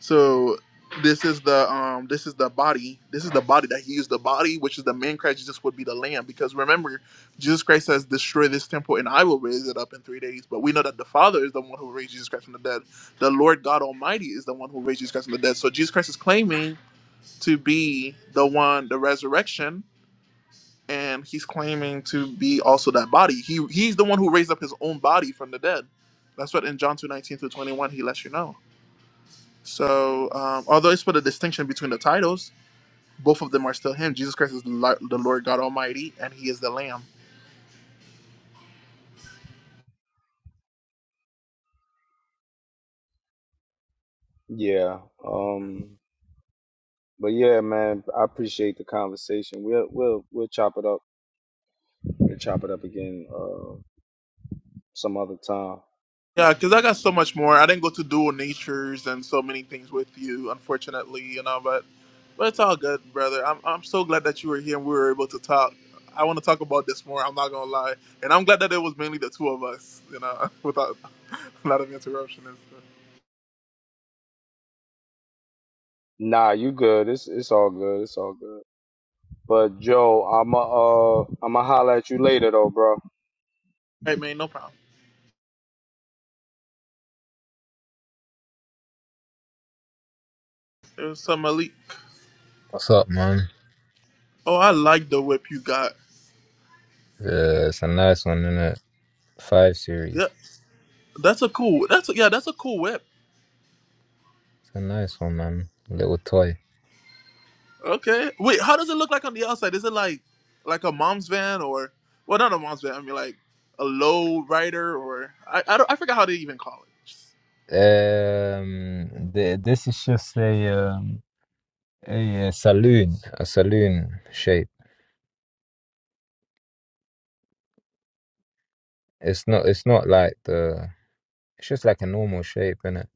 So this is the um this is the body. This is the body that he used. The body, which is the man Christ Jesus, would be the lamb. Because remember, Jesus Christ says, "Destroy this temple, and I will raise it up in three days." But we know that the Father is the one who raised Jesus Christ from the dead. The Lord God Almighty is the one who raised Jesus Christ from the dead. So Jesus Christ is claiming to be the one, the resurrection. And he's claiming to be also that body. He he's the one who raised up his own body from the dead. That's what in John two nineteen through twenty one he lets you know. So, um, although it's put a distinction between the titles, both of them are still Him. Jesus Christ is the Li- the Lord God Almighty, and He is the Lamb. (laughs) yeah. Um. But yeah, man, I appreciate the conversation. We'll we'll we'll chop it up. We'll chop it up again uh, some other time. Yeah, because I got so much more. I didn't go to dual natures and so many things with you, unfortunately, you know. But, but it's all good, brother. I'm I'm so glad that you were here and we were able to talk. I want to talk about this more. I'm not gonna lie, and I'm glad that it was mainly the two of us, you know, (laughs) without a lot of interruption and stuff. Nah, you good. It's it's all good. It's all good. But Joe, I'ma uh I'ma holler at you later though, bro. Hey man, no problem. It was some elite. What's up, man? Oh, I like the whip you got. Yeah, it's a nice one, isn't it? Five Yeah, series. That's a cool. That's yeah. That's a cool whip. It's a nice one, man. Little toy. Okay. Wait, how does it look like on the outside? Is it like like a mom's van or well, not a mom's van. I mean like a low rider or I I, don't, I forgot how they even call it. Um, th this is just a um a, uh saloon, a saloon shape. It's not. It's not like the. It's just like a normal shape, isn't it?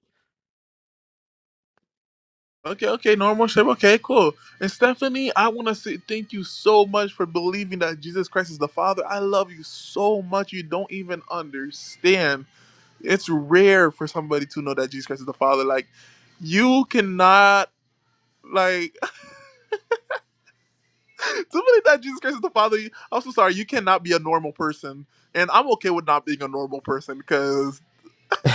Okay. Okay. Normal shape. Okay. Cool. And Stephanie, I want to say thank you so much for believing that Jesus Christ is the Father. I love you so much. You don't even understand. It's rare for somebody to know that Jesus Christ is the Father. Like you cannot. like. Somebody that Jesus Christ is the Father. I'm so sorry. You cannot be a normal person, and I'm okay with not being a normal person because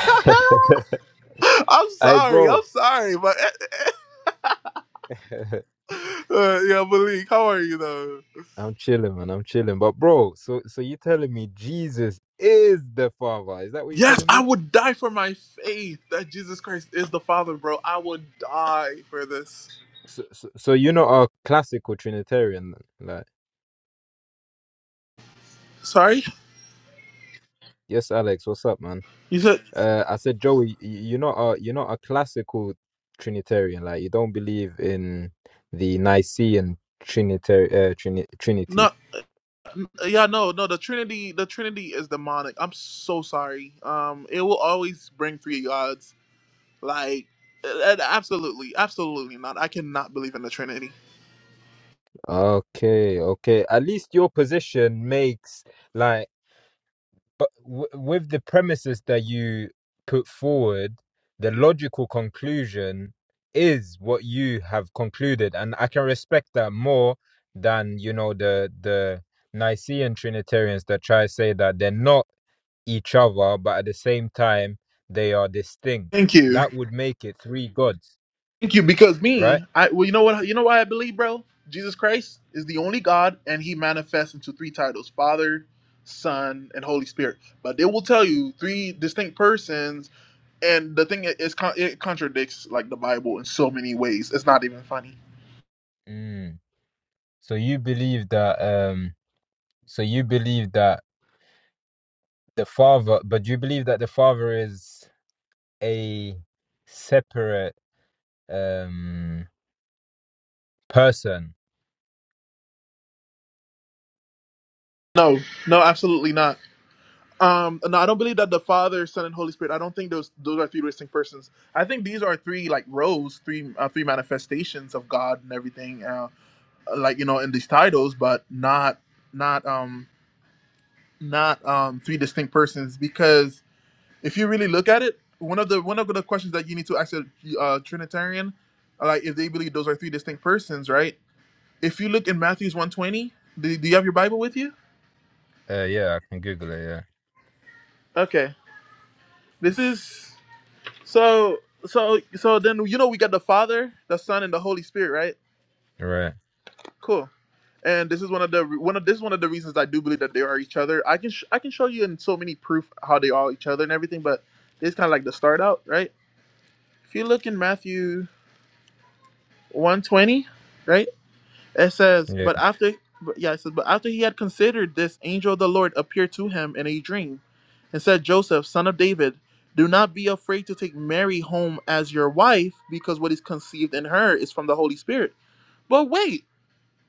(laughs) (laughs) I'm Hey, sorry. I'm bro. sorry, but (laughs) (laughs) uh, yeah, Malik, how are you though? I'm chilling, man. I'm chilling. But bro, so so you telling me Jesus is the Father? Is that what you're Yes, telling I me? would die for my faith that Jesus Christ is the Father, bro. I would die for this. So so, so you're not a classical Trinitarian, then? like Sorry, yes, Alex. What's up, man? you said Uh, I said Joey, y- you're not a you're not a classical Trinitarian. Like you don't believe in the Nicene Trinitary uh, Trini- Trinity. no. n- Yeah, no, no. The Trinity, the Trinity is demonic. I'm so sorry. Um, it will always bring three gods Like, uh, uh, absolutely, absolutely not. I cannot believe in the Trinity. Okay, okay. At least your position makes like. But w- with the premises that you put forward, the logical conclusion is what you have concluded, and I can respect that more than you know the the Nicene Trinitarians that try to say that they're not each other, but at the same time they are distinct. Thank you, That would make it three gods, thank you. Because right? me, I well, you know what? You know why I believe, bro. Jesus Christ is the only God, and He manifests into three titles: Father, Son, and Holy Spirit. But they will tell you three distinct persons, and the thing is, con- it contradicts like the Bible in so many ways. It's not even funny. Mm. So you believe that um so you believe that the father but do you believe that the father is a separate um person. No, no, absolutely not. Um, no, I don't believe that the Father, Son, and Holy Spirit. I don't think those those are three distinct persons. I think these are three like roles, three uh, three manifestations of God and everything. Uh, like you know, in these titles, but not not um not um three distinct persons. Because if you really look at it, one of the one of the questions that you need to ask a uh, Trinitarian, uh, like if they believe those are three distinct persons, right? If you look in Matthew's one twenty, do, do you have your Bible with you? Uh, yeah, I can Google it. Yeah, Okay, this is. So so so then you know we got the Father, the Son, and the Holy Spirit, right? right. Cool. And this is one of the one of this is one of the reasons I do believe that they are each other. I can sh- I can show you in so many proof how they are each other and everything, but this kind of like the start out, right? If you look in Matthew one twenty, right? It says, Yeah. but after, but yeah, it says, but after he had considered this, angel of the Lord appeared to him in a dream, and said, Joseph, son of David, do not be afraid to take Mary home as your wife, because what is conceived in her is from the Holy Spirit. But wait,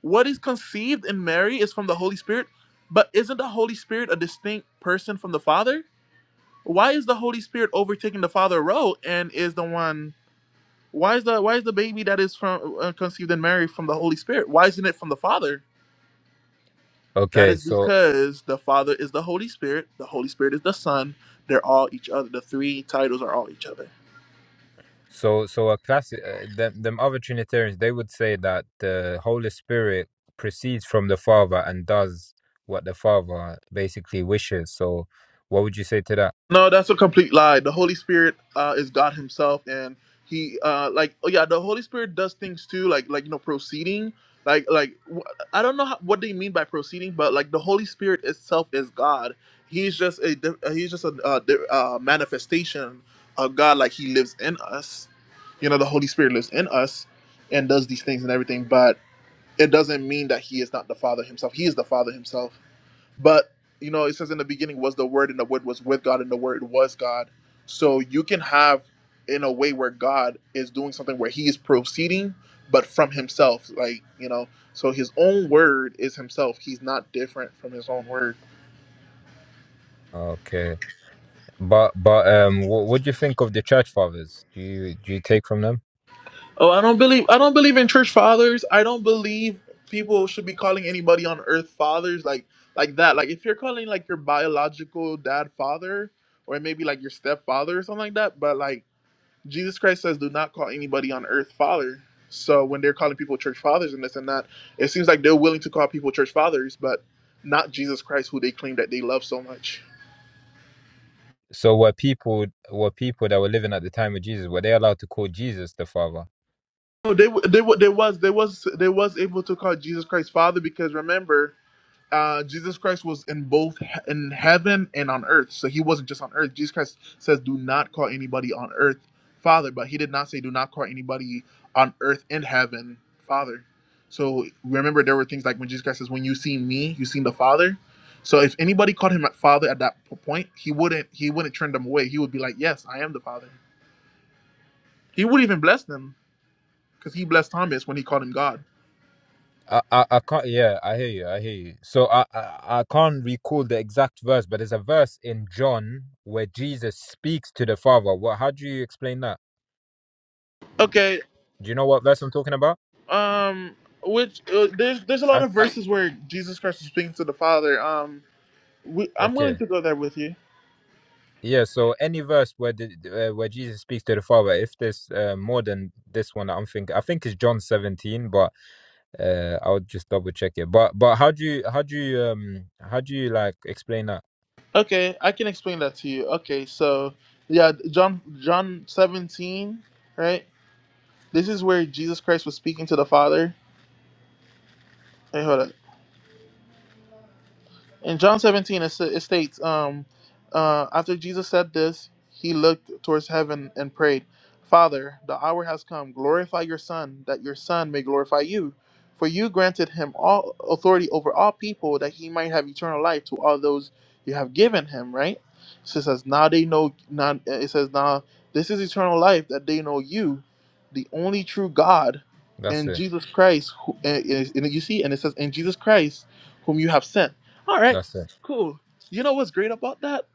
what is conceived in Mary is from the Holy Spirit, but isn't the Holy Spirit a distinct person from the Father? Why is the Holy Spirit overtaking the Father role and is the one? Why is the why is the baby that is from uh, conceived in Mary from the Holy Spirit? Why isn't it from the Father? That Okay. is So, because the Father is the Holy Spirit, the Holy Spirit is the Son. They're all each other. The three titles are all each other. so, so a classic. Uh, them, them other Trinitarians, they would say that the Holy Spirit proceeds from the Father and does what the Father basically wishes. So, what would you say to that? No, that's a complete lie. The Holy Spirit uh, is God Himself, and He, uh, like, oh yeah, the Holy Spirit does things too, like, like you know, proceeding, like, like wh- I don't know how, what they mean by proceeding, but like the Holy Spirit itself is God. He's just a, di- uh, He's just a uh, di- uh, manifestation of God. Like He lives in us. You know, the Holy Spirit lives in us and does these things and everything, but it doesn't mean that he is not the father himself he is the father himself but you know it says in the beginning was the word and the word was with god and the word was god so you can have in a way where god is doing something where he is proceeding but from himself like you know so his own word is himself he's not different from his own word Okay. But, but, um, what, what do you think of the Church Fathers? Do you do you take from them? Oh, I don't believe I don't believe in church fathers. I don't believe people should be calling anybody on earth fathers like like that. Like if you're calling like your biological dad father or maybe like your stepfather or something like that, but like Jesus Christ says do not call anybody on earth father. So when they're calling people church fathers and this and that, it seems like they're willing to call people church fathers, but not Jesus Christ who they claim that they love so much. So, were people were people that were living at the time of Jesus were they allowed to call Jesus the Father? No, they w- they w- they was they was they was able to call Jesus Christ father because remember uh, Jesus Christ was in both he- in heaven and on earth, so he wasn't just on earth. Jesus Christ says, "Do not call anybody on earth Father," but he did not say, "Do not call anybody on earth and heaven Father." So remember, there were things like when Jesus Christ says, "When you see me, you seen the Father." So if anybody called him Father at that p- point, he wouldn't he wouldn't turn them away. He would be like, "Yes, I am the Father." He would even bless them because he blessed Thomas when he called him God. I, I, I can't. Yeah, I hear you. I hear you. So I, I I can't recall the exact verse, but there's a verse in John where Jesus speaks to the Father. What? How do you explain that? Okay. Do you know what verse I'm talking about? Um, which uh, there's there's a lot I, of I, verses where Jesus Christ is speaking to the Father. Um, we, I'm okay. willing to go there with you. Yeah. So any verse where the, uh, where Jesus speaks to the Father, if there's uh, more than this one, that I'm thinking. I think it's John 17, but uh, I'll just double check it. But but how do you how do you um how do you like explain that? Okay, I can explain that to you. Okay, so yeah, John John 17, right? This is where Jesus Christ was speaking to the Father. Hey, hold up. In John 17, it, sa- it states, um, uh, after Jesus said this, he looked towards heaven and prayed, Father, the hour has come. Glorify your Son, that your Son may glorify you. For you granted him all authority over all people, that he might have eternal life to all those you have given him, right? So it says, now they know, now, it says, now this is eternal life, that they know you, the only true God, That's and it. Jesus Christ, who, and, and and you see, and it says, in Jesus Christ, whom you have sent. All right, That's it. cool. You know what's great about that?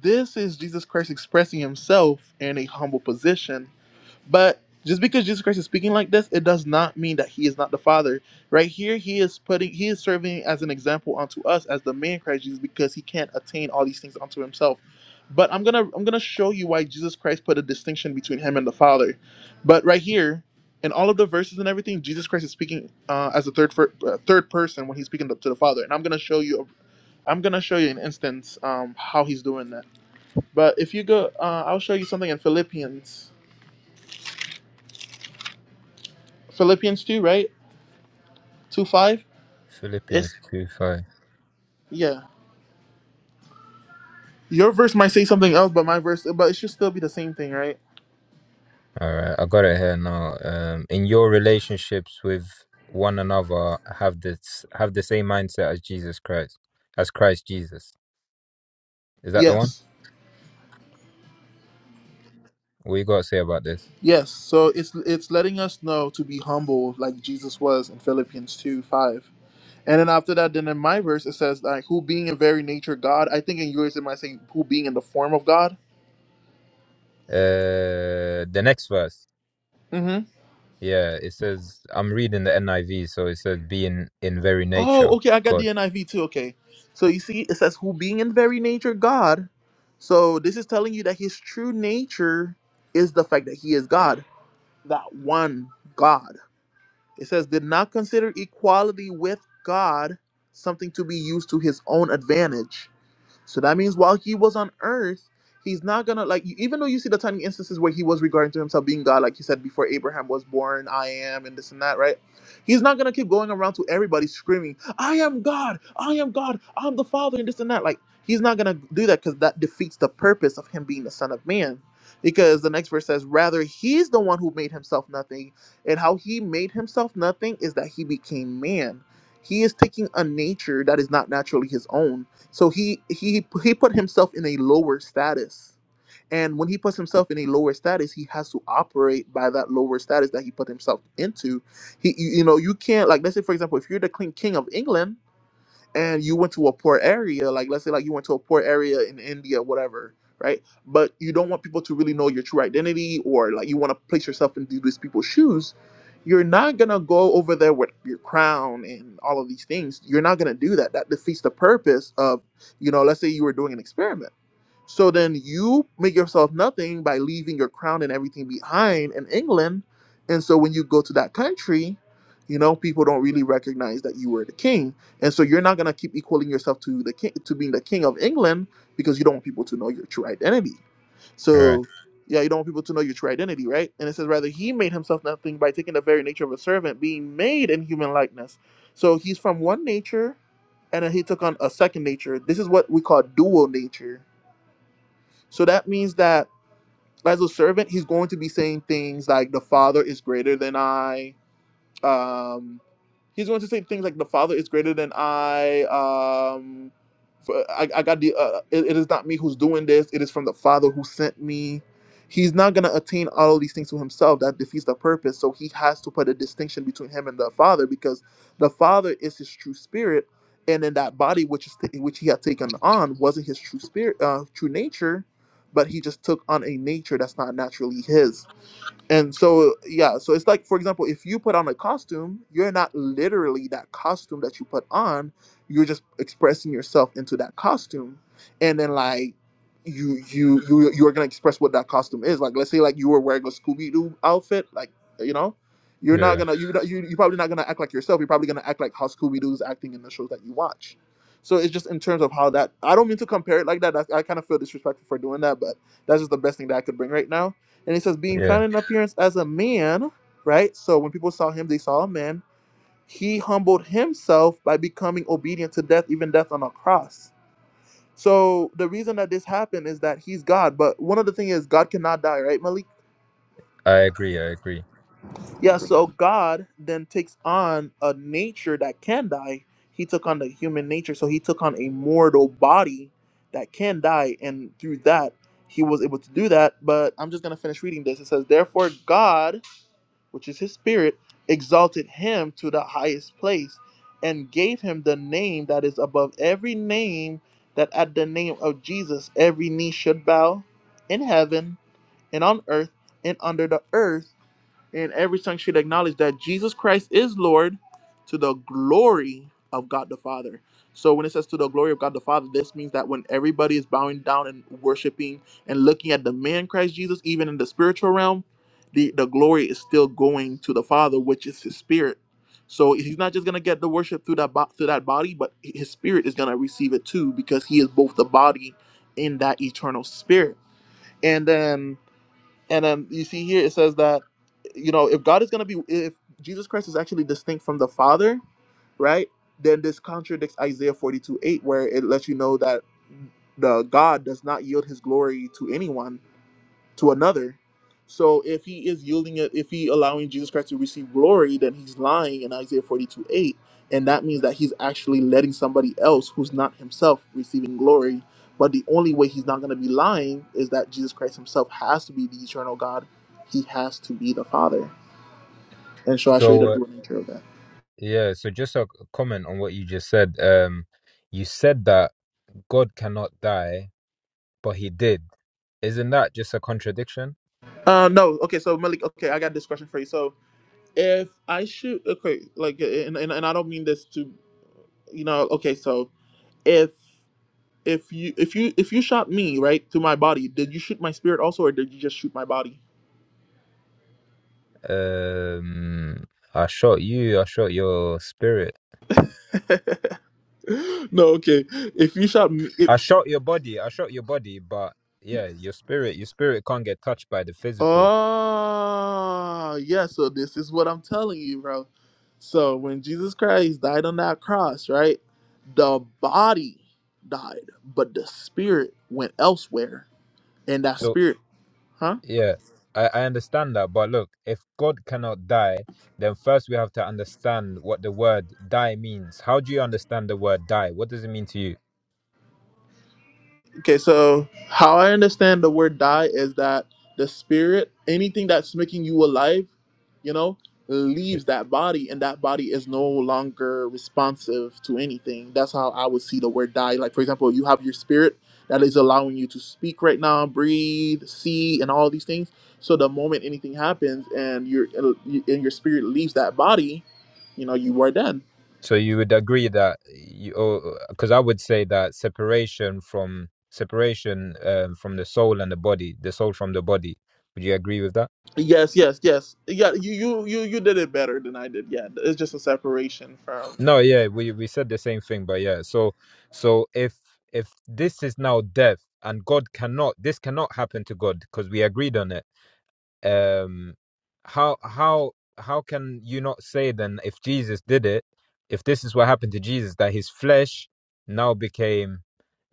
This is Jesus Christ expressing himself in a humble position. But just because Jesus Christ is speaking like this, it does not mean that he is not the Father. Right here, he is putting he is serving as an example unto us as the man Christ Jesus because he can't attain all these things unto himself. But I'm gonna I'm gonna show you why Jesus Christ put a distinction between him and the Father. But right here, in all of the verses and everything, Jesus Christ is speaking uh, as a third fir- uh, third person when he's speaking to the Father, and I'm gonna show you I'm gonna show you an instance um, how he's doing that. But if you go, uh, I'll show you something in Philippians, Philippians two, right, two five. It's Philippians two five. yeah. Your verse might say something else, but my verse, but it should still be the same thing, right? All right, I got it here now. Um, in your relationships with one another, have this have the same mindset as Jesus Christ, as Christ Jesus. Is that the one? Yes, What you got to say about this? yes. So it's it's letting us know to be humble, like Jesus was in Philippians two five. And then after that, then in my verse it says like, "Who being in very nature God." I think in yours it might say, "Who being in the form of God." Uh, the next verse. Mm-hmm. Yeah, it says I'm reading the NIV, so it says being in very nature, Oh, okay, I got the God. NIV too. Okay. So you see, it says, who being in very nature God. So this is telling you that his true nature is the fact that he is God, that one God. It says, did not consider equality with God something to be used to his own advantage. So that means while he was on earth, he's not gonna like e, even though you see the tiny instances where he was regarding to himself being God, like he said before Abraham was born, I am, and this and that, right? He's not gonna keep going around to everybody screaming, I am God, I am God, I'm the Father, and this and that. Like he's not gonna do that because that defeats the purpose of him being the Son of Man. Because the next verse says, Rather, he's the one who made himself nothing. And how he made himself nothing is that he became man. He is taking a nature that is not naturally his own so he he he put himself in a lower status. And when he puts himself in a lower status, he has to operate by that lower status that he put himself into. He you, you know, you can't like let's say for example, if you're the king king of England and you went to a poor area, like let's say like you went to a poor area in India, whatever, right? But you don't want people to really know your true identity or like you want to place yourself into these people's shoes. You're not gonna go over there with your crown and all of these things. You're not gonna do that. That defeats the purpose of, you know, let's say you were doing an experiment so then you make yourself nothing by leaving your crown and everything behind in England. And so when you go to that country, you know, people don't really recognize that you were the king. And so you're not gonna keep equaling yourself to the king to being the king of England because you don't want people to know your true identity. All right. So yeah, you don't want people to know your true identity, right? And it says rather he made himself nothing by taking the very nature of a servant, being made in human likeness. So he's from one nature and then he took on a second nature. This is what we call dual nature so that means that as a servant, he's going to be saying things like the Father is greater than I. Um, he's going to say things like the Father is greater than I. Um, for, I, I got the. Uh, it it is not me who's doing this. It is from the Father who sent me. He's not gonna attain all of these things to himself. That defeats the purpose. So he has to put a distinction between him and the Father because the Father is his true spirit, and in that body which is ta- which he had taken on wasn't his true spirit, uh, true nature, but he just took on a nature that's not naturally his. And so, yeah, so it's like, for example, if you put on a costume, you're not literally that costume that you put on. You're just expressing yourself into that costume, and then like you you you you're gonna express what that costume is. Like, let's say like you were wearing a Scooby Doo outfit, like you know, you're not Yeah, gonna you you you're probably not gonna act like yourself. You're probably gonna act like how Scooby Doo's acting in the shows that you watch. So it's just in terms of how that. I don't mean to compare it like that. I, I kind of feel disrespectful for doing that, but that's just the best thing that I could bring right now and he says, being yeah. found in appearance as a man, right? So when people saw him, they saw a man. He humbled himself by becoming obedient to death, even death on a cross. So the reason that this happened is that he's God. But one of the things is God cannot die, right, Malik? I agree. I agree. Yeah, so God then takes on a nature that can die. He took on the human nature. So he took on a mortal body that can die. And through that, he was able to do that. But I'm just going to finish reading this. It says, Therefore, God which is his spirit, exalted him to the highest place and gave him the name that is above every name, that at the name of Jesus every knee should bow in heaven and on earth and under the earth and every tongue should acknowledge that Jesus Christ is Lord to the glory of God the Father. So when it says to the glory of God the Father, this means that when everybody is bowing down and worshiping and looking at the man Christ Jesus, even in the spiritual realm, the, the glory is still going to the Father, which is his spirit. So he's not just gonna get the worship through that bo- through that body, but his spirit is gonna receive it too, because he is both the body in that eternal spirit. And then and then you see here it says that, you know, if God is going to be, if Jesus Christ is actually distinct from the Father, right? Then this contradicts Isaiah 42 8, where it lets you know that the God does not yield his glory to anyone to another. So if he is yielding it, if he allowing Jesus Christ to receive glory, then he's lying in Isaiah 42 8. And that means that he's actually letting somebody else who's not himself receiving glory. But the only way he's not going to be lying is that Jesus Christ himself has to be the eternal God. He has to be the Father. And so I show you So the uh, true nature of that. yeah, so just a comment on what you just said. Um, you said that God cannot die but he did. Isn't that just a contradiction? Uh, no, okay, so Malik, okay, I got this question for you. So if I should, okay, like, and, and, and I don't mean this to, you know, okay, so if if you if you if you shot me right through my body did you shoot my spirit also or did you just shoot my body Um, I shot you. I shot your spirit. (laughs) no okay if you shot me if, I shot your body. I shot your body, but yeah, your spirit. Your spirit can't get touched by the physical. oh yeah so this is what i'm telling you bro so when jesus christ died on that cross right the body died but the spirit went elsewhere and that So spirit huh? yeah, I, I understand that. But look, if God cannot die, then first we have to understand what the word die means. How do you understand the word die? What does it mean to you? Okay, so how I understand the word die is that the spirit, anything that's making you alive, you know, leaves that body and that body is no longer responsive to anything. That's how I would see the word die. Like, for example, you have your spirit that is allowing you to speak right now, breathe, see, and all these things. So the moment anything happens and your and your spirit leaves that body, you know, you are dead. So you would agree that you, because I would say that separation from separation um, from the soul and the body, the soul from the body. Would you agree with that? Yes, yes, yes. Yeah, you you you you did it better than I did. Yeah, it's just a separation from. No, yeah, we we said the same thing, but yeah. So so if if this is now death and God cannot, this cannot happen to God because we agreed on it um how how how can you not say then if jesus did it if this is what happened to jesus that his flesh now became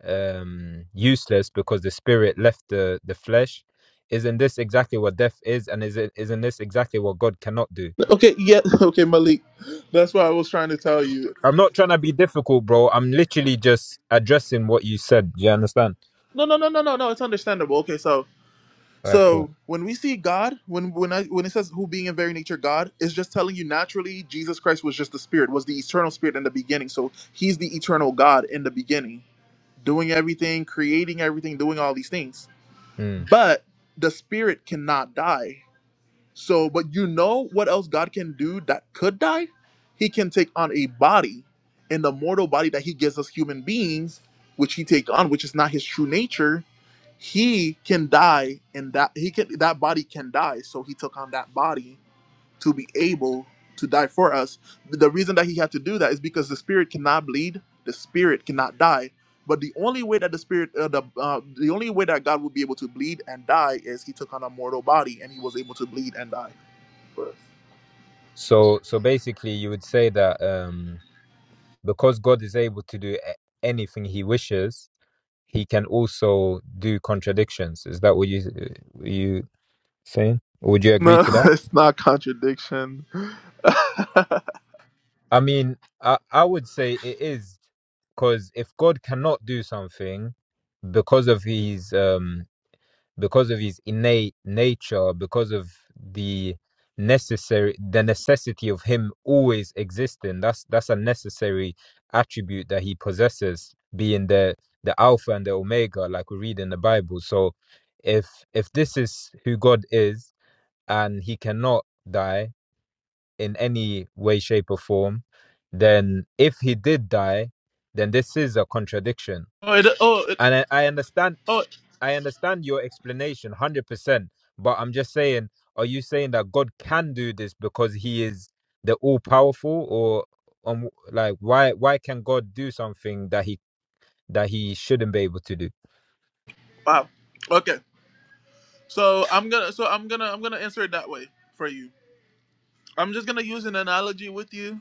um useless because the spirit left the the flesh isn't this exactly what death is and is it isn't this exactly what god cannot do Okay, yeah, (laughs) okay, Malik. That's what I was trying to tell you. i'm not trying to be difficult bro i'm literally just addressing what you said do you understand No, no, no, no, no, no. It's understandable. Okay, so all right cool so when we see God, when when I when it says who being in very nature God, it's just telling you naturally Jesus Christ was just the Spirit, was the eternal Spirit in the beginning. So He's the eternal God in the beginning, doing everything, creating everything, doing all these things. mm. But the Spirit cannot die So, but you know what else God can do that could die? He can take on a body, and the mortal body that He gives us human beings, which He takes on, which is not His true nature. He can die, and that He can that body can die. So He took on that body to be able to die for us. The reason that He had to do that is because the spirit cannot bleed, the spirit cannot die. But the only way that the spirit, uh, the uh, the only way that God would be able to bleed and die is He took on a mortal body, and He was able to bleed and die. so so basically you would say that um because god is able to do anything he wishes he can also do contradictions. Is that what you were you saying? Would you agree No, to (laughs) that? it's not contradiction. I mean, I I would say it is because if God cannot do something because of his um because of his innate nature, because of the necessary the necessity of him always existing. That's that's a necessary attribute that he possesses, being the the Alpha and the Omega, like we read in the Bible. So if if this is who God is and he cannot die in any way, shape or form, then if he did die, then this is a contradiction. Oh, it, oh, it, And I, I understand oh, I understand your explanation 100%, but I'm just saying, are you saying that God can do this because he is the all powerful or um, like why why can God do something that he that he shouldn't be able to do? wow. Okay. So I'm gonna, so I'm gonna, I'm gonna answer it that way for you. I'm just gonna use an analogy with you,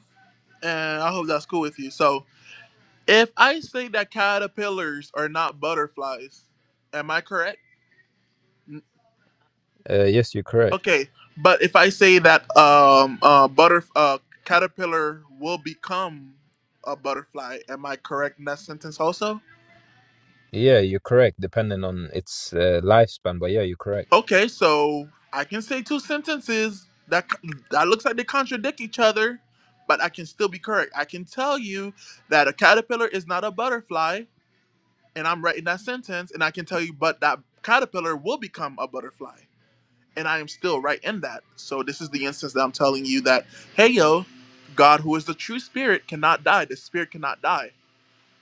and I hope that's cool with you. So if I say that caterpillars are not butterflies, am I correct? N- Uh, yes, you're correct. Okay. But if I say that um, uh, butter, uh, caterpillar will become a butterfly, am I correct in that sentence also? Yeah, you're correct depending on its uh, lifespan, but yeah, you're correct. Okay, so I can say two sentences that that looks like they contradict each other, but I can still be correct. I can tell you that a caterpillar is not a butterfly, and I'm right in that sentence, and I can tell you, but that caterpillar will become a butterfly, and I am still right in that. So this is the instance that I'm telling you that, hey yo, God, who is the true spirit, cannot die. The spirit cannot die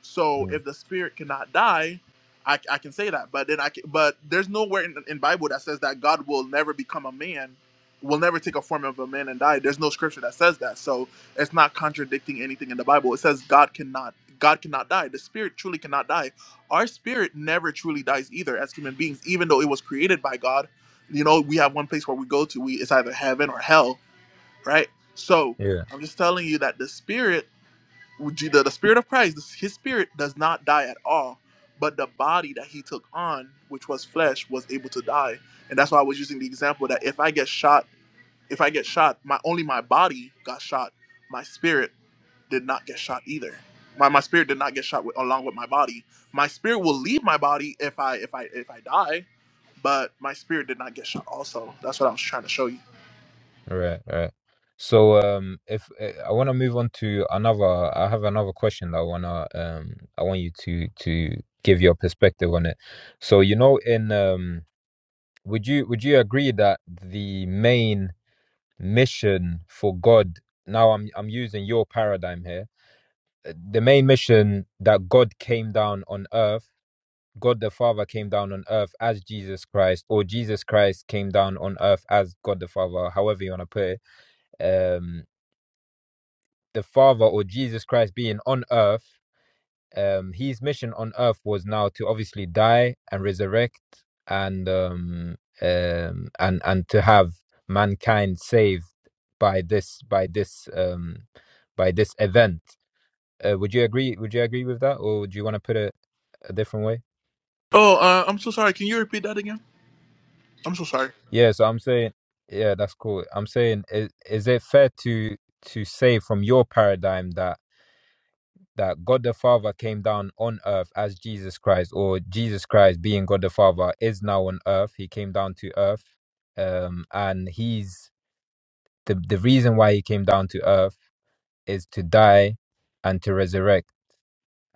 so Mm. if the spirit cannot die, I, I can say that. But then I can, but there's nowhere in, in Bible that says that God will never become a man, will never take a form of a man and die. There's no scripture that says that. So it's not contradicting anything in the Bible. It says God cannot God cannot die. The spirit truly cannot die. Our spirit never truly dies either as human beings, even though it was created by God. You know, we have one place where we go to. We it's either heaven or hell, right? So Yeah. I'm just telling you that the spirit the, the spirit of christ this- his spirit does not die at all but the body that he took on which was flesh was able to die and that's why i was using the example that if i get shot if i get shot my only my body got shot my spirit did not get shot either my, my spirit did not get shot with, along with my body my spirit will leave my body if i if i if i die but my spirit did not get shot also that's what i was trying to show you All right, all right. So, um, if eh, I want to move on to another, I have another question that I wanna, um, I want you to to give your perspective on it. So, you know, in um, would you would you agree that the main mission for God, now I'm I'm using your paradigm here, eh, the main mission that God came down on earth, God the Father came down on earth as Jesus Christ, or Jesus Christ came down on earth as God the Father, however you want to put it um the Father or Jesus Christ being on earth, um, his mission on earth was now to obviously die and resurrect and um, um, and and to have mankind saved by this by this um, by this event. Uh, would you agree? Would you agree with that, or do you want to put it a different way? oh uh, i'm so sorry can you repeat that again i'm so sorry Yeah. So I'm saying, yeah, that's cool. I'm saying, is, is it fair to to say from your paradigm that that God the Father came down on earth as Jesus Christ, or Jesus Christ being God the Father is now on earth. He came down to earth, um, and he's the the reason why he came down to earth is to die and to resurrect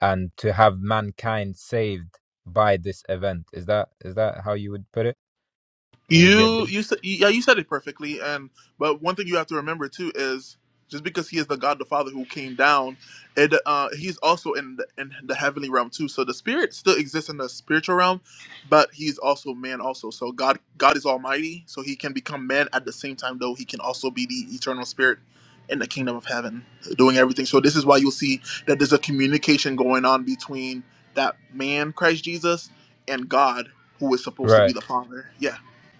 and to have mankind saved by this event. Is that is that how you would put it, or would you agree? You you said yeah you said it perfectly and but one thing you have to remember too is just because he is the God the Father who came down, it uh, he's also in the, in the heavenly realm too. So the spirit still exists in the spiritual realm, but he's also man also. So God God is Almighty, so he can become man at the same time though he can also be the eternal spirit in the kingdom of heaven, doing everything. So this is why you'll see that there's a communication going on between that man Christ Jesus and God who is supposed to Right. be the Father. Yeah.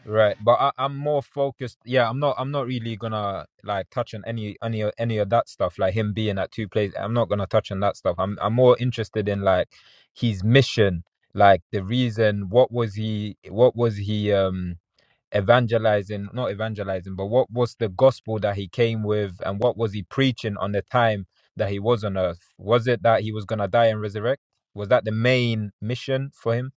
Right, but I, I'm more focused. Yeah, I'm not. I'm not really gonna like touch on any any of- any of that stuff. Like him being at two places, I'm not gonna touch on that stuff. I'm I'm more interested in like his mission, like the reason. What was he? What was he? Um, evangelizing? Not evangelizing, but what was the gospel that he came with, and what was he preaching on the time that he was on earth? Was it that he was gonna die and resurrect? Was that the main mission for him?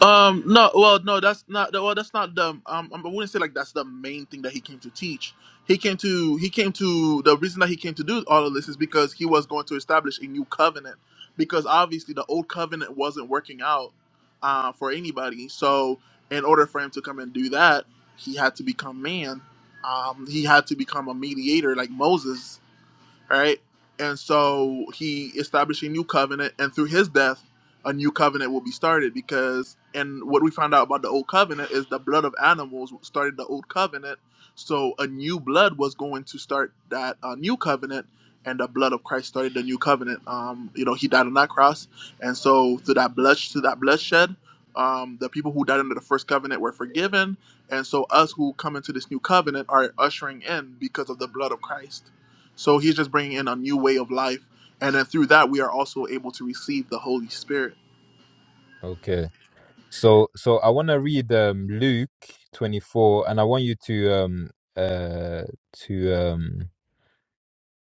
Um, no, well, no, that's not. Well, that's not the. Um, um, I wouldn't say like that's the main thing that he came to teach. He came to. He came to. The reason that he came to do all of this is because he was going to establish a new covenant. Because obviously the old covenant wasn't working out uh, for anybody. So in order for him to come and do that, he had to become man. Um, he had to become a mediator like Moses right? And so he established a new covenant, and through his death, a new covenant will be started. Because, and what we found out about the old covenant is the blood of animals started the old covenant, so a new blood was going to start that uh, new covenant, and the blood of Christ started the new covenant. Um, you know, he died on that cross, and so through that blood, through that bloodshed. Um, the people who died under the first covenant were forgiven, and so us who come into this new covenant are ushering in because of the blood of Christ. So he's just bringing in a new way of life, and then through that we are also able to receive the Holy Spirit. Okay. So so I want to read um, Luke 24 and I want you to um uh to um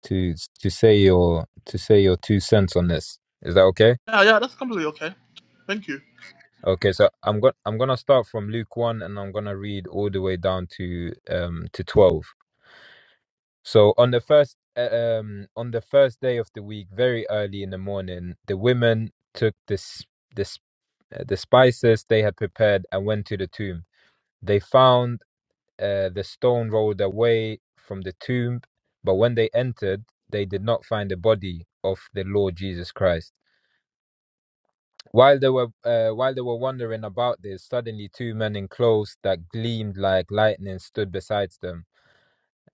to to say your to say your two cents on this. Is that okay? Yeah, yeah, that's completely okay. Thank you. Okay, so I'm going I'm going to start from Luke 1 and I'm going to read all the way down to um to 12. So on the first uh, um on the first day of the week very early in the morning the women took this this the s- the s- uh, the spices they had prepared and went to the tomb. They found uh, the stone rolled away from the tomb. But when they entered, they did not find the body of the Lord Jesus Christ. While they were uh, while they were wondering about this, suddenly two men in clothes that gleamed like lightning stood beside them.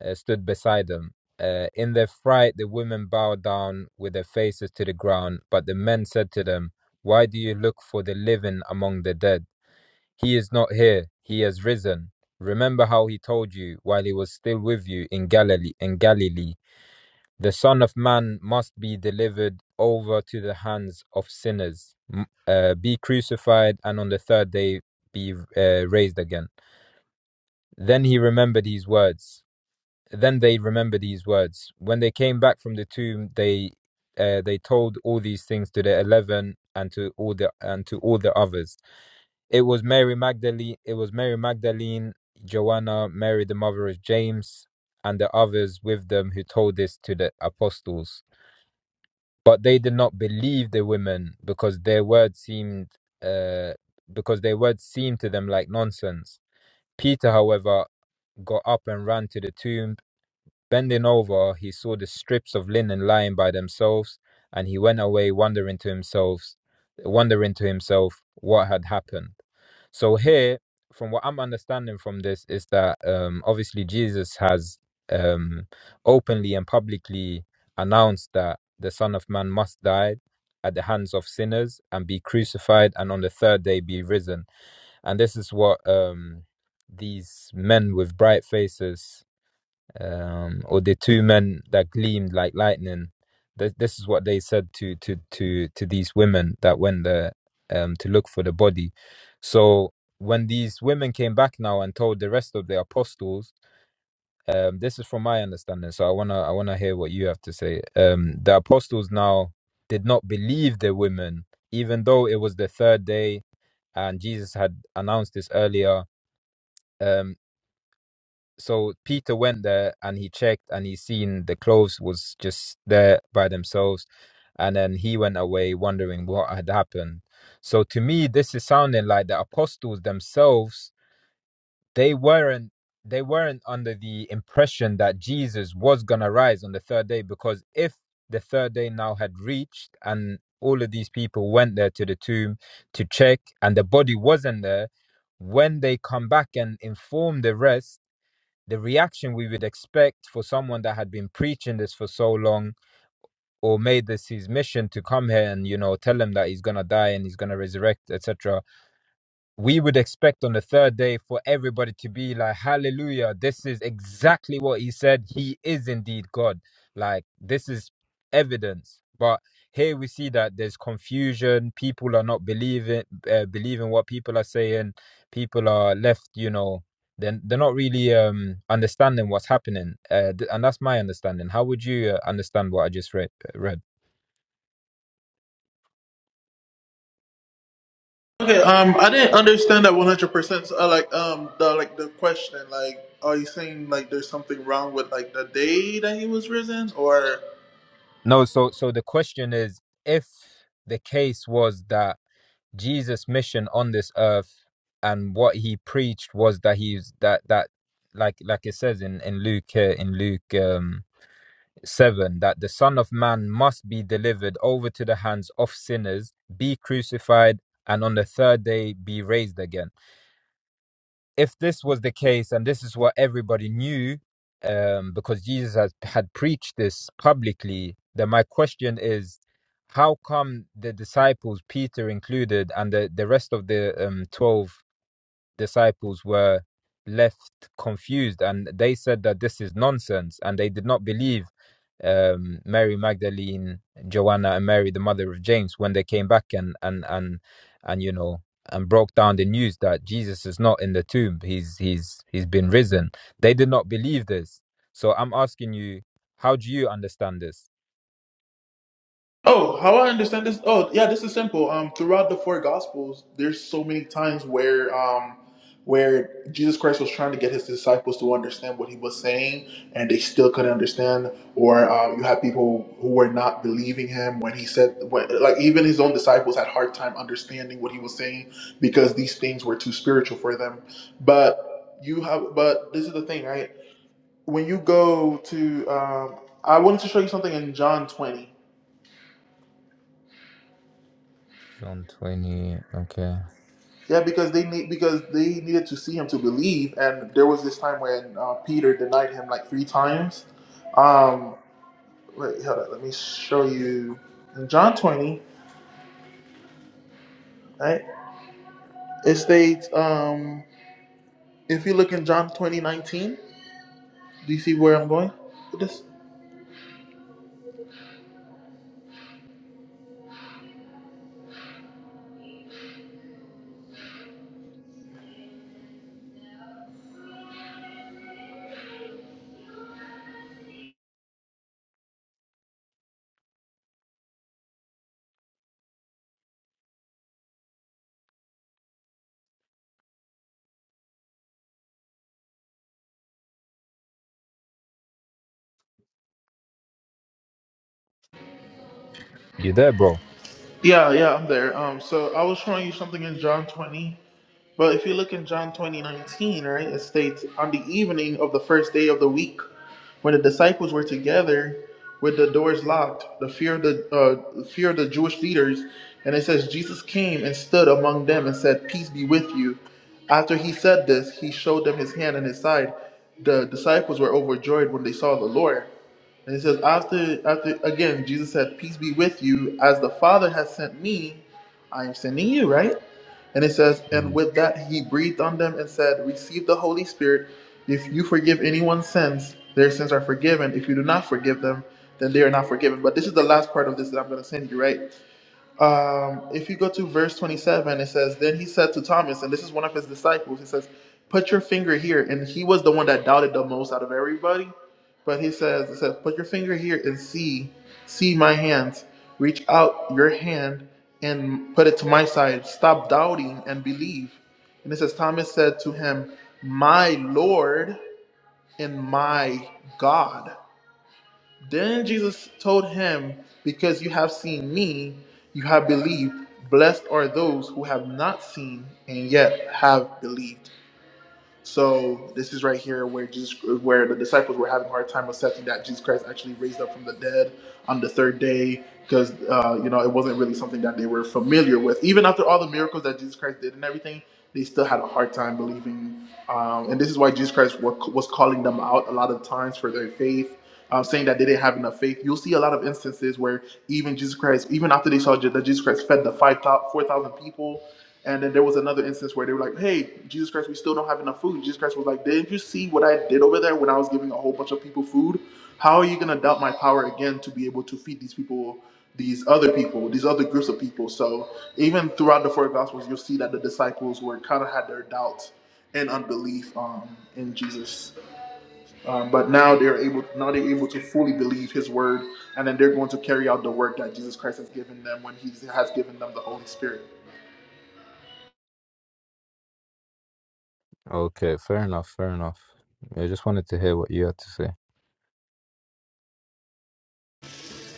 Uh, stood beside them. Uh, in their fright, the women bowed down with their faces to the ground. But the men said to them, "Why do you look for the living among the dead?" He is not here, he has risen. Remember how he told you while he was still with you in Galilee in Galilee. The Son of Man must be delivered over to the hands of sinners, uh, be crucified, and on the third day be uh, raised again. Then he remembered his words. Then they remembered his words. When they came back from the tomb, they uh, they told all these things to the eleven and to all the and to all the others. It was Mary Magdalene. It was Mary Magdalene, Joanna, Mary the mother of James, and the others with them who told this to the apostles. But they did not believe the women because their word seemed, uh, because their words seemed to them like nonsense. Peter, however, got up and ran to the tomb. Bending over, he saw the strips of linen lying by themselves, and he went away wondering to himself, wondering to himself what had happened. So here, from what I'm understanding from this, is that um, obviously Jesus has um, openly and publicly announced that the Son of Man must die at the hands of sinners and be crucified, and on the third day be risen. And this is what um, these men with bright faces um, or the two men that gleamed like lightning. Th- this is what they said to to to to these women that went there um, to look for the body. So when these women came back now and told the rest of the apostles, um, this is from my understanding. So I wanna I wanna hear what you have to say. Um, the apostles now did not believe the women, even though it was the third day and Jesus had announced this earlier. Um, so Peter went there and he checked and he seen the clothes was just there by themselves and then he went away wondering what had happened. So to me this is sounding like the apostles themselves they weren't they weren't under the impression that Jesus was going to rise on the third day because if the third day now had reached and all of these people went there to the tomb to check and the body wasn't there when they come back and inform the rest the reaction we would expect for someone that had been preaching this for so long or made this his mission to come here and you know tell him that he's gonna die and he's gonna resurrect etc we would expect on the third day for everybody to be like, Hallelujah, this is exactly what he said. He is indeed God. Like, this is evidence. But here we see that there's confusion. People are not believing, uh, believing what people are saying. People are left, you know, then they're, they're not really um, understanding what's happening. Uh, th- and that's my understanding. How would you uh, understand what I just read? uh, read? Okay, um, I didn't understand that one hundred percent. Uh, Like, um, the like the question, like, are you saying like there's something wrong with like the day that he was risen, or? No, so so the question is if the case was that Jesus' mission on this earth and what he preached was that he's that that like like it says in in Luke here in Luke um 7 that the son of man must be delivered over to the hands of sinners be crucified and on the third day be raised again if this was the case and this is what everybody knew um, because jesus has, had preached this publicly then my question is how come the disciples peter included and the, the rest of the um, 12 disciples were left confused and they said that this is nonsense and they did not believe um, Mary Magdalene, Joanna, and Mary, the mother of James, when they came back and and and and you know and broke down the news that Jesus is not in the tomb; he's he's he's been risen. They did not believe this. So I'm asking you, how do you understand this? Oh, how I understand this? Oh, yeah, this is simple. Um, throughout the four gospels, there's so many times where um, where Jesus Christ was trying to get his disciples to understand what he was saying, and they still couldn't understand. Or uh, you had people who were not believing him when he said, when, like even his own disciples had hard time understanding what he was saying because these things were too spiritual for them. But you have, but this is the thing, right? When you go to, um, I wanted to show you something in John 20 John twenty. Okay, Yeah, because they need because they needed to see him to believe, and there was this time when uh, Peter denied him like three times. Um, wait, hold on, let me show you in John twenty. Right, it states um, if you look in John twenty nineteen, do you see where I'm going? With this? you there, bro? Yeah, yeah, I'm there. Um, so I was showing you something in John twenty. But if you look in John 20 19, right, it states, On the evening of the first day of the week, when the disciples were together with the doors locked, the fear of the, uh, fear of the Jewish leaders, and it says, Jesus came and stood among them and said, Peace be with you. After he said this, he showed them his hand and his side. The disciples were overjoyed when they saw the Lord. And it says, after, after again, Jesus said, Peace be with you. As the Father has sent me, I am sending you, right? And it says, And Mhm. with that he breathed on them and said, Receive the Holy Spirit. If you forgive anyone's sins, their sins are forgiven. If you do not forgive them, then they are not forgiven. But this is the last part of this that I'm going to send you, right? um, if you go to verse 27, it says, Then he said to Thomas, and this is one of his disciples, he says, Put your finger here. And he was the one that doubted the most out of everybody. But he says, it says, Put your finger here and see, see my hands. Reach out your hand and put it to my side. Stop doubting and believe. And it says, Thomas said to him, My Lord and my God. Then Jesus told him, Because you have seen me, you have believed. Blessed are those who have not seen and yet have believed. So this is right here where Jesus, where the disciples were having a hard time accepting that Jesus Christ actually raised up from the dead on the third day, because uh, you know it wasn't really something that they were familiar with. Even after all the miracles that Jesus Christ did and everything, they still had a hard time believing. Um, and this is why Jesus Christ wa- was calling them out a lot of times for their faith, um, saying that they didn't have enough faith. You'll see a lot of instances where even Jesus Christ, even after they saw that Jesus Christ fed the five four thousand people and then there was another instance where they were like, "Hey, Jesus Christ, we still don't have enough food." And Jesus Christ was like, "Didn't you see what I did over there when I was giving a whole bunch of people food? How are you gonna doubt my power again to be able to feed these people, these other people, these other groups of people?" So even throughout the four Gospels, you'll see that the disciples were kind of had their doubts and unbelief um, in Jesus, um, but now they're able now they're able to fully believe His word, and then they're going to carry out the work that Jesus Christ has given them when He has given them the Holy Spirit. Okay, fair enough, fair enough. I just wanted to hear what you had to say.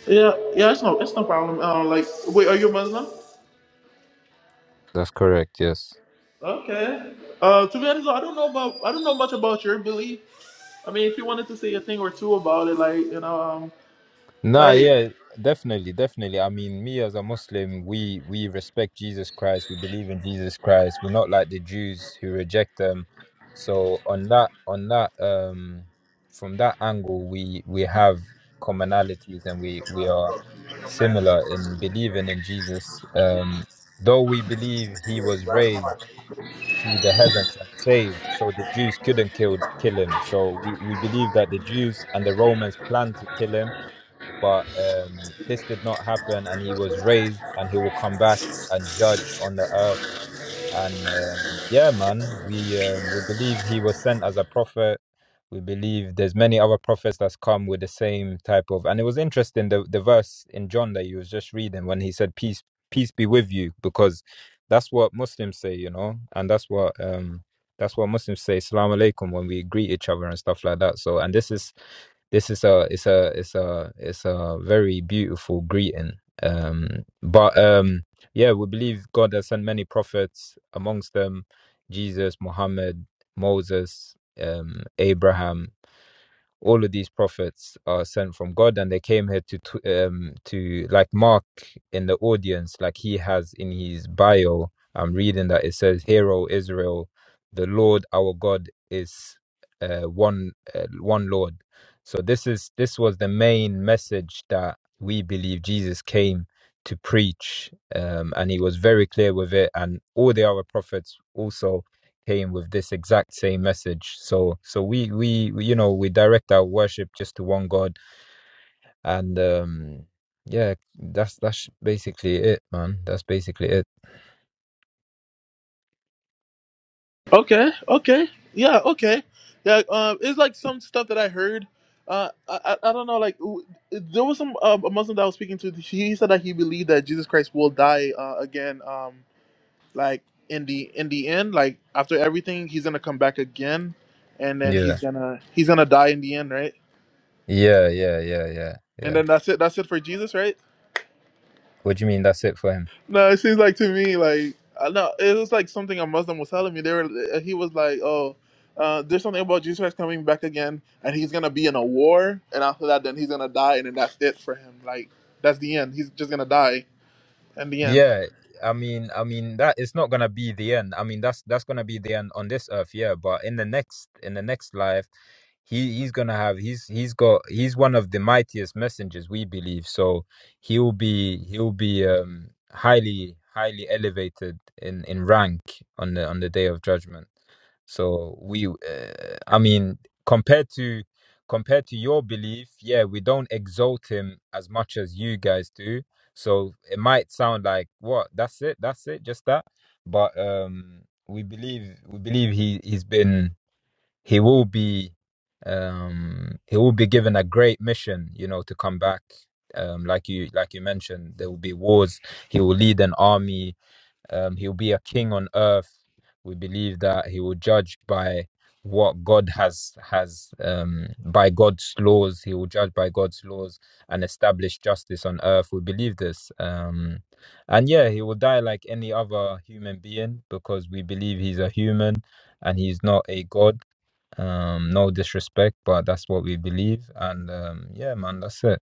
Yeah, yeah, it's no, it's no problem. Uh, like, wait, are you Muslim? That's correct. Yes. Okay. Uh, to be honest, though, I don't know about, I don't know much about your belief. I mean, if you wanted to say a thing or two about it, like, you know, um, Nah, like. yeah, definitely, definitely. I mean, me as a Muslim, we we respect Jesus Christ. We believe in Jesus Christ. We're not like the Jews who reject them. So on that, on that, um, from that angle, we we have commonalities and we we are similar in believing in Jesus. Um, though we believe he was raised to the heavens and saved, so the Jews couldn't kill kill him. So we we believe that the Jews and the Romans planned to kill him but um, this did not happen, and he was raised, and he will come back and judge on the earth and um, yeah, man, we um, we believe he was sent as a prophet. We believe there's many other prophets that's come with the same type of. And it was interesting the the verse in John that you was just reading when he said, "Peace, peace be with you," because that's what Muslims say, you know, and that's what um that's what Muslims say, "Salaam alaikum" when we greet each other and stuff like that. So, and this is this is a it's a it's a it's a very beautiful greeting. Um, but um yeah, we believe God has sent many prophets, amongst them Jesus, Muhammad, Moses, um, Abraham all of these prophets are sent from God, and they came here to tw- um to like Mark in the audience, like he has in his bio. I'm reading that it says, "Hero Israel, the Lord our God is uh, one uh, one Lord." So this is this was the main message that we believe Jesus came to preach, um, and he was very clear with it, and all the other prophets also came with this exact same message. So so we we you know we direct our worship just to one God, and um, yeah, that's that's basically it, man. That's basically it. Okay. Okay. Yeah. Okay. Yeah. Um, it's like some stuff that I heard. Uh, I, I I don't know. Like, w- there was some uh, a Muslim that I was speaking to. He said that he believed that Jesus Christ will die uh, again. Um, like in the in the end like after everything he's gonna come back again and then Yeah, he's gonna he's gonna die in the end right yeah, yeah, yeah, yeah, and yeah. then that's it that's it for jesus right What do you mean? That's it for him? no it seems like to me like uh, no it was like something a muslim was telling me they were uh, he was like oh uh, there's something about jesus Christ coming back again and he's gonna be in a war and after that then he's gonna die and then that's it for him like that's the end he's just gonna die in the end Yeah, I mean, I mean that it's not gonna be the end. I mean, that's that's gonna be the end on this earth, yeah. But in the next, in the next life, he he's gonna have he's he's got he's one of the mightiest messengers we believe. So he'll be he'll be um highly highly elevated in in rank on the on the day of judgment. So we, uh, I mean, compared to compared to your belief, yeah, we don't exalt him as much as you guys do so it might sound like what? That's it. That's it. Just that. But um, we believe we believe he he's been he will be um he will be given a great mission. You know to come back. Um, like you like you mentioned, there will be wars. He will lead an army um, he'll be a king on earth. We believe that he will judge by what God has has um, by God's laws. He will judge by God's laws and establish justice on earth. We believe this, um, and yeah, he will die like any other human being because we believe he's a human and he's not a god. Um, no disrespect, but that's what we believe. And um, yeah, man, that's it.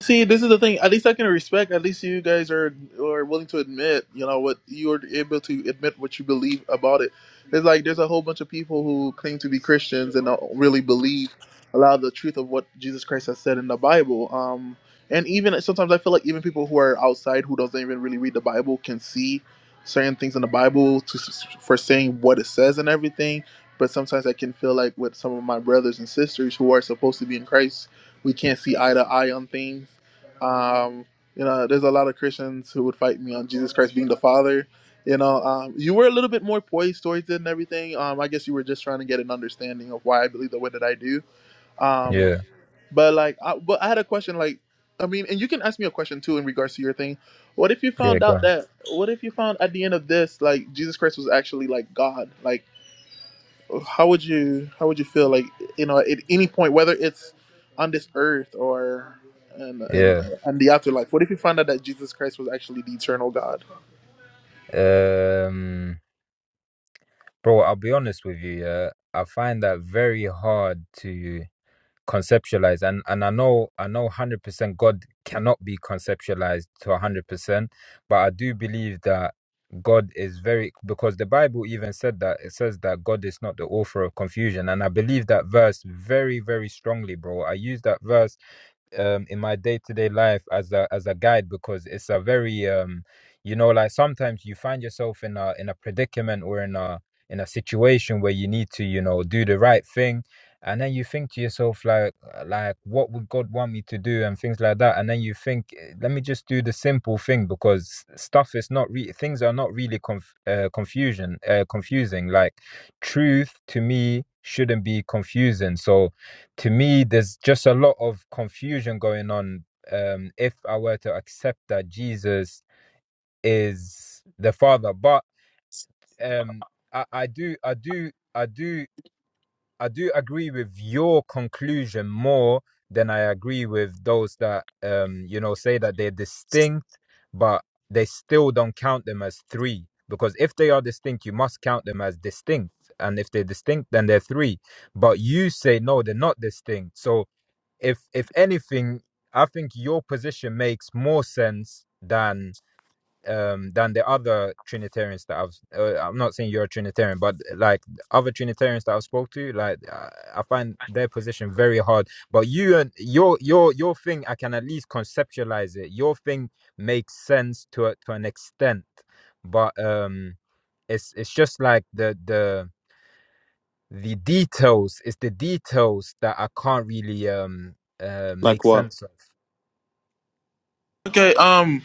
See, this is the thing. At least I can respect. At least you guys are are willing to admit, you know, what you are able to admit what you believe about it. It's like there's a whole bunch of people who claim to be Christians and don't really believe a lot of the truth of what Jesus Christ has said in the Bible. Um, and even sometimes I feel like even people who are outside who doesn't even really read the Bible can see certain things in the Bible to s- for saying what it says and everything. But sometimes I can feel like with some of my brothers and sisters who are supposed to be in Christ we can't see eye to eye on things um, you know, there's a lot of Christians who would fight me on Jesus Christ being the Father. You know, um, you were a little bit more poised towards it and everything. Um, I guess you were just trying to get an understanding of why I believe the way that I do. Um, Yeah, but like, I, but I had a question. Like, I mean, and you can ask me a question too in regards to your thing. What if you yeah, found go out on. that? What if you found at the end of this, like, Jesus Christ was actually like God? Like how would you how would you feel like you know at any point whether it's on this earth or and and Yeah. and the afterlife what if you found out that jesus christ was actually the eternal god Um. Bro, I'll be honest with you, yeah. I find that very hard to conceptualize and and I know I know 100% God cannot be conceptualized to 100%, but I do believe that God is very because the Bible even said that it says that God is not the author of confusion and I believe that verse very very strongly, bro. I use that verse um in my day-to-day life as a as a guide because it's a very um you know like sometimes you find yourself in a in a predicament or in a in a situation where you need to you know do the right thing and then you think to yourself like uh, like what would god want me to do and things like that and then you think "Eh, let me just do the simple thing because stuff is not re- things are not really conf- uh, confusion uh, confusing like truth to me shouldn't be confusing so to me, there's just a lot of confusion going on. Um, if I were to accept that Jesus is the Father, but um, I, I do, I do, I do, I do agree with your conclusion more than I agree with those that um, you know say that they're distinct, but they still don't count them as three. Because if they are distinct, you must count them as distinct, and if they're distinct, then they're three. But you say no, they're not distinct. So if if anything, I think your position makes more sense than um than the other Trinitarians that I've. Uh, I'm not saying you're a Trinitarian, but like other Trinitarians that I've spoke to, like I, I find their position very hard. But you and your your your thing, I can at least conceptualize it. Your thing makes sense to a, to an extent, but um, it's it's just like the the the details it's the details that i can't really um uh Like make what? sense of Okay. Um.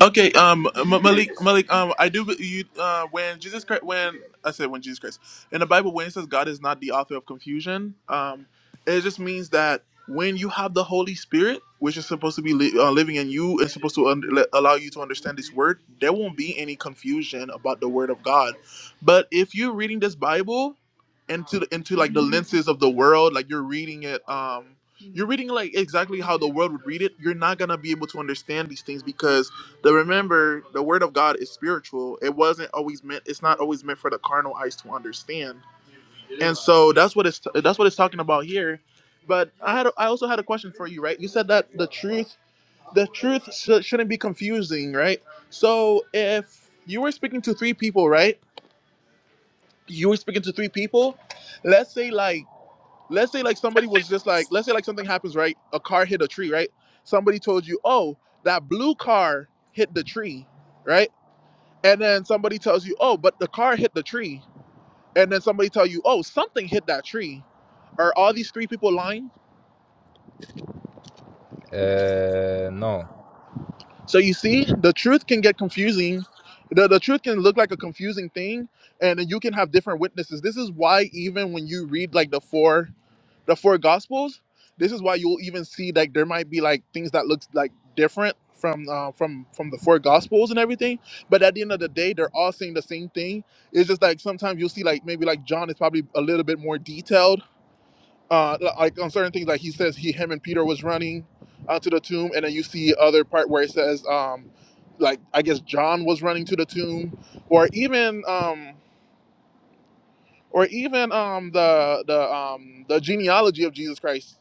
Okay, um, Ma- Malik, Malik, um, I do you uh, when Jesus Christ, when I said when Jesus Christ in the Bible, when it says God is not the author of confusion, um, it just means that when you have the Holy Spirit, which is supposed to be li- uh, living in you, is supposed to un- le- allow you to understand this word, there won't be any confusion about the word of God. But if you're reading this Bible into the, into like the lenses of the world, like you're reading it, um. You're reading like exactly how the world would read it. You're not gonna be able to understand these things because the remember, the word of God is spiritual. It wasn't always meant. It's not always meant for the carnal eyes to understand. And so that's what it's that's what it's talking about here. But I had a, I also had a question for you, right? You said that the truth the truth sh- shouldn't be confusing, right? So if you were speaking to three people, right? You were speaking to three people. Let's say like let's say like somebody was just like let's say like something happens, right? A car hit a tree, right? Somebody told you, oh, that blue car hit the tree, right? and then somebody tells you, "Oh, but the car hit the tree," and then somebody tell you, "Oh, something hit that tree," are all these three people lying? uh no So you see, the truth can get confusing. The, the truth can look like a confusing thing, and then you can have different witnesses. This is why even when you read like the four the four gospels this is why you'll even see like there might be like things that looks like different from uh, from from the four gospels and everything but at the end of the day they're all saying the same thing it's just like sometimes you'll see like maybe like john is probably a little bit more detailed uh li- like on certain things like he says he him and peter was running uh, to the tomb and then you see other part where it says um like i guess john was running to the tomb or even um or even um the the um the genealogy of jesus christ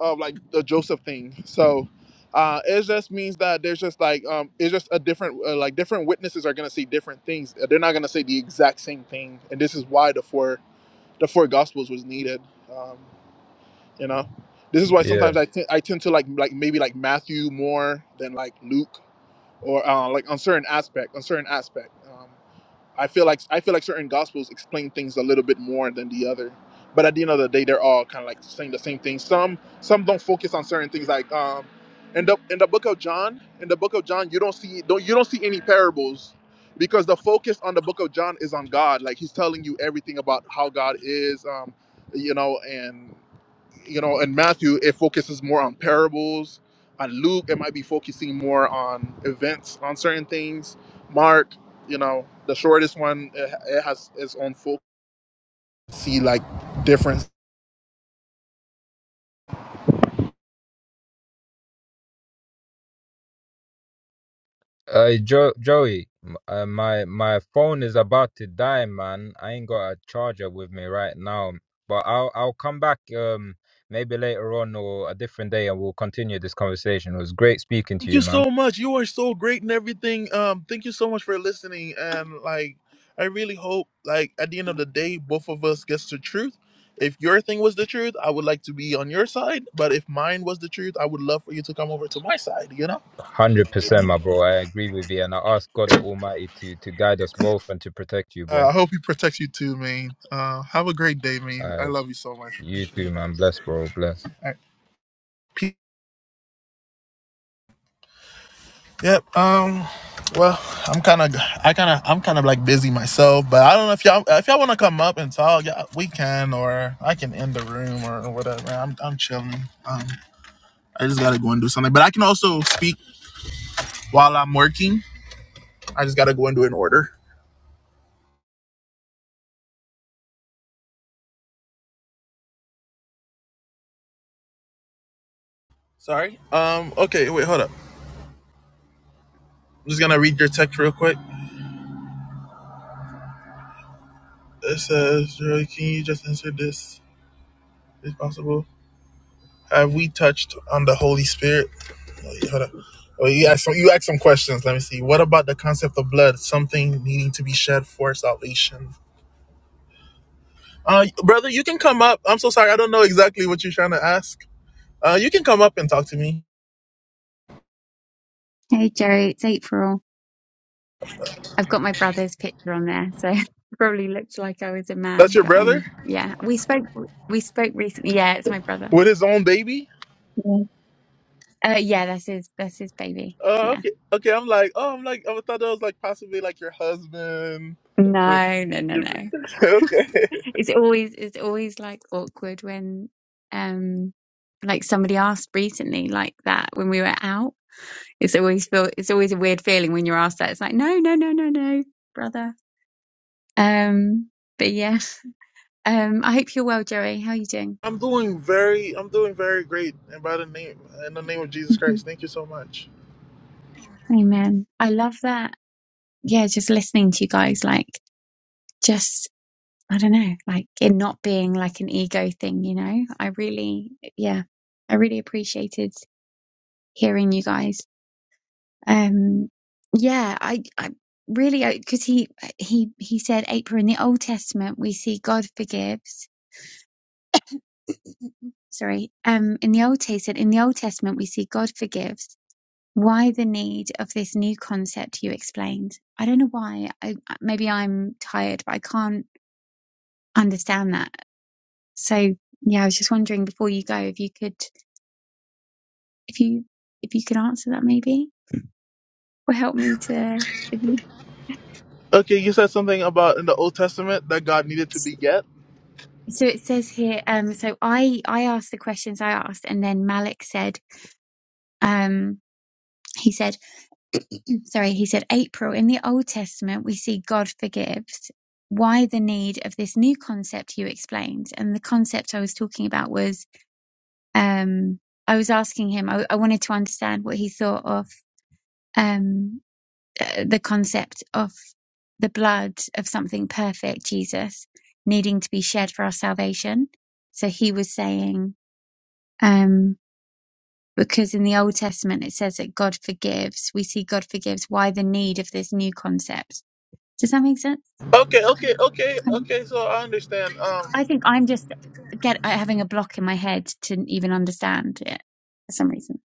of like the Joseph thing. So uh, it just means that there's just like um, it's just a different uh, like different witnesses are gonna say different things. They're not gonna say the exact same thing, and this is why the four the four gospels was needed. Um, you know, this is why yeah sometimes I t- I tend to like like maybe like Matthew more than like Luke or uh, like on certain aspect on certain aspect. um, I feel like I feel like certain gospels explain things a little bit more than the other. But at the end of the day, they're all kind of like saying the same thing. Some some don't focus on certain things. Like um, in the in the book of John, in the book of John, you don't see don't you don't see any parables because the focus on the book of John is on God. Like he's telling you everything about how God is, um, you know, and you know, in Matthew it focuses more on parables. On Luke, it might be focusing more on events, on certain things. Mark you know the shortest one it, it has its own full see like difference uh jo- joey m- uh, my my phone is about to die man i ain't got a charger with me right now but i'll i'll come back um maybe later on or a different day and we'll continue this conversation it was great speaking to thank you you so man much you are so great and everything um thank you so much for listening and like i really hope like at the end of the day both of us gets the truth if your thing was the truth i would like to be on your side but if mine was the truth i would love for you to come over to my side you know 100% um, my bro i agree with you and i ask god the almighty to to guide us both and to protect you uh, bro i hope he protects you too man uh have a great day man i uh love you so much you too man bless bro bless All right. Peace. Yep. Um. Well, I'm kind of, I kind of, I'm kind of like busy myself, but I don't know if y'all, if y'all want to come up and talk, yeah, we can, or I can end the room or whatever. I'm, I'm chilling. Um, I just gotta go and do something, but I can also speak while I'm working. I just gotta go and do an order. Sorry. Um. Okay. Wait. Hold up. I'm just gonna read your text real quick. It says, "Can you just answer this? Is possible? Have we touched on the Holy Spirit?" Oh, yeah, hold up. Oh, you asked some, you asked some questions. Let me see. What about the concept of blood? Something needing to be shed for salvation. Uh, brother, you can come up. I'm so sorry. I don't know exactly what you're trying to ask. Uh, you can come up and talk to me. Hey Joey, it's April. I've got my brother's picture on there, so (laughs) it probably looked like I was a That's man, your but brother I'm yeah. We spoke we spoke recently. Yeah, it's my brother. with his own baby. Yeah. Uh yeah, that's his that's his baby. Uh, Yeah. okay, okay. I'm like, oh, I'm like, I thought that was like possibly like your husband. With No, no, no, your, no. (laughs) okay. It's always it's always like awkward when um like somebody asked recently like that when we were out. It's always feel it's always a weird feeling when you're asked that. It's like, no, no, no, no, no, brother. Um but yeah. (laughs) Um I hope you're well, Joey. How are you doing? I'm doing very, I'm doing very great, and by the name, in the name of Jesus Mm, Christ, thank you so much. Amen. I love that. Yeah, just listening to you guys, like, just, I don't know, like it not being like an ego thing, you know? I really, yeah, I really appreciated hearing you guys. Um, yeah, I, I really, because he, he, he said, April, in the Old Testament, we see God forgives. (clears throat) Sorry. Um, in the Old Testament, in the Old Testament, we see God forgives why the need of this new concept you explained? I don't know why. I, maybe I'm tired, but I can't understand that. So yeah, I was just wondering before you go if you could, if you, if you could answer that maybe or help me to. If you, Okay, you said something about in the Old Testament that God needed to beget. so it says here. Um, so I I asked the questions I asked, and then Malik said. Um, he said. (clears throat) sorry, he said April. In the Old Testament, we see God forgives. Why the need of this new concept you explained? And the concept I was talking about was um, I was asking him, I, I wanted to understand what he thought of um, uh, the concept of the blood of something perfect, Jesus, needing to be shed for our salvation. So he was saying, um, because in the Old Testament it says that God forgives, we see God forgives. Why the need of this new concept? Does that make sense? Okay, okay, okay, Kind of. okay. So I understand. I Um, think I'm just get having a block in my head to even understand it for some reason.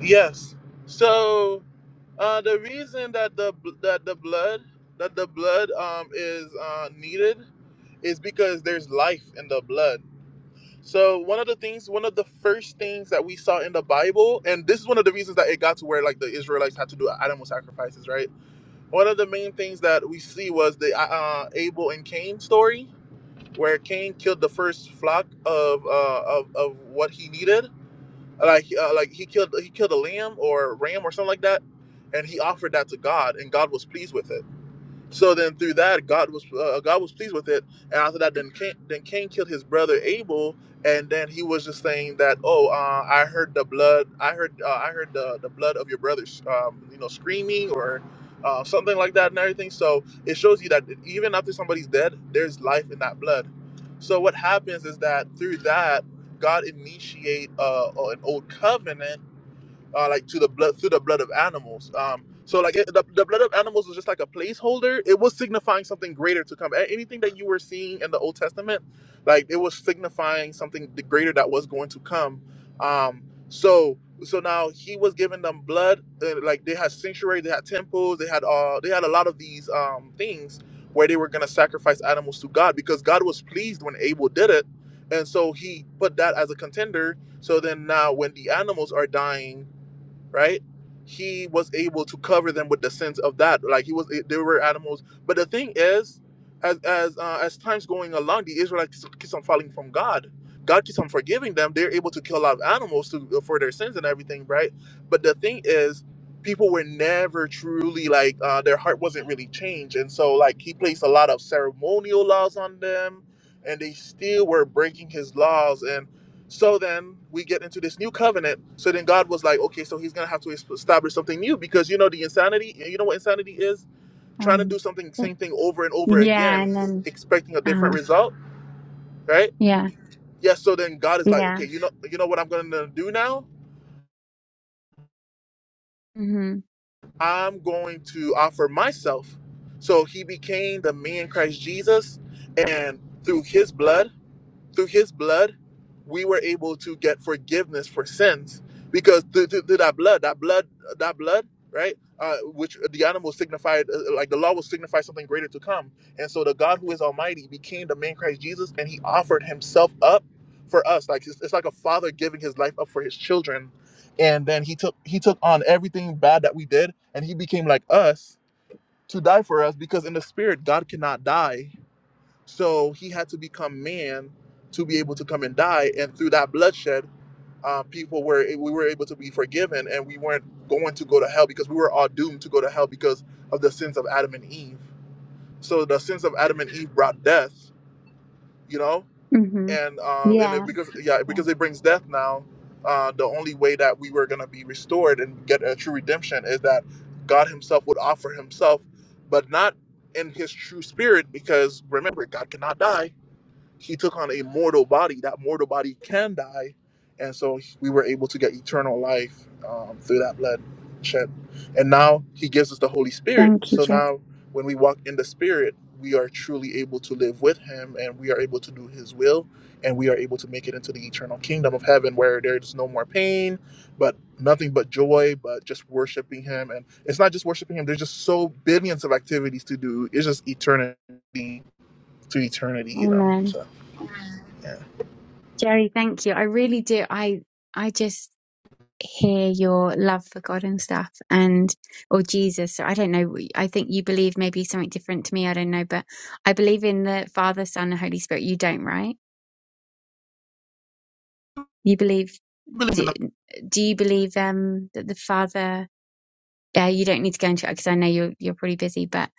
yes. So uh, the reason that the that the blood that the blood um is uh, needed is because there's life in the blood. So one of the things, one of the first things that we saw in the Bible, and this is one of the reasons that it got to where like the Israelites had to do animal sacrifices, right? One of the main things that we see was the uh, Abel and Cain story where Cain killed the first flock of uh, of, of what he needed. Like uh, like he killed he killed a lamb or a ram or something like that, and he offered that to God, and God was pleased with it. So then, through that, God was uh, God was pleased with it. And after that, then Cain, then Cain killed his brother Abel, and then he was just saying that, "Oh, uh, I heard the blood. I heard uh, I heard the, the blood of your brothers, um, you know, screaming or uh, something like that, and everything." So it shows you that even after somebody's dead, there's life in that blood. So what happens is that through that, God initiate uh, an old covenant uh, like to the blood through the blood of animals. Um, so like it, the, the blood of animals was just like a placeholder. It was signifying something greater to come. A- Anything that you were seeing in the Old Testament, like it was signifying something the greater that was going to come. Um, so so now he was giving them blood. uh, Like they had sanctuary, they had temples, they had uh they had a lot of these um things where they were gonna sacrifice animals to God because God was pleased when Abel did it. And so he put that as a contender. So then now when the animals are dying, right? He was able to cover them with the sins of that. Like he was, they were animals. But the thing is, as as uh, as time's going along, the Israelites keeps on falling from God. God keeps on forgiving them. They're able to kill a lot of animals to, uh, for their sins and everything, right? But the thing is, people were never truly like uh, their heart wasn't really changed, and so like he placed a lot of ceremonial laws on them, and they still were breaking his laws. And so then we get into this new covenant. So then God was like, okay, so he's going to have to es- establish something new because you know the insanity, you know what insanity is? Trying to Um, do something, same thing over and over yeah, again, and then expecting a different uh, result, right? yeah, Yes. so then God is like, yeah, okay, you know, you know what I'm going to do now? mhm, I'm going to offer myself. So he became the man Christ Jesus and through his blood through his blood, we were able to get forgiveness for sins because through, through, through that blood, that blood, that blood, right? Uh, which the animal signified, uh, like the law will signify something greater to come. And so the God who is Almighty became the man Christ Jesus and he offered himself up for us. Like it's, it's like a father giving his life up for his children. And then he took he took on everything bad that we did and he became like us to die for us because in the spirit God cannot die so he had to become man to be able to come and die. And through that bloodshed, uh, people were eh, we were able to be forgiven, and we weren't going to go to hell because we were all doomed to go to hell because of the sins of Adam and Eve. So the sins of Adam and Eve brought death, you know, mhm, and uh, and it, yeah, because yeah, yeah. because it brings death now. Uh, the only way that we were going to be restored and get a true redemption is that God Himself would offer Himself, but not in His true spirit, because remember, God cannot die he took on a mortal body. That mortal body can die, and so we were able to get eternal life um, through that blood shed. And now he gives us the Holy Spirit. Thank you, So Jerry. now when we walk in the Spirit, we are truly able to live with him, and we are able to do his will, and we are able to make it into the eternal kingdom of heaven, where there is no more pain, but nothing but joy, but just worshiping him. And it's not just worshiping him. There's just so billions of activities to do. It's just eternity to eternity, you know. Amen, So. yeah. Jerry. Thank you. I really do. I I just hear your love for God and stuff and or Jesus. So I don't know. I think you believe maybe something different to me. I don't know, but I believe in the Father, Son, and Holy Spirit. You don't, right? You believe? believe in. Do, that. do you believe um that the Father? Yeah, you don't need to go into it because I know you're you're pretty busy. But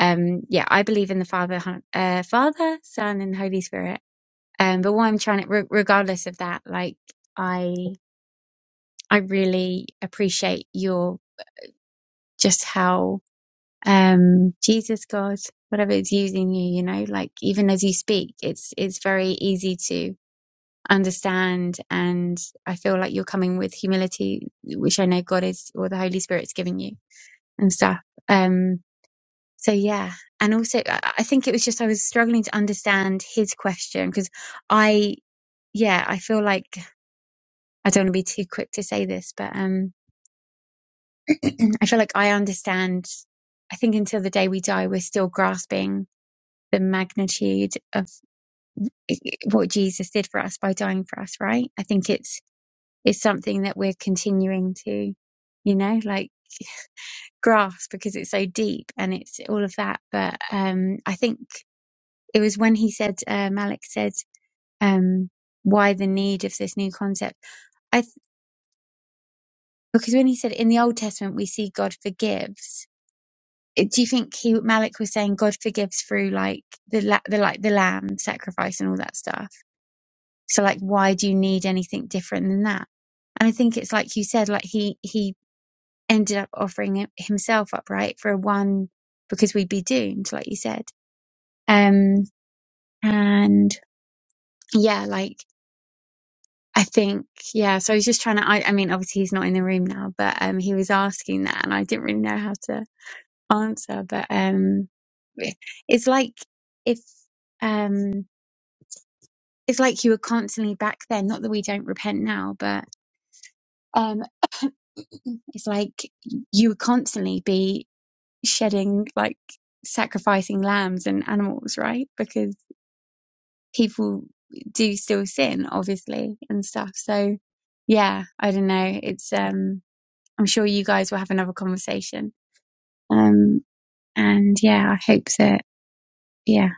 um, yeah, I believe in the Father, Hon- uh, Father, Son, and Holy Spirit. Um, but what I'm trying to, re- regardless of that, like I I really appreciate your just how um jesus god whatever is using you you know like even as you speak it's it's very easy to understand and i feel like you're coming with humility which i know god is or the holy spirit's giving you and stuff um so yeah and also i I think it was just i was struggling to understand his question because i yeah i feel like i don't want to be too quick to say this but um (clears throat) i feel like i understand i think until the day we die we're still grasping the magnitude of eh, eh, what Jesus did for us by dying for us, right? I think it's it's something that we're continuing to, you know, like grasp because it's so deep and it's all of that. But um I think it was when he said uh, Malik said, um, why the need of this new concept? I th- because when he said in the Old Testament we see God forgives. it- Do you think he Malik was saying God forgives through like the la- the like the lamb sacrifice and all that stuff? So like, why do you need anything different than that? And I think it's like you said, like he, he ended up offering it himself up, right? For a one, because we'd be doomed, like you said. Um, and yeah, like I think, yeah, so I was just trying to, I, I mean, obviously he's not in the room now, but, um, he was asking that and I didn't really know how to answer, but, um, it's like if, um, it's like you were constantly back then, not that we don't repent now, but Um, (coughs) it's like you would constantly be shedding, like sacrificing lambs and animals, right? Because people do still sin, obviously, and stuff. So, yeah, I don't know. It's, um, I'm sure you guys will have another conversation. Um, and yeah, I hope that, yeah,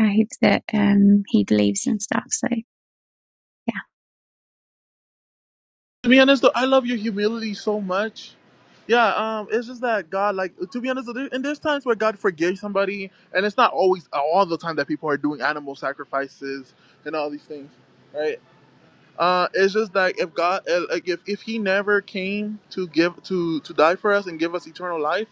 I hope that, um, he believes and stuff. So, yeah. To be honest, though, I love your humility so much. Yeah, um, it's just that God, like, to be honest, there- and there's times where God forgives somebody, and it's not always all the time that people are doing animal sacrifices and all these things, right? Uh, it's just that if God, uh, like, if, if He never came to give to to die for us and give us eternal life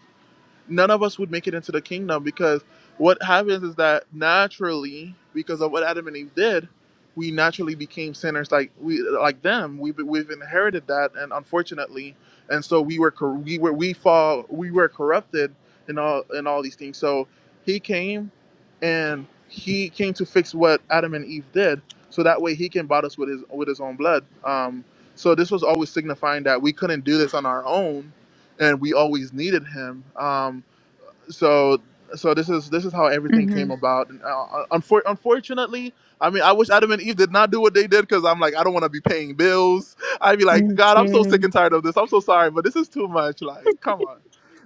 none of us would make it into the kingdom because what happens is that naturally, because of what Adam and Eve did, we naturally became sinners like we like them. We've we've inherited that, and unfortunately, and so we were cor- we were we fall we were corrupted in all in all these things. So he came, and he came to fix what Adam and Eve did, so that way he can bought us with his with his own blood. Um, so this was always signifying that we couldn't do this on our own, and we always needed him. Um, so so this is this is how everything hmm came about and uh, uh, unfor- unfortunately i mean i wish adam and eve did not do what they did because i'm like i don't want to be paying bills i'd be like Me god i'm so sick too. and tired of this i'm so sorry but this is too much like come on (laughs)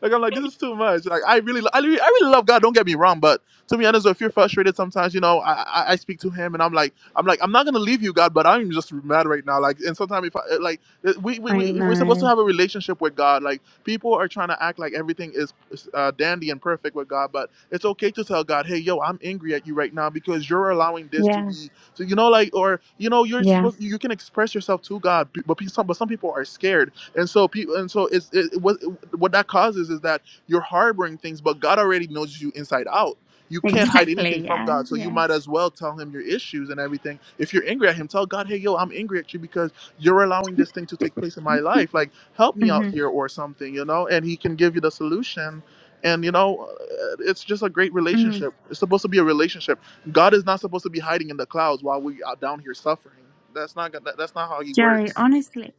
Like I'm like, this is too much. Like I really, I really, I really love God. Don't get me wrong, but to be honest, if you're frustrated sometimes, you know, I, I I speak to Him and I'm like, I'm like, I'm not gonna leave you, God, but I'm just mad right now. Like, and sometimes if I like, eh, we we I we we're supposed to know. have a relationship with God. Like people are trying to act like everything is uh, dandy and perfect with God, but it's okay to tell God, hey, yo, I'm angry at you right now because you're allowing this to Yeah. be. So you know, like, or you know, you're Yeah. supposed you can express yourself to God, but pe- some but some people are scared and so people, and so it's it, what what that causes is that you're harboring things, but God already knows you inside out. You (laughs) can't hide anything Exactly. from Yeah. God, so you Yeah. might as well tell Him your issues and everything. If you're angry at Him, tell God, "Hey, yo, I'm angry at you because you're allowing this thing to take place in my life. Like, help me out hmm here or something, you know." And He can give you the solution. And you know, uh, it's just a great Mm. relationship. It's supposed to be a relationship. God is not supposed to be hiding in the clouds while we are down here suffering. That's not that, that's not how He Joe, works. honestly,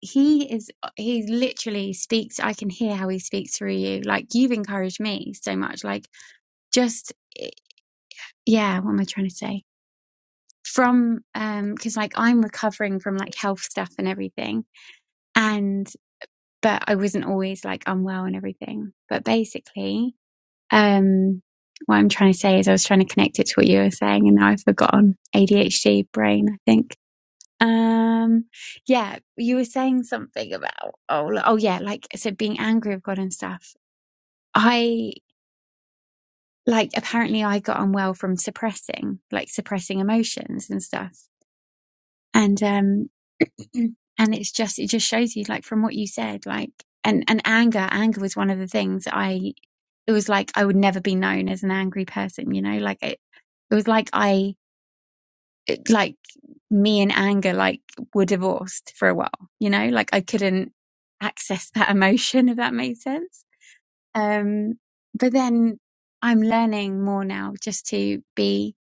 he is, he literally speaks. I can hear how he speaks through you. Like, you've encouraged me so much. Like, just, eh, yeah, what am I trying to say? From, um, cause like I'm recovering from like health stuff and everything. And, but I wasn't always like unwell and everything. But basically, um, what I'm trying to say is I was trying to connect it to what you were saying and now I've forgotten ADHD brain, I think Um, yeah, you were saying something about oh, li- oh yeah, like so being angry with God and stuff. I like apparently I got on well from suppressing, like suppressing emotions and stuff. And um, (clears throat) and it's just it just shows you like from what you said, like and and anger, anger was one of the things I. It was like I would never be known as an angry person, you know, like it. It was like I. like me in anger like were divorced for a while you know like i couldn't access that emotion if that made sense um but then i'm learning more now just to be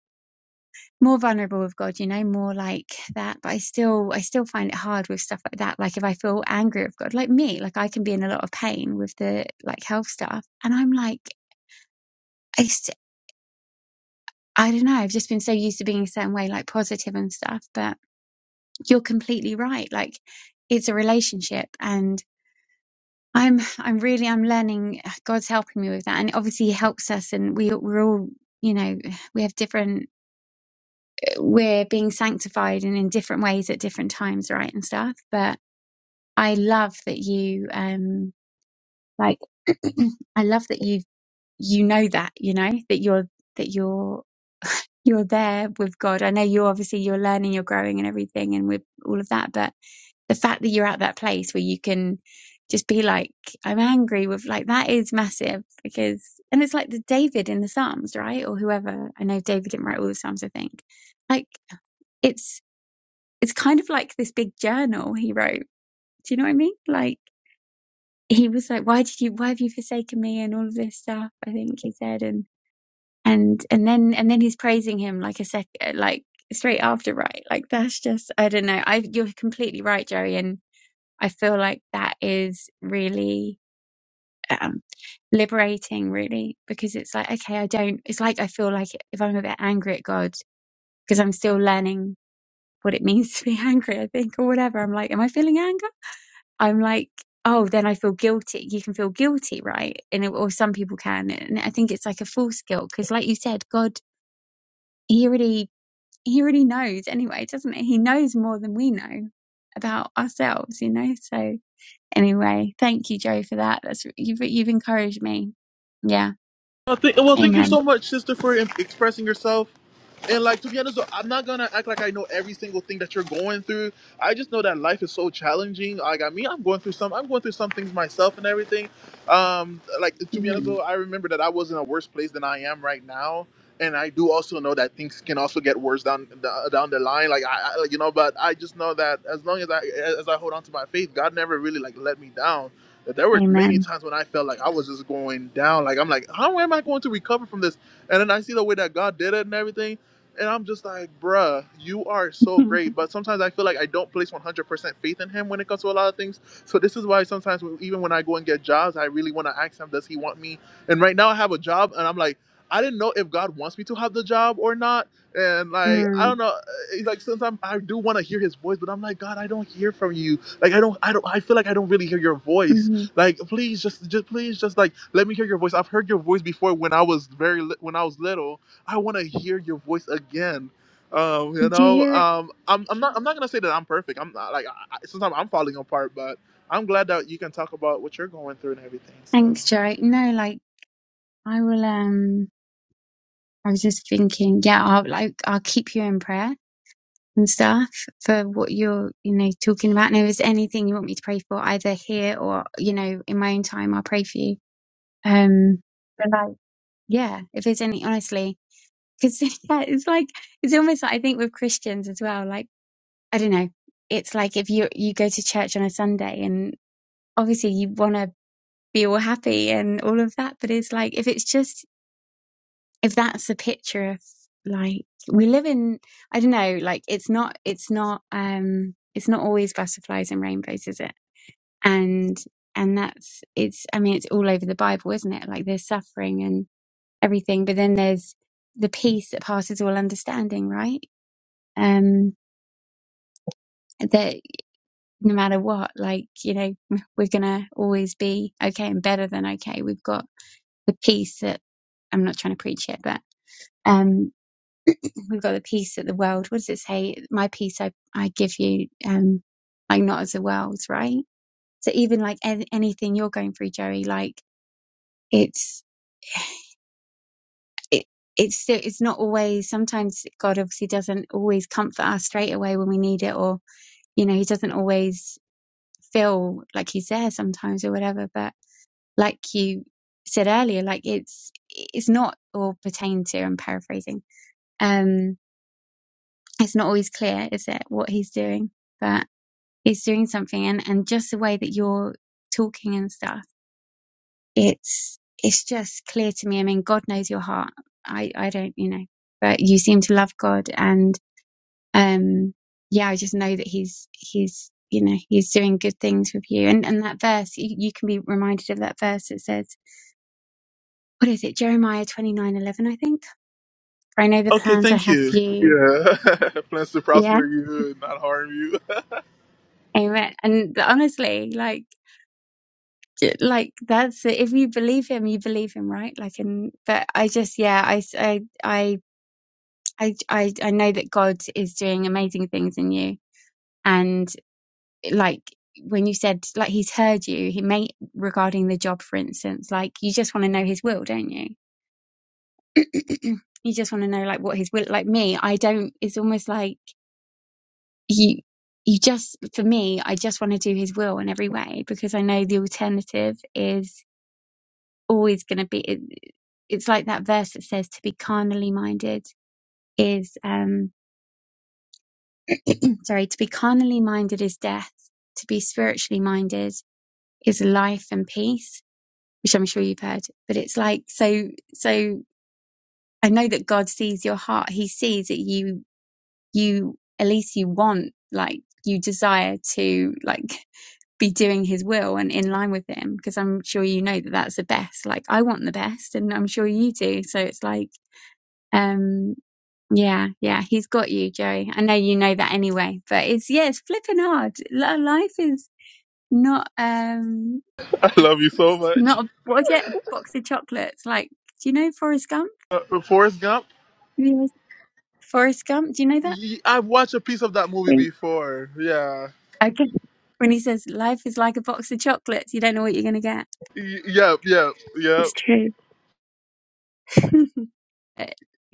more vulnerable with god you know more like that but i still i still find it hard with stuff like that like if i feel angry with god like me like i can be in a lot of pain with the like health stuff and i'm like i st- i don't know i've just been so used to being a certain way like positive and stuff but you're completely right. Like it's a relationship and I'm, I'm really, I'm learning (sighs) God's helping me with that. And obviously he helps us and we, we're all, you know, (sighs) we have different, we're being sanctified and in different ways at different times, right? And stuff. But I love that you, um, like, (clears throat) I love that you, you know that, you know, that you're, that you're, you're there with God. I know you obviously you're learning, you're growing and everything and with all of that, but the fact that you're at that place where you can just be like, I'm angry with like that is massive because and it's like the David in the Psalms, right? Or whoever I know David didn't write all the Psalms, I think. Like it's it's kind of like this big journal he wrote. Do you know what I mean? Like he was like, Why did you why have you forsaken me and all of this stuff, I think he said and and and then and then he's praising him like a sec like straight after right like that's just i don't know i you're completely right jerry and I feel like that is really um, liberating, really, because it's like, okay, I don't, it's like I feel like if I'm a bit angry at God, because I'm still learning what it means (laughs) to be angry, I think, or whatever, I'm like, am I feeling anger? I'm like, oh, then I feel guilty. You can feel guilty, right? And it, or some people can. And I think it's like a false guilt, because like you said, God, He already, He already knows anyway, doesn't He? He knows more than we know about ourselves, you know? So, Anyway, thank you, Joe, for that. That's you've you've encouraged me. Yeah. Well, thank, well, thank you Amen. so much, sister, for em- expressing yourself. And like to be honest, though, I'm not gonna act like I know every single thing that you're going through. I just know that life is so challenging. Like I mean, I'm going through some, I'm going through some things myself and everything. Um, like to be honest, Mhm. though, I remember that I was in a worse place than I am right now, and I do also know that things can also get worse down the, down the line. Like I, I, you know, but I just know that as long as I as I hold on to my faith, God never really like let me down that there were many Amen. times when I felt like I was just going down. Like I'm like, how am I going to recover from this? And then I see the way that God did it and everything. And I'm just like, bruh, you are so (laughs) great. But sometimes I feel like I don't place 100% faith in Him when it comes to a lot of things. So this is why sometimes, even when I go and get jobs, I really want to ask Him, does He want me? And right now I have a job, and I'm like, I didn't know if God wants me to have the job or not and like I don't mm know, it's like sometimes I do want to hear His voice, but I'm like God, I don't hear from you. Like I don't, I don't, I feel like I don't really hear Your voice. hmm Like, please, just, just, please, just like, let me hear your voice. I've heard your voice before when I was very, li- when I was little. I want to hear your voice again. Um, you Did you know, hear it? um, I'm, I'm not, I'm not gonna say that I'm perfect. I'm not like, I, I, sometimes I'm falling apart, but I'm glad that you can talk about what you're going through and everything. So, Thanks, Joe. No, like I will. Um, I was just thinking. Yeah, I'll like I'll keep you in prayer and stuff for what you're you know talking about. And if there's anything you want me to pray for, either here or you know in my own time, I'll pray for you. Um, but like yeah, if there's any, honestly, because (laughs) yeah, it's like it's almost like I think with Christians as well. Like. I don't know. It's like if you you go to church on a Sunday and obviously you want to be all happy and all of that, but it's like if it's just if that's a picture of like we live in I don't know, like it's not it's not um it's not always butterflies and rainbows, is it? And and that's it's I mean it's all over the Bible, isn't it? Like there's suffering and everything, but then there's the peace that passes all understanding, right? Um That no matter what, like, you know, (laughs) we're going to always be okay and better than okay. We've got the peace that I'm not trying to preach it, but um, we've got the peace that the world, what does it say? My peace I, I give you, um, like not as the world's, right? So even like an- anything you're going through, Joey, like it's, it, it's still, it's not always, sometimes God obviously doesn't always comfort us straight away when we need it, or, you know, he doesn't always feel like he's there sometimes or whatever, but like you said earlier, like it's it's not all pertained to. I'm paraphrasing. Um, it's not always clear, is it, what he's doing? But he's doing something, and and just the way that you're talking and stuff, it's it's just clear to me. I mean, God knows your heart. I I don't, you know, but you seem to love God, and um, yeah, I just know that he's he's you know he's doing good things with you and and that verse you, you can be reminded of that verse that says what is it, Jeremiah twenty nine eleven, I think. For I know the okay, plans I thank have you. for you. Yeah, (laughs) plans to Yeah. prosper you and not harm you. Amen. And honestly, like, like that's it. If you believe him, you believe him, right? Like, and, but I just, yeah, I, I, I, I, I I know that God is doing amazing things in you. And like, when you said, like, he's heard you, he may, regarding the job, for instance, like, you just want to know his will, don't you? (clears throat) you just want to know, like, what his will, like me, I don't, it's almost like, you you just for me i just want to do his will in every way because i know the alternative is always going to be it, it's like that verse that says to be carnally minded is um sorry to be carnally minded is death to be spiritually minded is life and peace which i'm sure you've heard but it's like so so i know that god sees your heart he sees that you you at least you want like you desire to like be doing his will and in line with him because i'm sure you know that that's the best like i want the best and i'm sure you do so it's like um yeah yeah he's got you joey i know you know that anyway but it's yeah it's flipping hard Li- life is not um (laughs) I love it's, you so it's much. not a, what is it a box of chocolates like do you know forrest gump Uh, Forrest Gump. Have you heard forrest gump do you know that Y- I've watched a piece of that movie Mm. before. Yeah. okay when he says life is like a box of chocolates you don't know what you're going to get Y- Yep, yep, yep. it's true (laughs) Uh,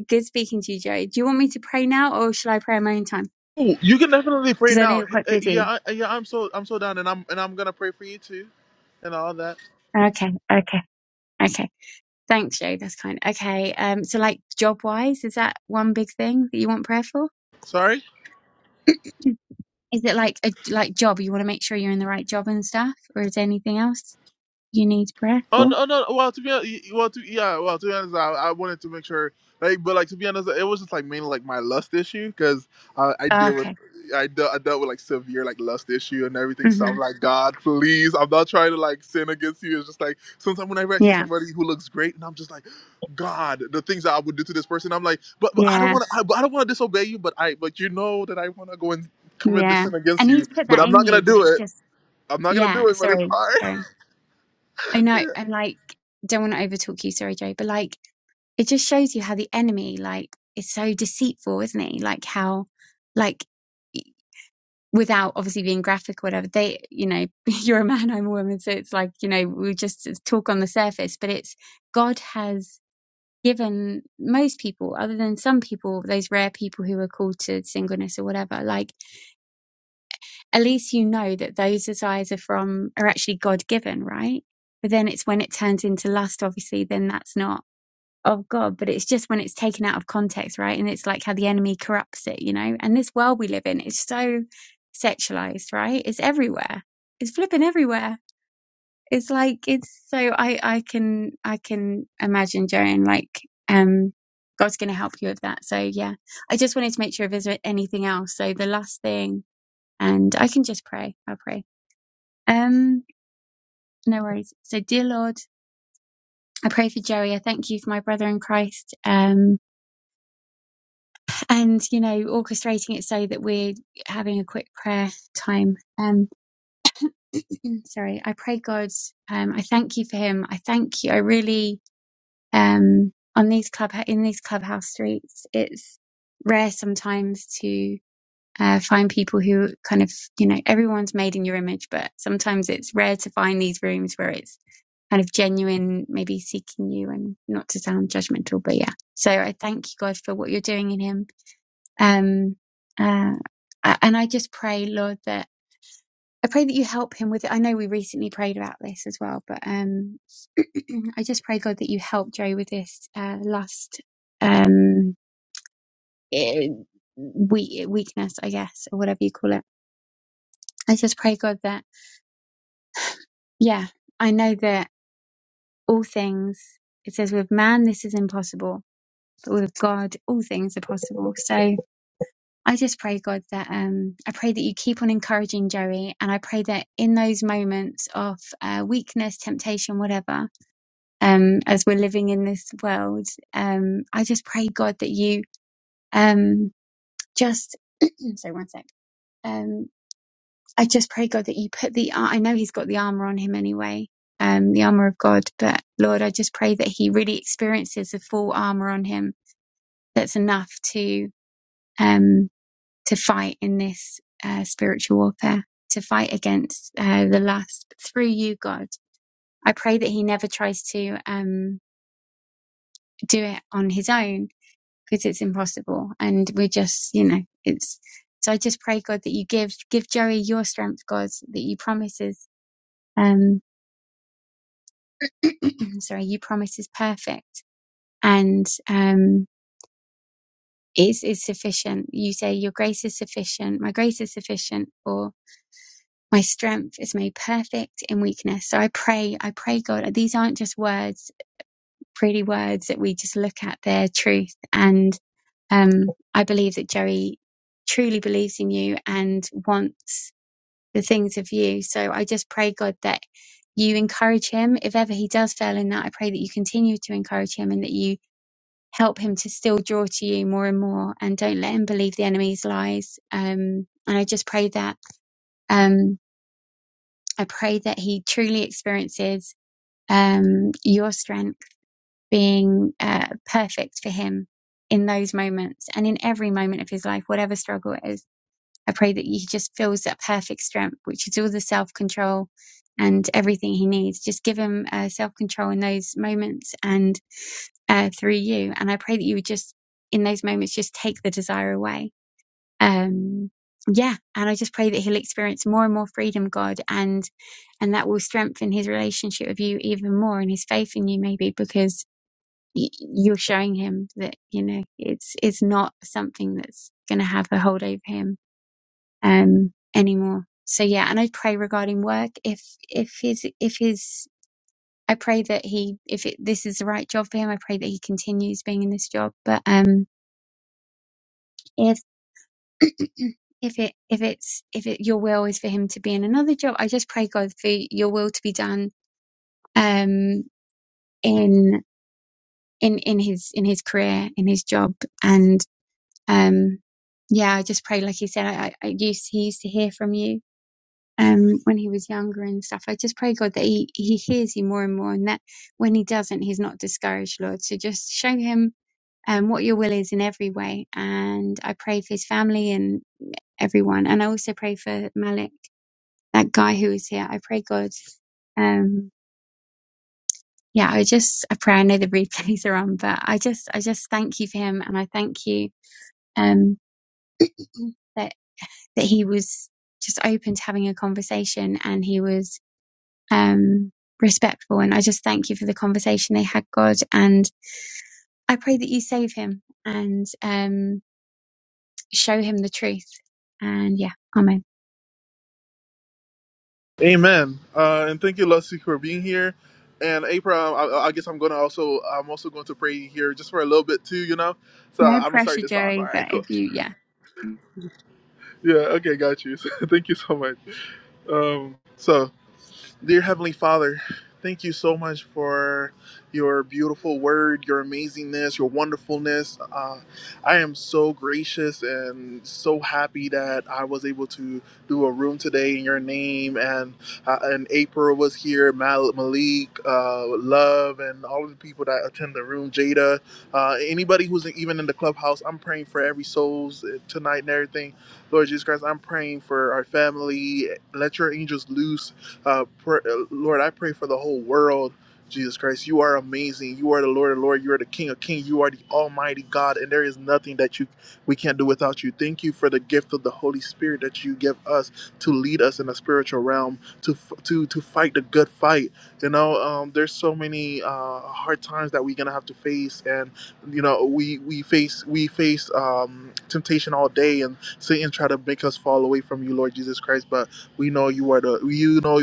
Good speaking to you, Joey. Do you want me to pray now or shall I pray on my own time? Ooh, you can definitely pray Because I know now. you're quite Uh, busy. Yeah, I, yeah, I'm so I'm so down, and I'm and I'm gonna pray for you too, and all that. Okay, okay, okay. Thanks, Joey. That's kind. Okay. Um, so like job wise, is that one big thing that you want prayer for? Sorry. (clears throat) Is it like a like job? You want to make sure you're in the right job and stuff, or is there anything else you need prayer Oh for? no, no. Well, to be honest, well, to, yeah, well, to be honest, I, I wanted to make sure, like, but like to be honest, it was just like mainly like my lust issue because I, I deal with, Okay. I, de- I dealt with like severe like lust issue and everything. So hmm I'm like, God, please, I'm not trying to like sin against you. It's just like sometimes whenever I see Yeah. somebody who looks great, and I'm just like, God, the things that I would do to this person, I'm like, but but I don't Yeah. want to, I, but I don't want to disobey you, but I, but you know that I want to go and commit this Yeah. sin against And you, he's put but that I'm in not gonna you, but do it's it. just I'm not gonna yeah. do it, but it's Sorry, hard. Karen. I know. (laughs) And like, don't want to overtalk you. Sorry, Joe. But like, it just shows you how the enemy like is so deceitful isn't he like how like without obviously being graphic or whatever they you know (laughs) you're a man i'm a woman so it's like you know we just talk on the surface but it's god has given most people other than some people those rare people who are called to singleness or whatever like at least you know that those desires are from are actually god given right but then it's when it turns into lust obviously then that's not of God, but it's just when it's taken out of context, right? And it's like how the enemy corrupts it, you know? And this world we live in is so sexualized, right? It's everywhere. It's flipping everywhere. It's like it's so I I can I can imagine Joan like um God's going to help you with that. So yeah, I just wanted to make sure if there's anything else. So the last thing, and I can just pray. I'll pray. Um, no worries. So dear Lord, I pray for Joey. I thank you for my brother in Christ. Um, and you know orchestrating it so that we're having a quick prayer time um (clears throat) sorry i pray god um i thank you for him i thank you i really um on these club in these clubhouse streets it's rare sometimes to uh, find people who kind of you know everyone's made in your image but sometimes it's rare to find these rooms where it's kind of genuine maybe seeking you and not to sound judgmental but yeah so i thank you god for what you're doing in him um, uh, and I just pray, Lord, that I pray that you help him with it. I know we recently prayed about this as well, but um, (clears throat) I just pray, God, that you help Joe with this uh, lust um, eh, we- weakness, I guess, or whatever you call it. I just pray, God, that, yeah, I know that all things, it says with man, this is impossible, but with God, all things are possible. So, I just pray, God, that um, I pray that you keep on encouraging Joey, and I pray that in those moments of uh, weakness, temptation, whatever, um, as we're living in this world, um, I just pray, God, that you um, just. (clears throat) sorry, one sec. Um, I just pray, God, that you put the. ar- I know he's got the armor on him anyway, um, the armor of God, but Lord, I just pray that he really experiences the full armor on him. That's enough to. Um, to fight in this uh, spiritual warfare, to fight against uh, the lust through you, God. I pray that he never tries to um, do it on his own because it's impossible. And we just, you know, it's. So I just pray, God, that you give give Joey your strength, God, that you promises. Um, (clears throat) sorry, you promise is perfect, and um, is is sufficient. You say your grace is sufficient. My grace is sufficient for my strength is made perfect in weakness. So I pray, I pray, God, these aren't just words, pretty words that we just look at, they're truth. And um, I believe that Joey truly believes in you and wants the things of you. So I just pray, God, that you encourage him. If ever he does fail in that, I pray that you continue to encourage him and that you help him to still draw to you more and more and don't let him believe the enemy's lies. Um, and I just pray that. Um, I pray that he truly experiences um, your strength being uh, perfect for him in those moments and in every moment of his life, whatever struggle it is. I pray that he just feels that perfect strength, which is all the self control and everything he needs. Just give him uh, self control in those moments and uh, through you. And I pray that you would just, in those moments, just take the desire away. Um, yeah. And I just pray that he'll experience more and more freedom, God, and and that will strengthen his relationship with you even more and his faith in you maybe because y- you're showing him that you know it's it's not something that's going to have a hold over him um anymore so yeah and i pray regarding work if if his if his i pray that he if it, this is the right job for him i pray that he continues being in this job but um if (clears throat) if it if it's if it your will is for him to be in another job i just pray god for your will to be done um in in in his in his career in his job and um yeah i just pray like he said i, I used he used to hear from you um when he was younger and stuff i just pray god that he he hears you more and more and that when he doesn't he's not discouraged lord so just show him um what your will is in every way and i pray for his family and everyone and i also pray for malik that guy who is here i pray god um yeah i just i pray i know the replays are on but i just i just thank you for him and i thank you um, that that he was just open to having a conversation and he was um, respectful. And I just thank you for the conversation they had, God, and I pray that you save him and um, show him the truth. And yeah, Amen. Amen. Uh, and thank you, Lucy, for being here. And April, I, I guess I'm gonna also I'm also going to pray here just for a little bit too, you know. So No I'm gonna start pressure, this off. All Joey, right, but cool. if you, yeah, Yeah, okay, got you. (laughs) So, thank you so much. Um, so Dear Heavenly Father, thank you so much for your beautiful word, your amazingness, your wonderfulness. Uh, I am so gracious and so happy that I was able to do a room today in your name. And uh, and April was here, Mal- Malik, uh, Love, and all of the people that attend the room, Jada, uh, anybody who's even in the clubhouse. I'm praying for every souls eh, tonight and everything. Lord Jesus Christ, I'm praying for our family. Let your angels loose uh, pr- uh, Lord, I pray for the whole world. Jesus Christ, you are amazing. You are the Lord of Lord. You are the King of King. You are the Almighty God, and there is nothing that you we can't do without you. Thank you for the gift of the Holy Spirit that you give us to lead us in the spiritual realm to to to fight the good fight. You know, um, there's so many uh, hard times that we're gonna have to face, and you know, we we face we face um, temptation all day, and Satan try to make us fall away from you, Lord Jesus Christ. But we know you are the you know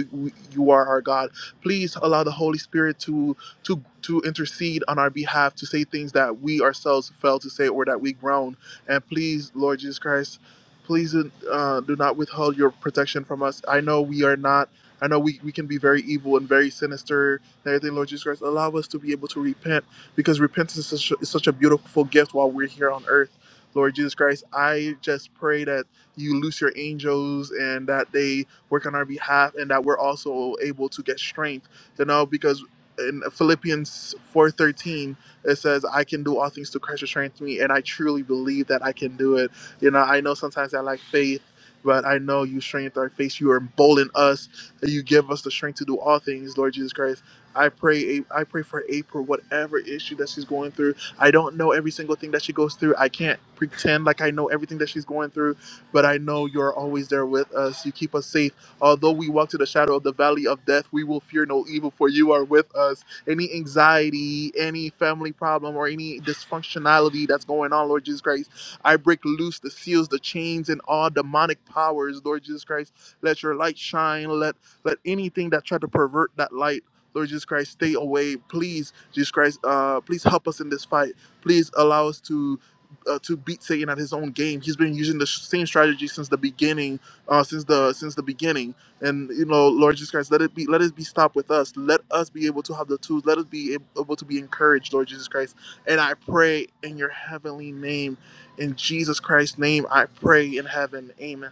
you are our God. Please allow the Holy Spirit to to to intercede on our behalf to say things that we ourselves fail to say or that we groan. And please, Lord Jesus Christ, please uh, do not withhold your protection from us. I know we are not. I know we, we can be very evil and very sinister and everything, Lord Jesus Christ. Allow us to be able to repent because repentance is such, is such a beautiful gift while we're here on earth. Lord Jesus Christ, I just pray that you loose your angels and that they work on our behalf and that we're also able to get strength you know because in philippians 4.13 it says i can do all things through christ who strengthens me and i truly believe that i can do it you know i know sometimes i lack faith but i know you strengthen our faith you embolden us and you give us the strength to do all things lord jesus christ i pray i pray for april whatever issue that she's going through i don't know every single thing that she goes through i can't pretend like i know everything that she's going through but i know you're always there with us you keep us safe Although we walk to the shadow of the valley of death, we will fear no evil, for you are with us. Any anxiety, any family problem, or any dysfunctionality that's going on, Lord Jesus Christ, I break loose the seals, the chains, and all demonic powers, Lord Jesus Christ. Let your light shine. Let let anything that tried to pervert that light. Lord Jesus Christ, stay away, please. Jesus Christ, uh, please help us in this fight. Please allow us to uh, to beat Satan at his own game. He's been using the same strategy since the beginning uh, since the since the beginning. And you know, Lord Jesus Christ, let it be let it be stopped with us. Let us be able to have the tools. Let us be ab- able to be encouraged, Lord Jesus Christ. And I pray in your heavenly name, in Jesus Christ's name, I pray in heaven. Amen.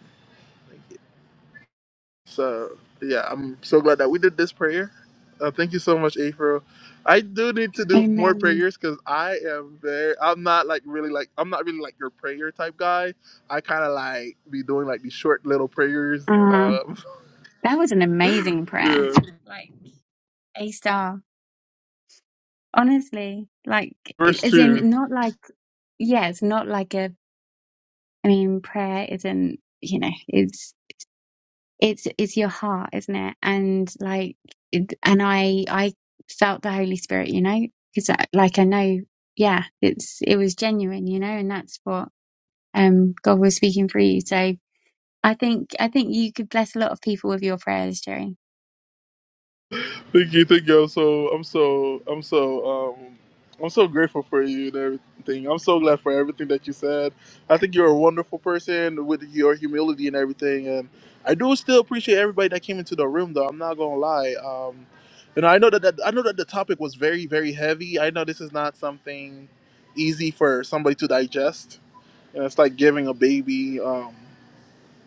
Thank you. So yeah, I'm so glad that we did this prayer. Uh, thank you so much, April. I do need to do more Amen. prayers because I am there. I'm not like really like I'm not really like your prayer type guy. I kind of like be doing like these short little prayers. Ah, Um, (laughs) that was an amazing prayer. yeah. Like a star, honestly. Like, Verse as two. in, not like, yeah, it's not like a. I mean, prayer isn't. You know, it's. it's it's your heart isn't it and like it, and i i felt the holy spirit you know because like i know yeah it's it was genuine you know and that's what um god was speaking through you so i think i think you could bless a lot of people with your prayers jerry Thank you, thank you. I'm so I'm so I'm so um I'm so grateful for you and everything. I'm so glad for everything that you said. I think you're a wonderful person with your humility and everything. And I do still appreciate everybody that came into the room, though. I'm not gonna lie. Um, you know, I know that, that I know that the topic was very, very heavy. I know this is not something easy for somebody to digest. And it's like giving a baby. Um,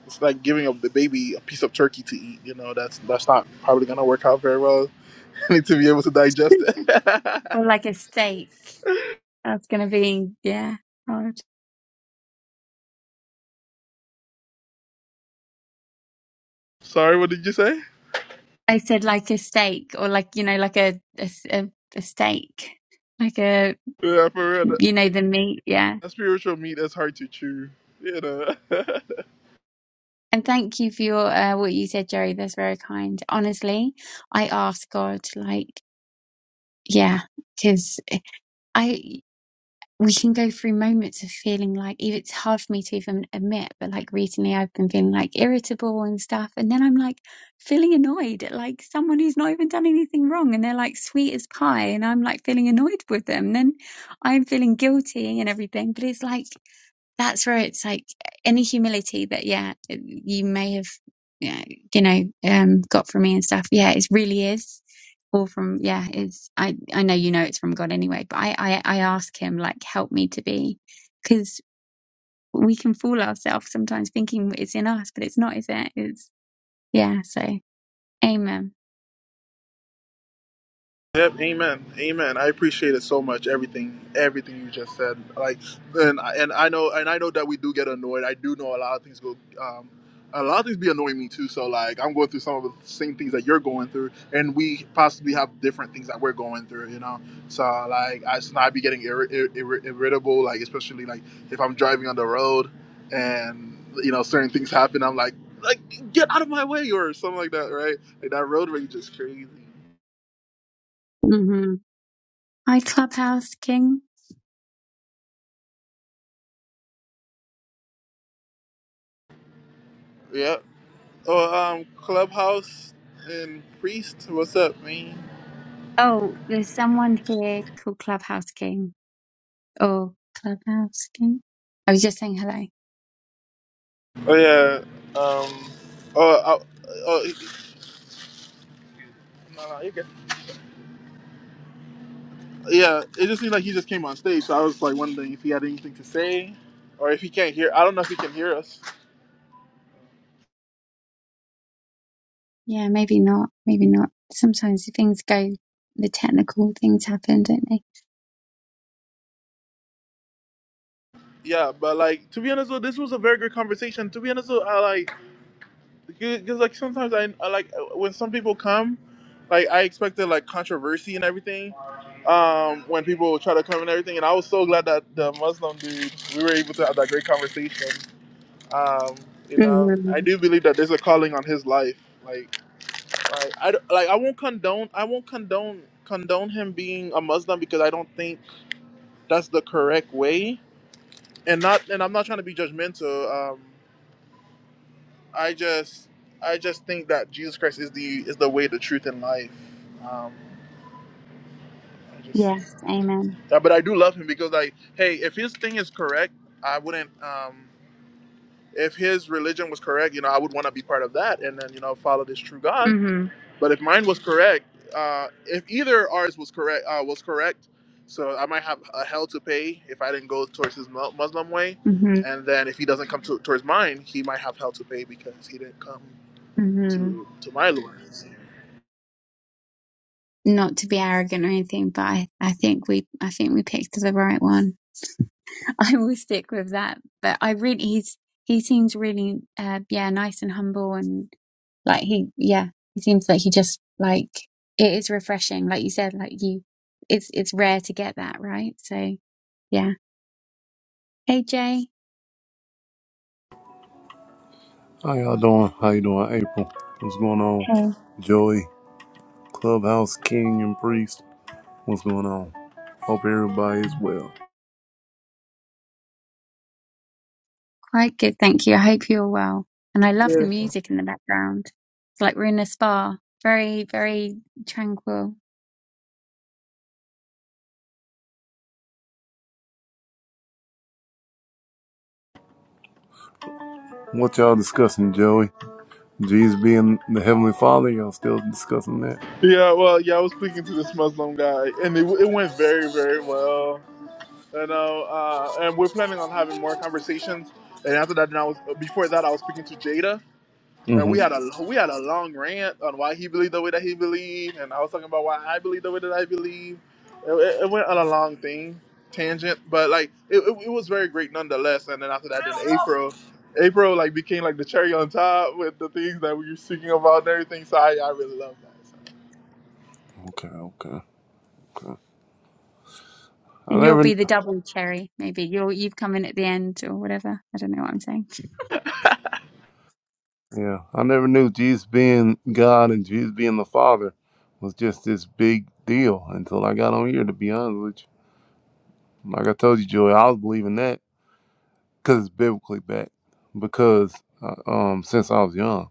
It's like giving up the baby a piece of turkey to eat. You know, that's that's not probably gonna work out very well. (laughs) I need to be able to digest it. (laughs) (laughs) or like a steak that's gonna be yeah hard. Sorry, what did you say? i said like a steak or like you know like a a a a steak like a Yeah, for real. that- you know the meat yeah spiritual meat is hard to chew. You know. (laughs) And thank you for your uh, what you said, Joey. That's very kind. Honestly, I ask God, like, yeah, because I we can go through moments of feeling like if it's hard for me to even admit, but like recently I've been feeling like irritable and stuff, and then I'm like feeling annoyed at like someone who's not even done anything wrong, and they're like sweet as pie, and I'm like feeling annoyed with them. And then I'm feeling guilty and everything, but it's like that's where it's like any humility that yeah you may have yeah you know um got from me and stuff yeah it really is all from yeah it's i i know you know it's from god anyway but i i, I ask him like help me to be because we can fool ourselves sometimes thinking it's in us but it's not is it it's yeah so amen Yep, amen, amen. I appreciate it so much. Everything, everything you just said. Like, and and I know, and I know that we do get annoyed. I do know a lot of things go, um, a lot of things be annoying me too. So like, I'm going through some of the same things that you're going through, and we possibly have different things that we're going through. You know, so like, I so I be getting irri- ir- ir- irritable, like especially like if I'm driving on the road, and you know certain things happen. I'm like, like get out of my way or something like that, right? Like that road rage is crazy. hmm hi clubhouse king Yeah. Oh, um, Clubhouse and Priest, what's up, man? oh there's someone here called clubhouse king or clubhouse king i was just saying hello Oh yeah, um, oh, I, oh, it- no, no, you good. Yeah, it just seemed like he just came on stage, so I was like wondering if he had anything to say, or if he can't hear. I don't know if he can hear us. Yeah, maybe not. Maybe not. Sometimes things go, the technical things happen, don't they? Yeah, but like to be honest, though, this was a very good conversation. To be honest, though, I like. because like sometimes I, I like when some people come like i expected like controversy and everything um when people try to come and everything and i was so glad that the muslim dude we were able to have that great conversation um you know i hmm do believe that there's a calling on his life like like i don't- like i won't condone i won't condone condone him being a muslim because i don't think that's the correct way and not and i'm not trying to be judgmental Um, I just I just think that Jesus Christ is the is the way, the truth, and life. Um, I just Yes, amen. yeah, but I do love him because like, hey, if his thing is correct, I wouldn't. Um, if his religion was correct, you know, I would want to be part of that, and then you know, follow this true God. hmm But if mine was correct, uh, if either ours was correct, uh, was correct, so I might have a hell to pay if I didn't go towards his Mu- Muslim way, hmm and then if he doesn't come to, towards mine, he might have hell to pay because he didn't come. hmm to to my Lord. and Savior. Not to be arrogant or anything, but I, I think we, I think we picked the right one. (laughs) I will stick with that. But I really, he's, he seems really, uh, yeah, nice and humble and like he, yeah, he seems like he just like, it is refreshing. Like you said, like you, it's, it's rare to get that, right? So yeah. Hey, Jay. How y'all doing? How you doing, April? What's going on? Hey. Joey, Clubhouse King and Priest, what's going on? Hope everybody's well. Quite good, thank you. I hope you're well. And I love the music in the background. It's like we're in a spa. Very, very tranquil. What y'all discussing, Joey? Jesus being the Heavenly Father, y'all still discussing that? Yeah, well, yeah, I was speaking to this Muslim guy, and it, it went very, very well. You know, uh, and we're planning on having more conversations. And after that, now before that, I was speaking to Jada, mm and we hmm had a we had a long rant on why he believed the way that he believed, and I was talking about why I believe the way that I believe. It, it, it went on a long thing tangent, but like it, it, it was very great nonetheless. And then after that, in April, April like became like the cherry on top with the things that we were speaking about and everything. So I, I really love that. So. Okay, okay, okay. I And you'll never, be the double cherry, maybe. You'll you've come in at the end or whatever. I don't know what I'm saying. yeah, I never knew Jesus being God and Jesus being the Father was just this big deal until I got on here, to be honest with you. Like I told you, Joey, I was believing that because it's biblically backed, because uh, um, since I was young.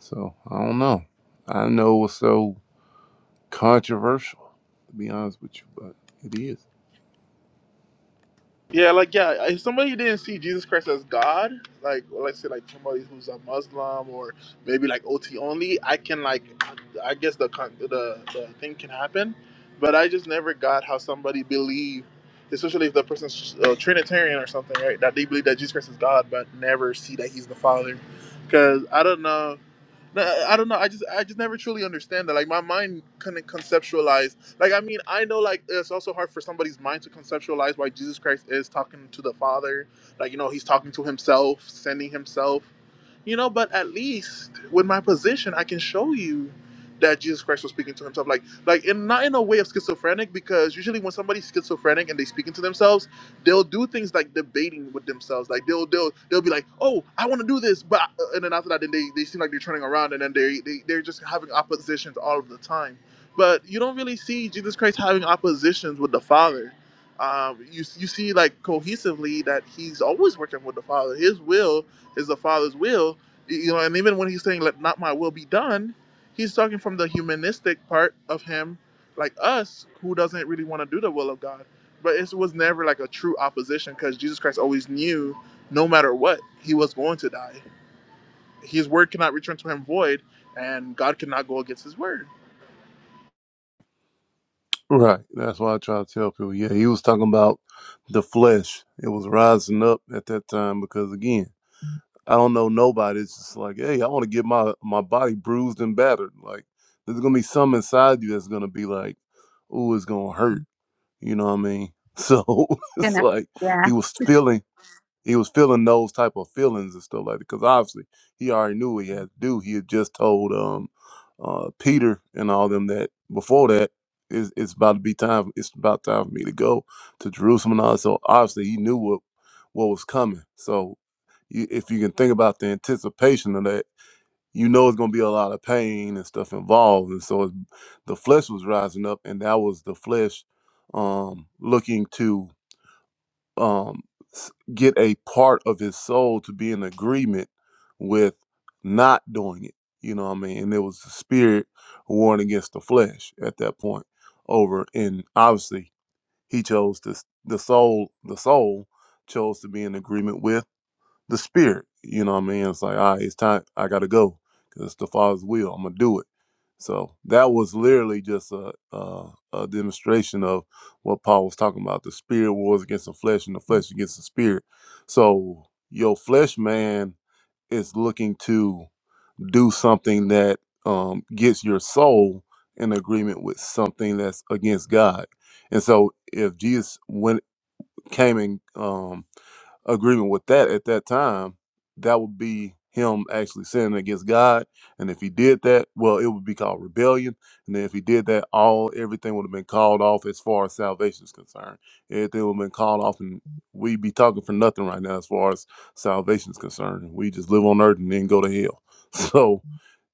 So, I don't know. I know it was so controversial, to be honest with you, but it is. Yeah, like yeah, if somebody didn't see Jesus Christ as God, like or let's say like somebody who's a Muslim or maybe like OT only, I can like, I guess the con- the the thing can happen, but I just never got how somebody believe, especially if the person's uh, Trinitarian or something, right? That they believe that Jesus Christ is God, but never see that He's the Father, because I don't know. No, I don't know. I just I just never truly understand that. Like my mind couldn't conceptualize. Like I mean, I know like it's also hard for somebody's mind to conceptualize why Jesus Christ is talking to the Father. Like you know, he's talking to himself, sending himself. You know, but at least with my position, I can show you that Jesus Christ was speaking to himself, like, like, and not in a way of schizophrenic, because usually when somebody's schizophrenic and they speaking to themselves, they'll do things like debating with themselves, like they'll they'll they'll be like, oh, I want to do this, but uh, and then after that, then they, they seem like they're turning around, and then they they they're just having oppositions all of the time. But you don't really see Jesus Christ having oppositions with the Father um, you you see like cohesively that he's always working with the Father. His will is the Father's will, you know and even when he's saying let not my will be done he's talking from the humanistic part of him like us who doesn't really want to do the will of god but it was never like a true opposition because jesus christ always knew no matter what he was going to die his word cannot return to him void and god cannot go against his word Right. That's why I try to tell people. Yeah, he was talking about the flesh. It was rising up at that time because again, I don't know nobody. It's just like, hey, I want to get my my body bruised and battered. Like there's gonna be some inside you that's gonna be like, ooh, it's gonna hurt. You know what I mean? (laughs) So (laughs) it's Gonna like he yeah. was feeling he was feeling those type of feelings and stuff like that because obviously he already knew what he had to do. He had just told um uh Peter and all them that before that it's, it's about to be time. It's about time for me to go to Jerusalem and all. So obviously he knew what what was coming. So you, if you can think about the anticipation of that, you know it's gonna be a lot of pain and stuff involved. And so it, the flesh was rising up, and that was the flesh um looking to um, s- get a part of his soul to be in agreement with not doing it. You know what I mean? And it was the spirit warring against the flesh at that point. Over and obviously he chose this the soul. The soul chose to be in agreement with the spirit. You know what I mean? It's like, all right, it's time. I gotta go because it's the Father's will. I'm gonna do it. So that was literally just a, a a demonstration of what Paul was talking about. The spirit wars against the flesh, and the flesh against the spirit. So your flesh man is looking to do something that um, gets your soul in agreement with something that's against God. And so if Jesus went came in um, agreement with that at that time, that would be him actually sinning against God. And if he did that, well, it would be called rebellion. And then if he did that, all everything would have been called off as far as salvation is concerned. Everything would have been called off, and we'd be talking for nothing right now as far as salvation is concerned. We just live on earth and then go to hell. (laughs) So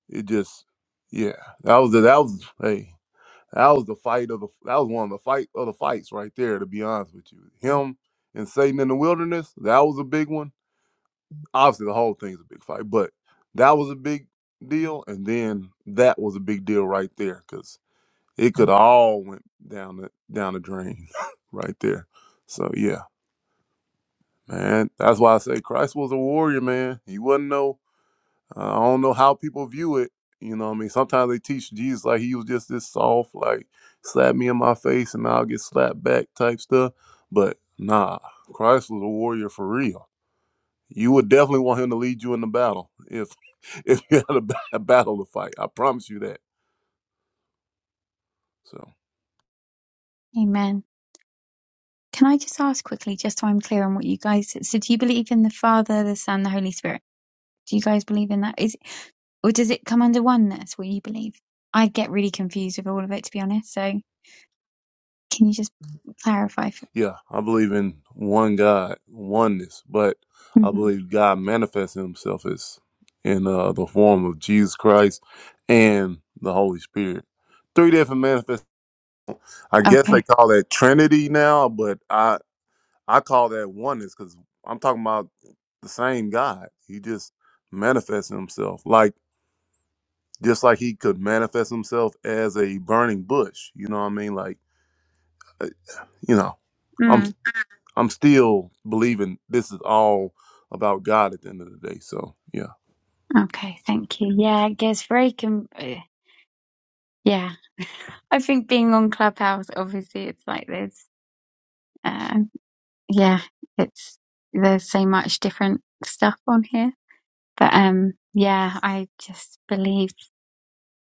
it just, yeah, that was that was hey. That was the fight of the that was one of the fight of the fights right there, to be honest with you. Him and Satan in the wilderness, that was a big one. Obviously the whole thing's a big fight, but that was a big deal. And then that was a big deal right there, because it could all went down the down the drain (laughs) right there. So yeah, man. That's why I say Christ was a warrior, man. He wasn't no uh, I don't know how people view it. You know, what I mean, sometimes they teach Jesus like he was just this soft, like slap me in my face and I'll get slapped back type stuff. But nah, Christ was a warrior for real. You would definitely want him to lead you in the battle if (laughs) if you had a, ba- a battle to fight. I promise you that. So Amen. Can I just ask quickly, just so I'm clear on what you guys so do you believe in the Father, the Son, the Holy Spirit? Do you guys believe in that? Is or does it come under oneness what you believe? I get really confused with all of it to be honest. So can you just clarify for yeah, I believe in one God, oneness, but I hmm believe God manifested Himself as in uh, the form of Jesus Christ and the Holy Spirit three different manifestations I guess Okay. they call that Trinity now, but I I call that oneness because I'm talking about the same God. He just manifests himself like just like he could manifest himself as a burning bush. You know what I mean? Like uh, you know, I'm Mm, I'm still believing this is all about God at the end of the day. So yeah, okay, thank you. Yeah, I guess very com- uh, yeah. I think being on Clubhouse, obviously, it's like there's uh, yeah, it's there's so much different stuff on here. But um, yeah, I just believe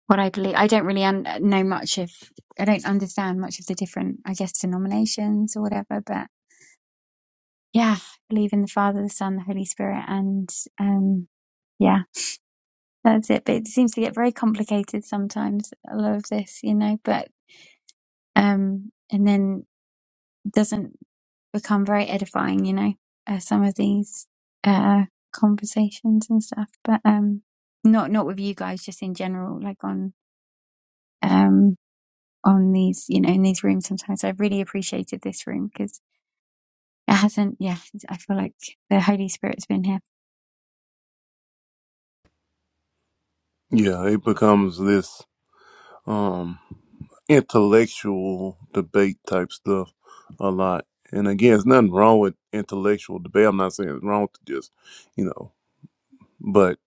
what I believe. I don't really un- know much of. I don't understand much of the different, I guess, denominations or whatever. But yeah, I believe in the Father, the Son, the Holy Spirit, and um, yeah. That's it. But it seems to get very complicated sometimes, a lot of this, you know, but, um, and then doesn't become very edifying, you know, uh, some of these, uh, conversations and stuff, but, um, not, not with you guys, just in general, like on, um, on these, you know, in these rooms sometimes. I've really appreciated this room because it hasn't, yeah, I feel like the Holy Spirit's been here. yeah, it becomes this. um intellectual debate type stuff a lot. And again, there's nothing wrong with intellectual debate. I'm not saying it's wrong to just, you know, but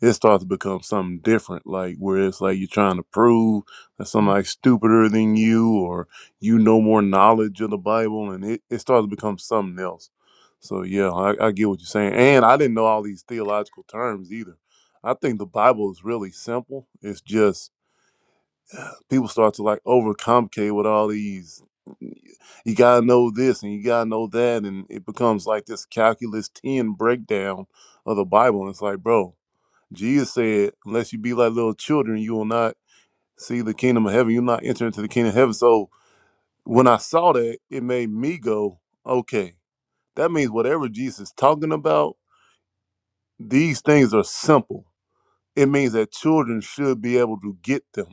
it starts to become something different, like where it's like you're trying to prove that somebody's stupider than you or you know more knowledge of the Bible and it, it starts to become something else. So yeah, I, I get what you're saying. And I didn't know all these theological terms either. I think the Bible is really simple. It's just people start to like overcomplicate with all these you gotta know this and you gotta know that and it becomes like this calculus 10 breakdown of the bible and it's like bro jesus said unless you be like little children you will not see the kingdom of heaven you'll not enter into the kingdom of heaven so when i saw that it made me go okay that means whatever jesus is talking about these things are simple it means that children should be able to get them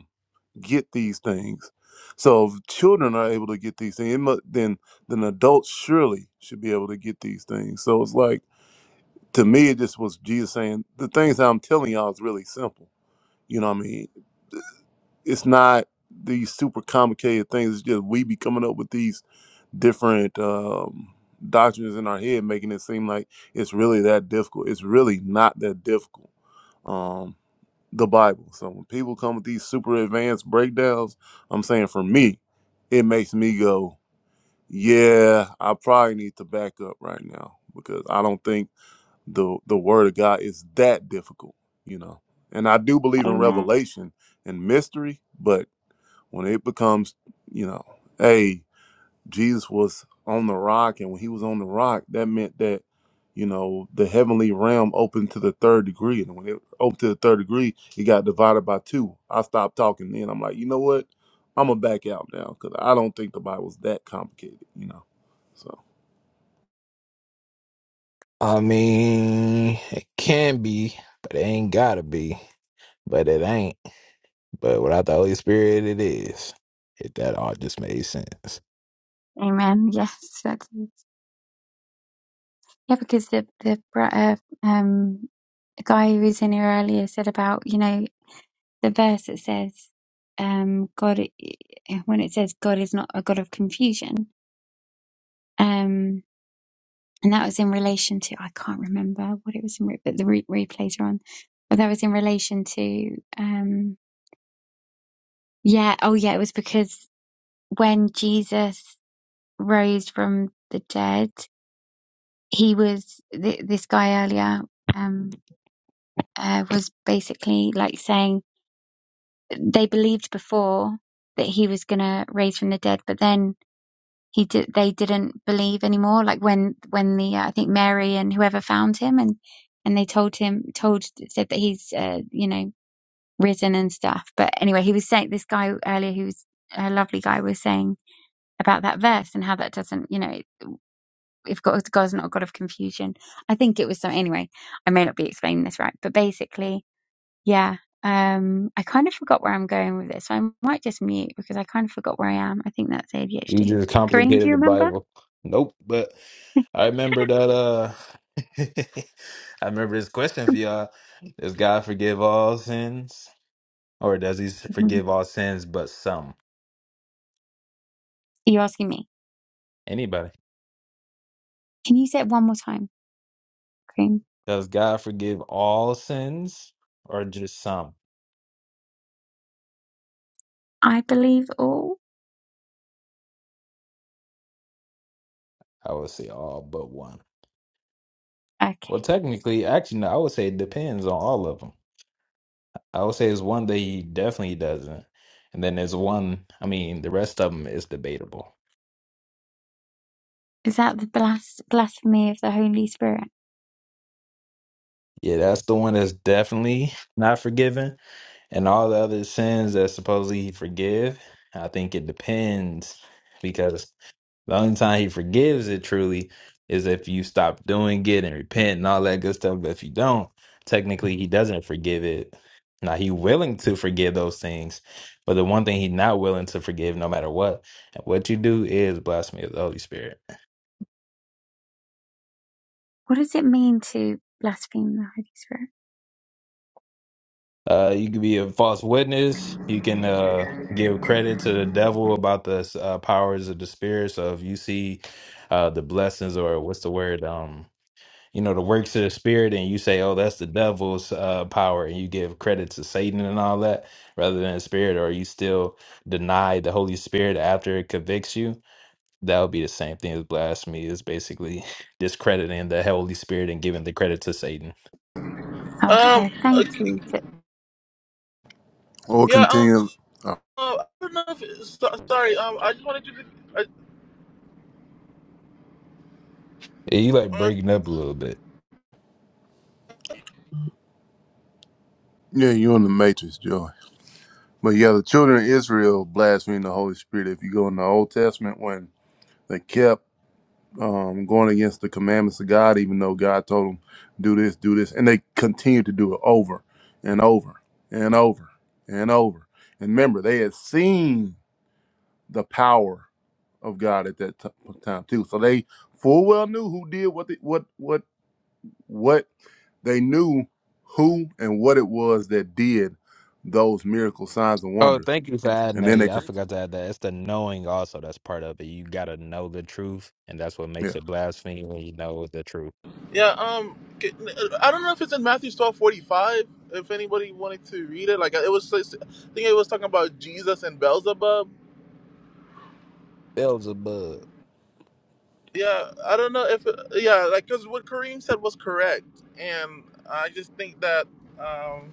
get these things. So if children are able to get these things, it mu- then then adults surely should be able to get these things. So it's like to me, it just was Jesus saying the things that I'm telling y'all is really simple. You know what I mean? It's not these super complicated things. It's just we be coming up with these different um, doctrines in our head, making it seem like it's really that difficult. It's really not that difficult. Um the Bible. So when people come with these super advanced breakdowns, I'm saying for me, it makes me go, yeah, I probably need to back up right now because I don't think the the word of God is that difficult, you know. And I do believe in Amen. revelation and mystery, but when it becomes, you know, hey. Jesus was on the rock, and when he was on the rock, that meant that, you know, the heavenly realm opened to the third degree. And when it opened to the third degree, it got divided by two. I stopped talking then. I'm like, you know what? I'm going to back out now because I don't think the Bible's that complicated, you know. So I mean, it can be, but it ain't gotta be. But it ain't. But without the Holy Spirit, it is. If that all just made sense. Amen. Yes, that's. Yeah, because the the bra- uh, um the guy who was in here earlier said about you know the verse that says um God i- when it says God is not a God of confusion um and that was in relation to I can't remember what it was in re- but the re- replays are on but that was in relation to um yeah oh yeah it was because when Jesus rose from the dead he was th- this guy earlier um uh, was basically like saying They believed before that he was going to raise from the dead, but then he did. They didn't believe anymore. Like when when the uh, I think Mary and whoever found him and and they told him told said that he's uh, you know risen and stuff. But anyway, he was saying this guy earlier who was a lovely guy was saying about that verse and how that doesn't you know if God God's not a God of confusion. I think it was so anyway. I may not be explaining this right, but basically yeah. Um, I kind of forgot where I'm going with this. So I might just mute because I kind of forgot where I am. I think that's You ADHD. just Kareem, do complicated you the remember? Bible. Nope. But I remember that uh (laughs) I remember this question (laughs) for y'all. Does God forgive all sins? Or does he Are forgive all sins but some? you asking me? Anybody? Can you say it one more time, Kareem? Does God forgive all sins or just some? I believe all. I would say all but one. Okay. Well, technically, actually, no, I would say it depends on all of them. I would say it's one that he definitely doesn't. And then there's one, I mean, the rest of them is debatable. Is that the blas- blasphemy of the Holy Spirit? Yeah, that's the one that's definitely not forgiven. And all the other sins that supposedly he forgive, I think it depends because The only time he forgives it truly is if you stop doing it and repent and all that good stuff. But if you don't, technically he doesn't forgive it. Now he willing to forgive those things, but the one thing he not willing to forgive, no matter what, and what you do is blasphemy of the Holy Spirit. What does it mean to blaspheme the Holy Spirit? Uh, you can be a false witness. You can uh give credit to the devil about the uh, powers of the spirit. So if you see uh the blessings or what's the word um you know the works of the spirit and you say oh that's the devil's uh, power and you give credit to satan and all that rather than the spirit or you still deny the holy spirit after it convicts you that would be the same thing as blasphemy is basically (laughs) discrediting the holy spirit and giving the credit to satan Um, Okay. uh, Thank you. For, we'll yeah, um, continue. Uh, uh, I don't know if, so, sorry, um, I just wanted you to, I, Yeah, you like uh, breaking up a little bit yeah, you in the matrix, Joy. But yeah, the children of Israel blasphemed the Holy Spirit. If you go in the Old Testament, when they kept um, going against the commandments of God, even though God told them, do this, do this. And they continued to do it over and over and over and over. And remember, they had seen the power of God at that t- time too. So they full well knew who did what, they, what, what, what they knew who and what it was that did those miracle signs and oh wonders. thank you for adding And that then they yeah i could, forgot to add that it's the knowing also that's part of it you gotta know the truth and that's what yeah. makes it blasphemy when you know the truth Yeah, um, I I don't know if it's in Matthew twelve forty five. If anybody wanted to read it, like it was, I think it was talking about Jesus and Beelzebub. beelzebub Yeah, I don't know if, uh, yeah, like because what Kareem said was correct, and I just think that, um,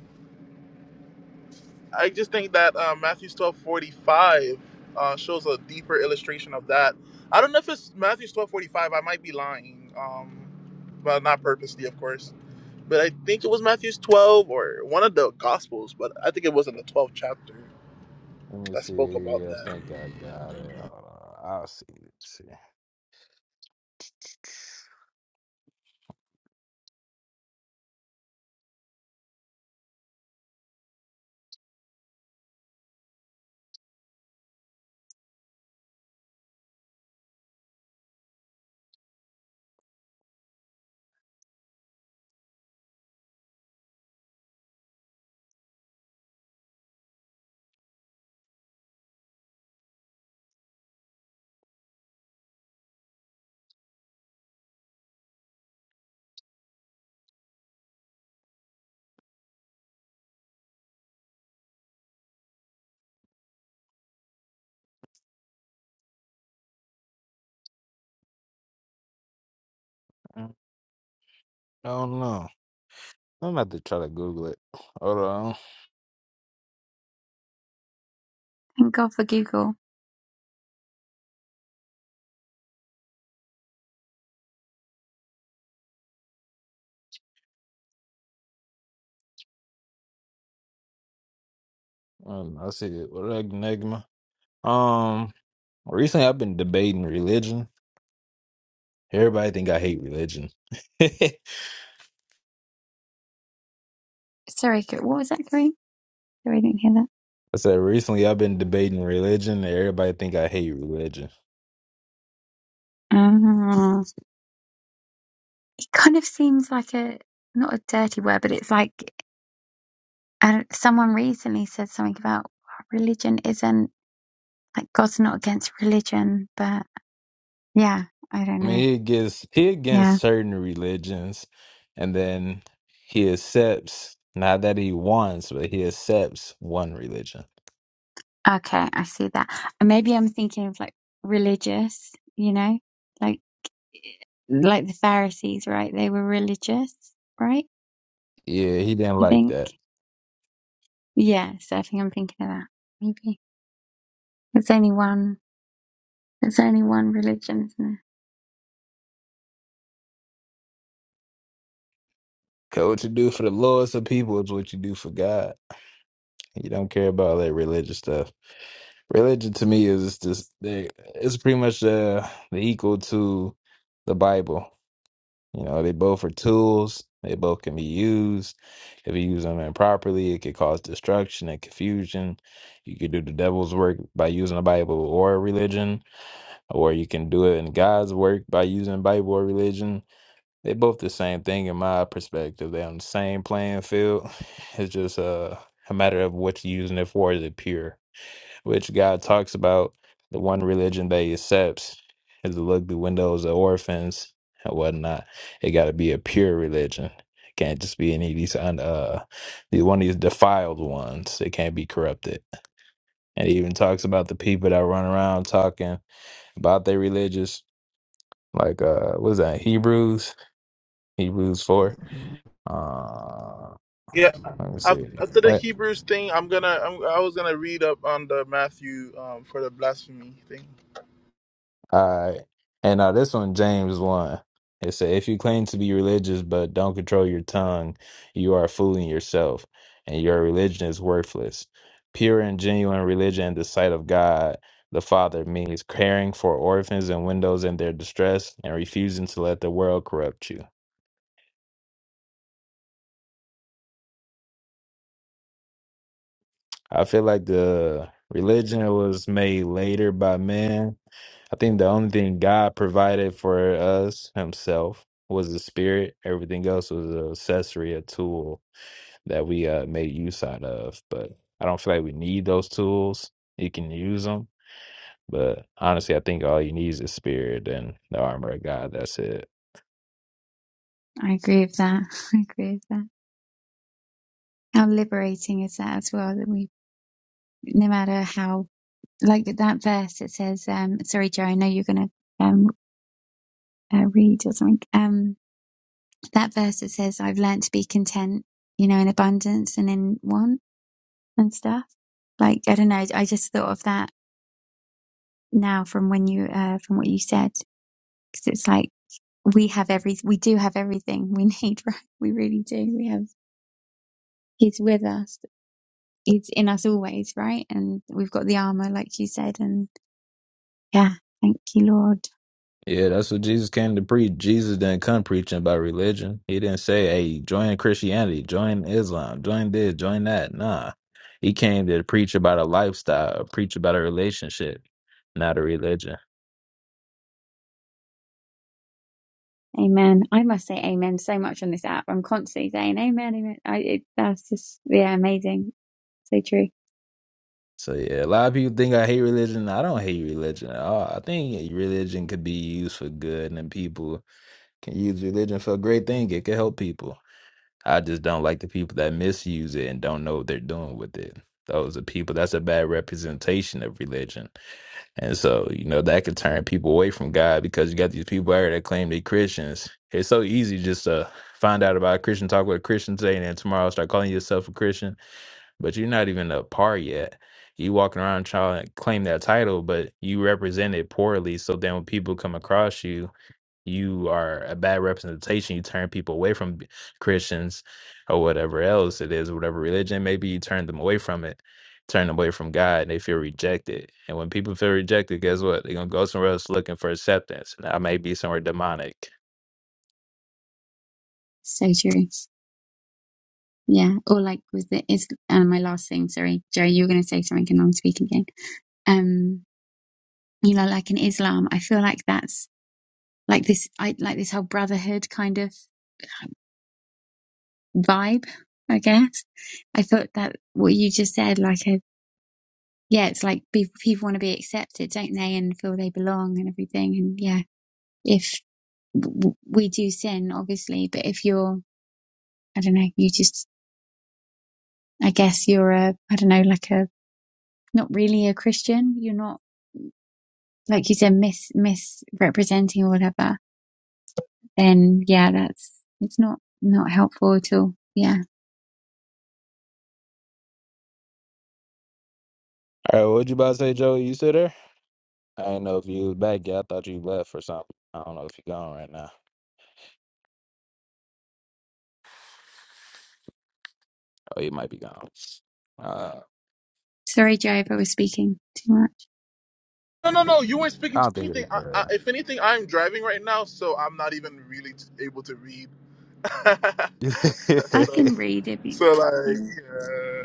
I just think that uh, Matthew twelve forty five uh, shows a deeper illustration of that. I don't know if it's Matthew twelve forty five. I might be lying, um, but not purposely, of course. but I think it was Matthew's 12 or one of the Gospels, but I think it was in the 12th chapter Let me that spoke see. about I that. think I got it. Hold on. I'll see. Let's see. Mm, I don't know. I'm about to try to Google it. Hold on. thank God for Google. Um, I see it. What up, Enigma? Um, recently I've been debating religion. Everybody think I hate religion. (laughs) I Sorry, Ka- what was that, Kareem? Sorry, I didn't hear that. said recently I've been debating religion. And everybody think I hate religion. Ah. it kind of seems like a, not a dirty word, but it's like I don't- someone recently said something about religion isn't like God's not against religion, but yeah, I don't I mean, know. he gets he Yeah. against certain religions, and then he accepts. Not that he wants, but he accepts one religion. Okay, I see that. And Maybe I'm thinking of like religious, you know, like eh, like the Pharisees, right? They were religious, right? Yeah, he didn't I like think. that. Yeah, so I think I'm thinking of that. Maybe. There's only one there's only one religion, isn't there? 'Cause what you do for the lowest of people is what you do for God. You don't care about all that religious stuff. Religion to me is just they. It's pretty much uh, the equal to the Bible. You know, they both are tools. They both can be used. If you use them improperly, it could cause destruction and confusion. You could do the devil's work by using the Bible or religion, or you can do it in God's work by using Bible or religion They both the same thing in my perspective. They're on the same playing field. (sighs) (laughs) It's just uh, a matter of what you're using it for. Is it pure? Which God talks about the one religion that he accepts is to look through windows of orphans and whatnot. It got to be a pure religion. It can't just be any of these un, uh the one of these defiled ones. It can't be corrupted. And he even talks about the people that run around talking about their religious, like uh, what is that Hebrews Hebrews four Uh, Yeah, let me af- see. after the What? Hebrews thing, I'm gonna. I'm, I was gonna read up on the Matthew um, for the blasphemy thing. All right. And now this one, James 1. It said, If you claim to be religious but don't control your tongue, you are fooling yourself, and your religion is worthless. Pure and genuine religion in the sight of God the Father means caring for orphans and widows in their distress and refusing to let the world corrupt you. I feel like the religion was made later by man I think the only thing God provided for us Himself was the Spirit. Everything else was an accessory, a tool that we uh, made use out of. But I don't feel like we need those tools. You can use them, but honestly, I think all you need is the Spirit and the armor of God. That's it. I agree with that. (laughs) I agree with that. How liberating is that as well that we no matter how like that verse it says um sorry joe i know you're gonna um uh, read or something um that verse that says i've learned to be content you know in abundance and in want and stuff like i don't know i just thought of that now from when you uh from what you said because it's like we have every we do have everything we (laughs) need right we really do we have he's with us he's in us always right and we've got the armor like you said and yeah thank you lord Yeah, that's what Jesus came to preach. Jesus didn't come preaching about religion. He didn't say, "Hey, join Christianity, join Islam, join this, join that." Nah, he came to preach about a lifestyle, preach about a relationship, not a religion. Amen. I must say amen so much on this app. I'm constantly saying amen, amen. I, it, that's just, yeah, amazing. So true. So yeah, a lot of people think I hate religion. I don't hate religion at all. I think religion could be used for good, and people can use religion for a great thing. It can help people. I just don't like the people that misuse it and don't know what they're doing with it. Those are people. That's a bad representation of religion And so, you know, that could turn people away from God because you got these people out here that claim they Christians. It's so easy just to find out about a Christian, talk with a Christian today, and then tomorrow start calling yourself a Christian, but you're not even a par yet. You walking around trying to claim that title, but you represent it poorly. So then when people come across you, you are a bad representation. You turn people away from b- Christians or whatever else it is, whatever religion. Maybe you turn them away from it, turn them away from God, and they feel rejected. And when people feel rejected, guess what? They're gonna go somewhere else looking for acceptance. And that may be somewhere demonic. So true. Yeah. Or like with the, is, and my last thing, sorry, Joe, you were going to say something and I'm speaking again. Um, you know, like in Islam, I feel like that's like this, I like this whole brotherhood kind of vibe, I guess. I thought that what you just said, like, a, yeah, it's like be, people want to be accepted, don't they? And feel they belong and everything. And yeah, if w- we do sin obviously but if you're i don't know you just i guess you're a i don't know like a not really a christian you're not like you said mis misrepresenting or whatever then yeah that's it's not not helpful at all yeah All right, what'd you about to say, Joey? You still there? I didn't know if you was back yet. I thought you left or something. I don't know if you're gone right now. Oh, you might be gone. Uh, sorry joe if i was speaking too much No, no, no. You weren't speaking I to don't anything. think I, I, if anything, I'm driving right now, so I'm not even really t- able to read. (laughs) it's i good. (laughs) so, can read if you, so like, you yeah.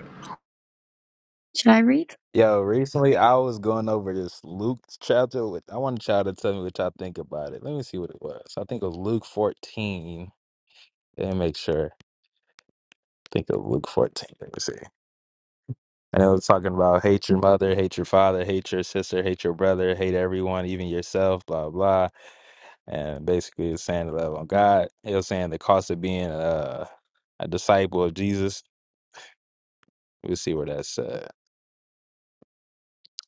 should i read Yo, recently I was going over this Luke chapter with I want y'all to tell me what y'all think about it. Let me see what it was. I think it was Luke 14. Let me make sure. I think it was Luke 14. Let me see. And it was talking about hate your mother, hate your father, hate your sister, hate your brother, hate everyone, even yourself, blah blah. And basically it's saying the love on God. It was saying the cost of being a, a disciple of Jesus. We'll see where that's at.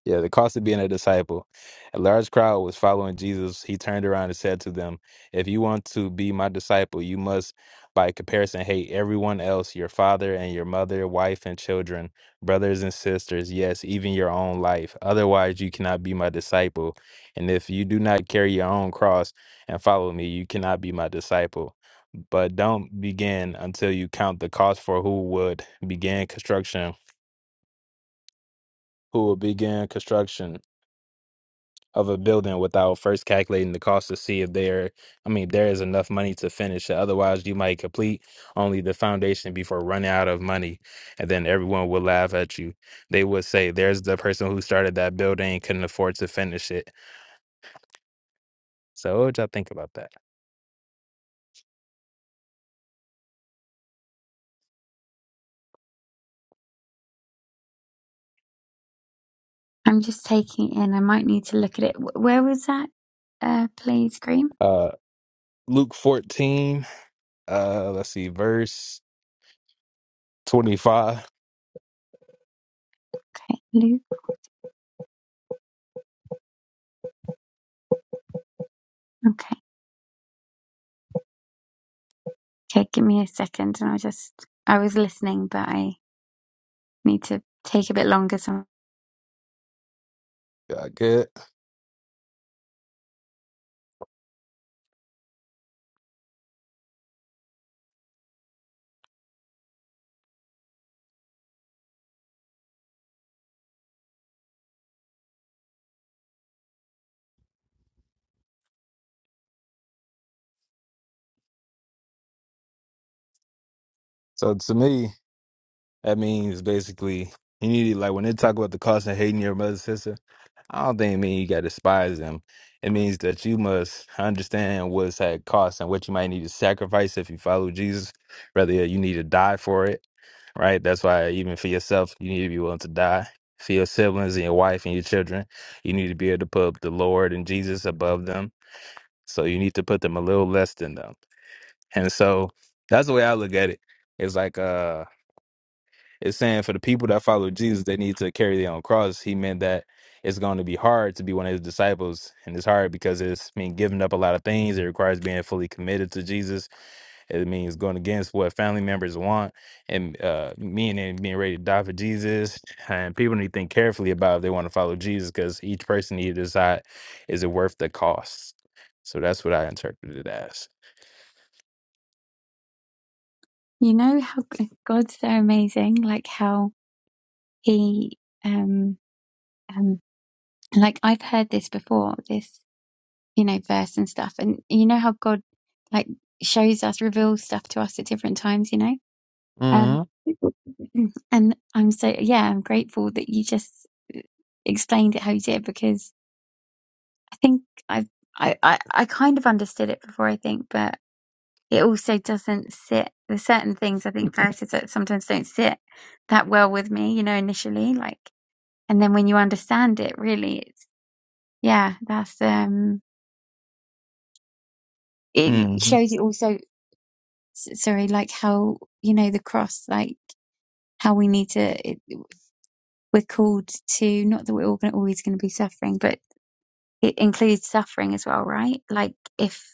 Yeah, the cost of being a disciple. A large crowd was following Jesus. He turned around and said to them, If you want to be my disciple, you must, by comparison, hate everyone else your father and your mother, wife and children, brothers and sisters, yes, even your own life. Otherwise, you cannot be my disciple. And if you do not carry your own cross and follow me, you cannot be my disciple. But don't begin until you count the cost for who would begin construction. Who will begin construction? of a building without first calculating the cost to see if there I mean there is enough money to finish it. Otherwise you might complete only the foundation before running out of money and then everyone will laugh at you. They would say there's the person who started that building and couldn't afford to finish it. So what y'all think about that? i'm just taking it in i might need to look at it Wh- where was that uh please scream Uh Luke 14, uh let's see, verse 25. okay luke okay okay give me a second and i'll just i was listening but i need to take a bit longer. So Yeah, good. So to me, That means basically you need to like when they talk about the cost of hating your mother sister, I don't think it means you gotta despise them. It means that you must understand what's at cost and what you might need to sacrifice if you follow Jesus, whether you need to die for it, right? That's why even for yourself, you need to be willing to die. For your siblings and your wife and your children, you need to be able to put the Lord and Jesus above them. So you need to put them a little less than them. And so that's the way I look at it. It's like uh, it's saying for the people that follow Jesus, they need to carry their own cross. He meant that it's going to be hard to be one of his disciples, and it's hard because it's mean giving up a lot of things. It requires being fully committed to Jesus. It means going against what family members want, and uh, meaning being ready to die for Jesus. And people need to think carefully about if they want to follow Jesus, because each person needs to decide is it worth the cost. So that's what I interpreted it as. you know how God's so amazing, like how He, um, um, like I've heard this before, this you know verse and stuff, and you know how God like shows us, reveals stuff to us at different times, you know. Um, hmm (clears throat) and I'm so yeah, I'm grateful that you just explained it how you did because I think I've I I, I kind of understood it before I think, but it also doesn't sit. There's certain things I think about it that sometimes don't sit that well with me, you know, initially. Like, and then when you understand it, really, it's yeah, that's um, it hmm shows you also. s- Sorry, like how you know the cross, like how we need to. It, we're called to not that we're all gonna, always going to be suffering, but it includes suffering as well, right? Like if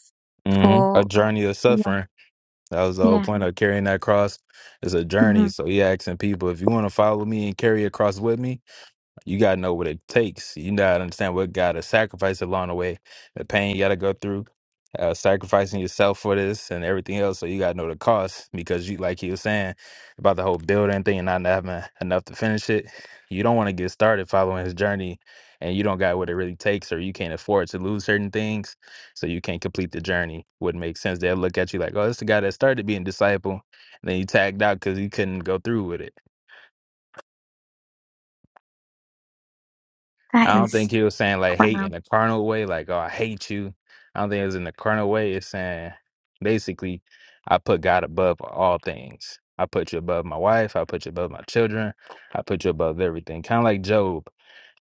hmm A for journey of yeah, suffering That was the whole yeah, point of carrying that cross. It's a journey. hmm So he asking people, if you want to follow me and carry a cross with me, you gotta know what it takes. You gotta understand what gotta sacrifice along the way, the pain you gotta go through, uh, sacrificing yourself for this and everything else. So you gotta know the cost because you, like you were saying about the whole building thing and not having enough to finish it. You don't want to get started following his journey, and you don't got what it really takes, or you can't afford to lose certain things, so you can't complete the journey. Wouldn't make sense. They'll look at you like, "Oh, this the guy that started being a disciple," and then you tagged out because you couldn't go through with it. that I don't think is he was saying like hate wow, in a carnal way, like, oh, I hate you. I don't think it was in the carnal way. It's saying basically, I put God above all things. I put you above my wife. I put you above my children. I put you above everything. Kind of like Job,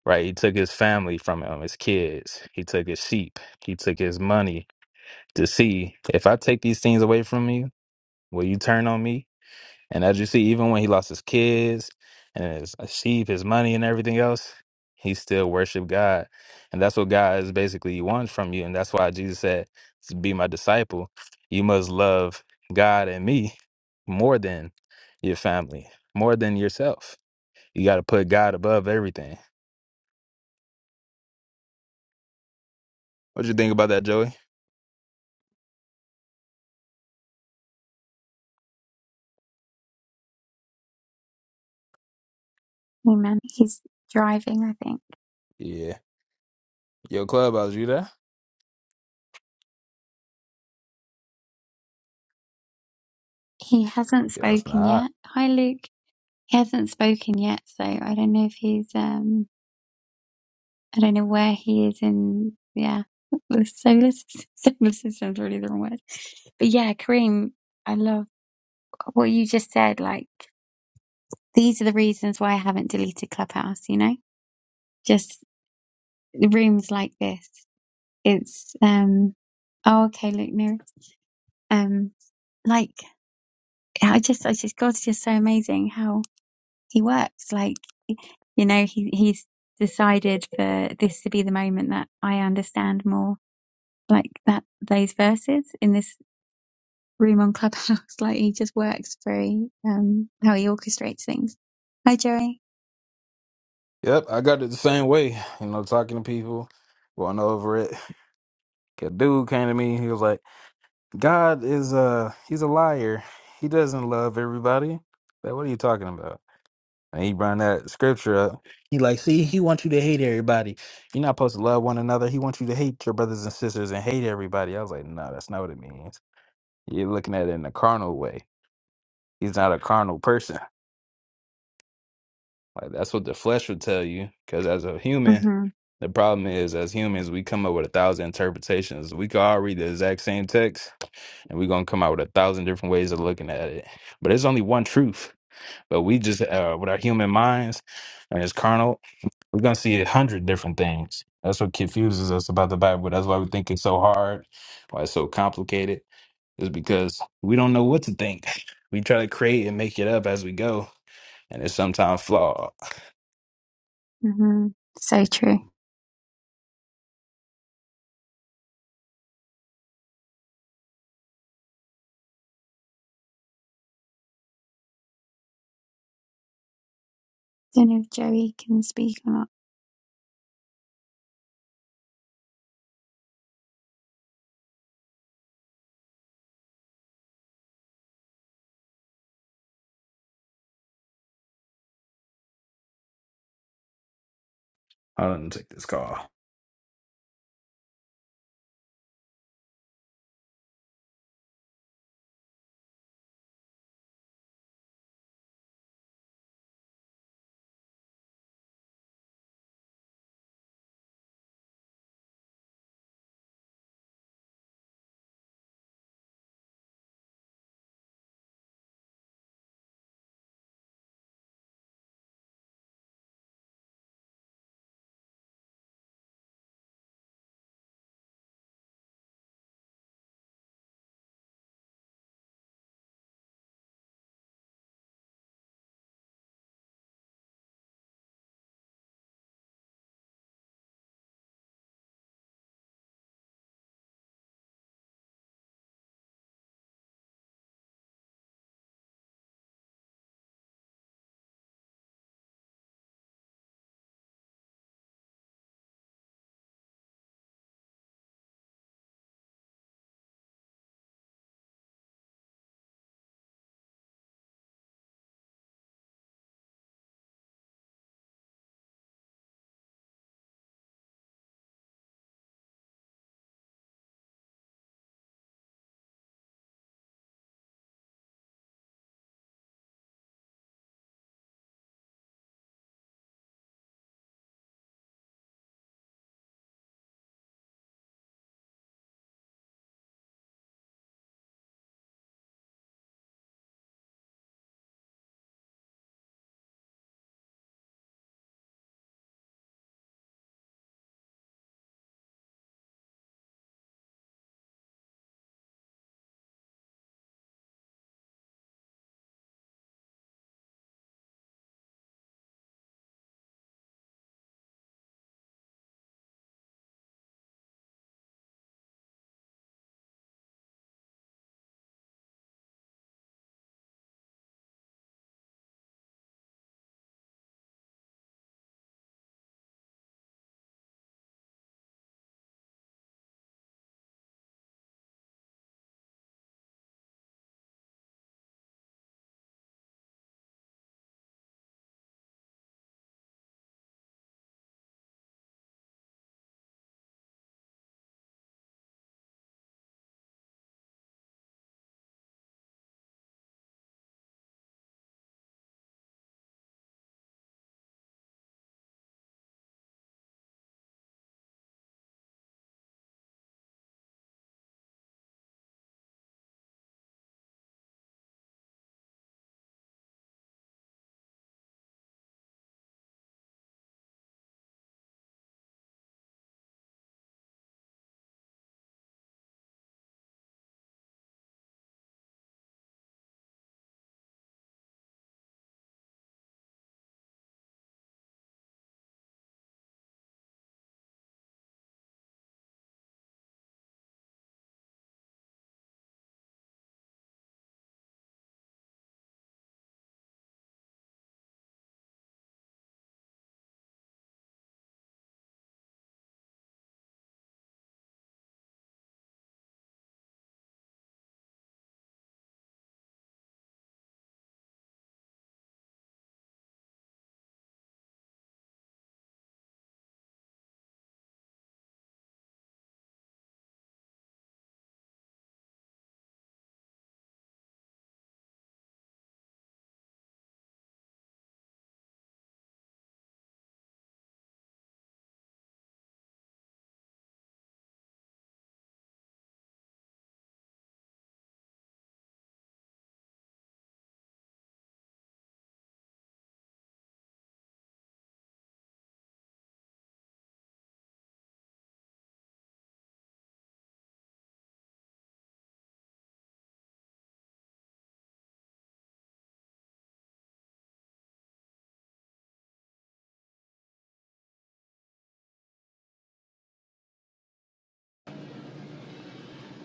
right? He took his family from him, his kids. He took his sheep. He took his money to see if I take these things away from you, will you turn on me? And as you see, even when he lost his kids and his uh, sheep, his money, and everything else, he still worshiped God. And that's what God is basically wants from you. And that's why Jesus said, to be my disciple, you must love God and me more than your family, more than yourself. You got to put God above everything. What you think about that, Joey? amen. He's driving, I think. Yeah. Yo, Clubhouse, you there? He hasn't Yeah, it's spoken not. yet. Hi, Luke. He hasn't spoken yet, so I don't know if he's, um, I don't know where he is in, yeah, (laughs) the solar, sys- (laughs) solar system's really the wrong word. But yeah, Kareem, I love what you just said. Like, these are the reasons why I haven't deleted Clubhouse, you know? Just rooms like this. It's, um, oh, okay, Luke, no, um, like, I just, I just, God's just so amazing how he works. Like, You know, he he's decided for this to be the moment that I understand more like that those verses in this room on Clubhouse. (laughs) Like he just works through um how he orchestrates things. Hi Joey. Yep, I got it the same way. You know, talking to people, going over it. A dude came to me. He was like, God is a he's a liar. He doesn't love everybody. Like, what are you talking about? And he brought that scripture up. He like, see, he wants you to hate everybody. You're not supposed to love one another. He wants you to hate your brothers and sisters and hate everybody. I was like, no, that's not what it means. You're looking at it in a carnal way. He's not a carnal person. Like that's what the flesh would tell you. Because as a human, Mhm. The problem is, as humans, we come up with a thousand interpretations. We could all read the exact same text, and we're gonna come out with a thousand different ways of looking at it. But there's only one truth. But we just, uh, with our human minds and it's carnal, we're gonna see a hundred different things. That's what confuses us about the Bible. That's why we think it's so hard, why it's so complicated. Is because we don't know what to think. We try to create and make it up as we go, and it's sometimes flawed. Mhm. So true. Don't know if Joey can speak or not. I'm Hold on, take this call.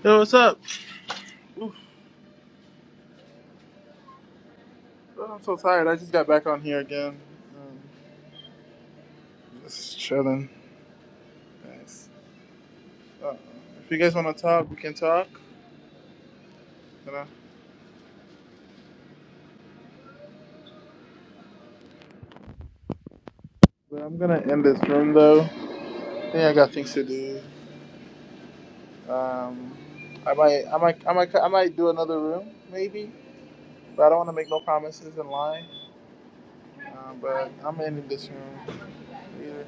Yo, what's up? Oof, oh, I'm so tired. I just got back on here again. Um, just chilling. Nice. Uh, if you guys want to talk, we can talk. You know? But I'm gonna end this room though. I think I got things to do. Um, I might, I might, I might, I might do another room maybe. But I don't want to make no promises and lie. Um, but I'm ending this room. Later.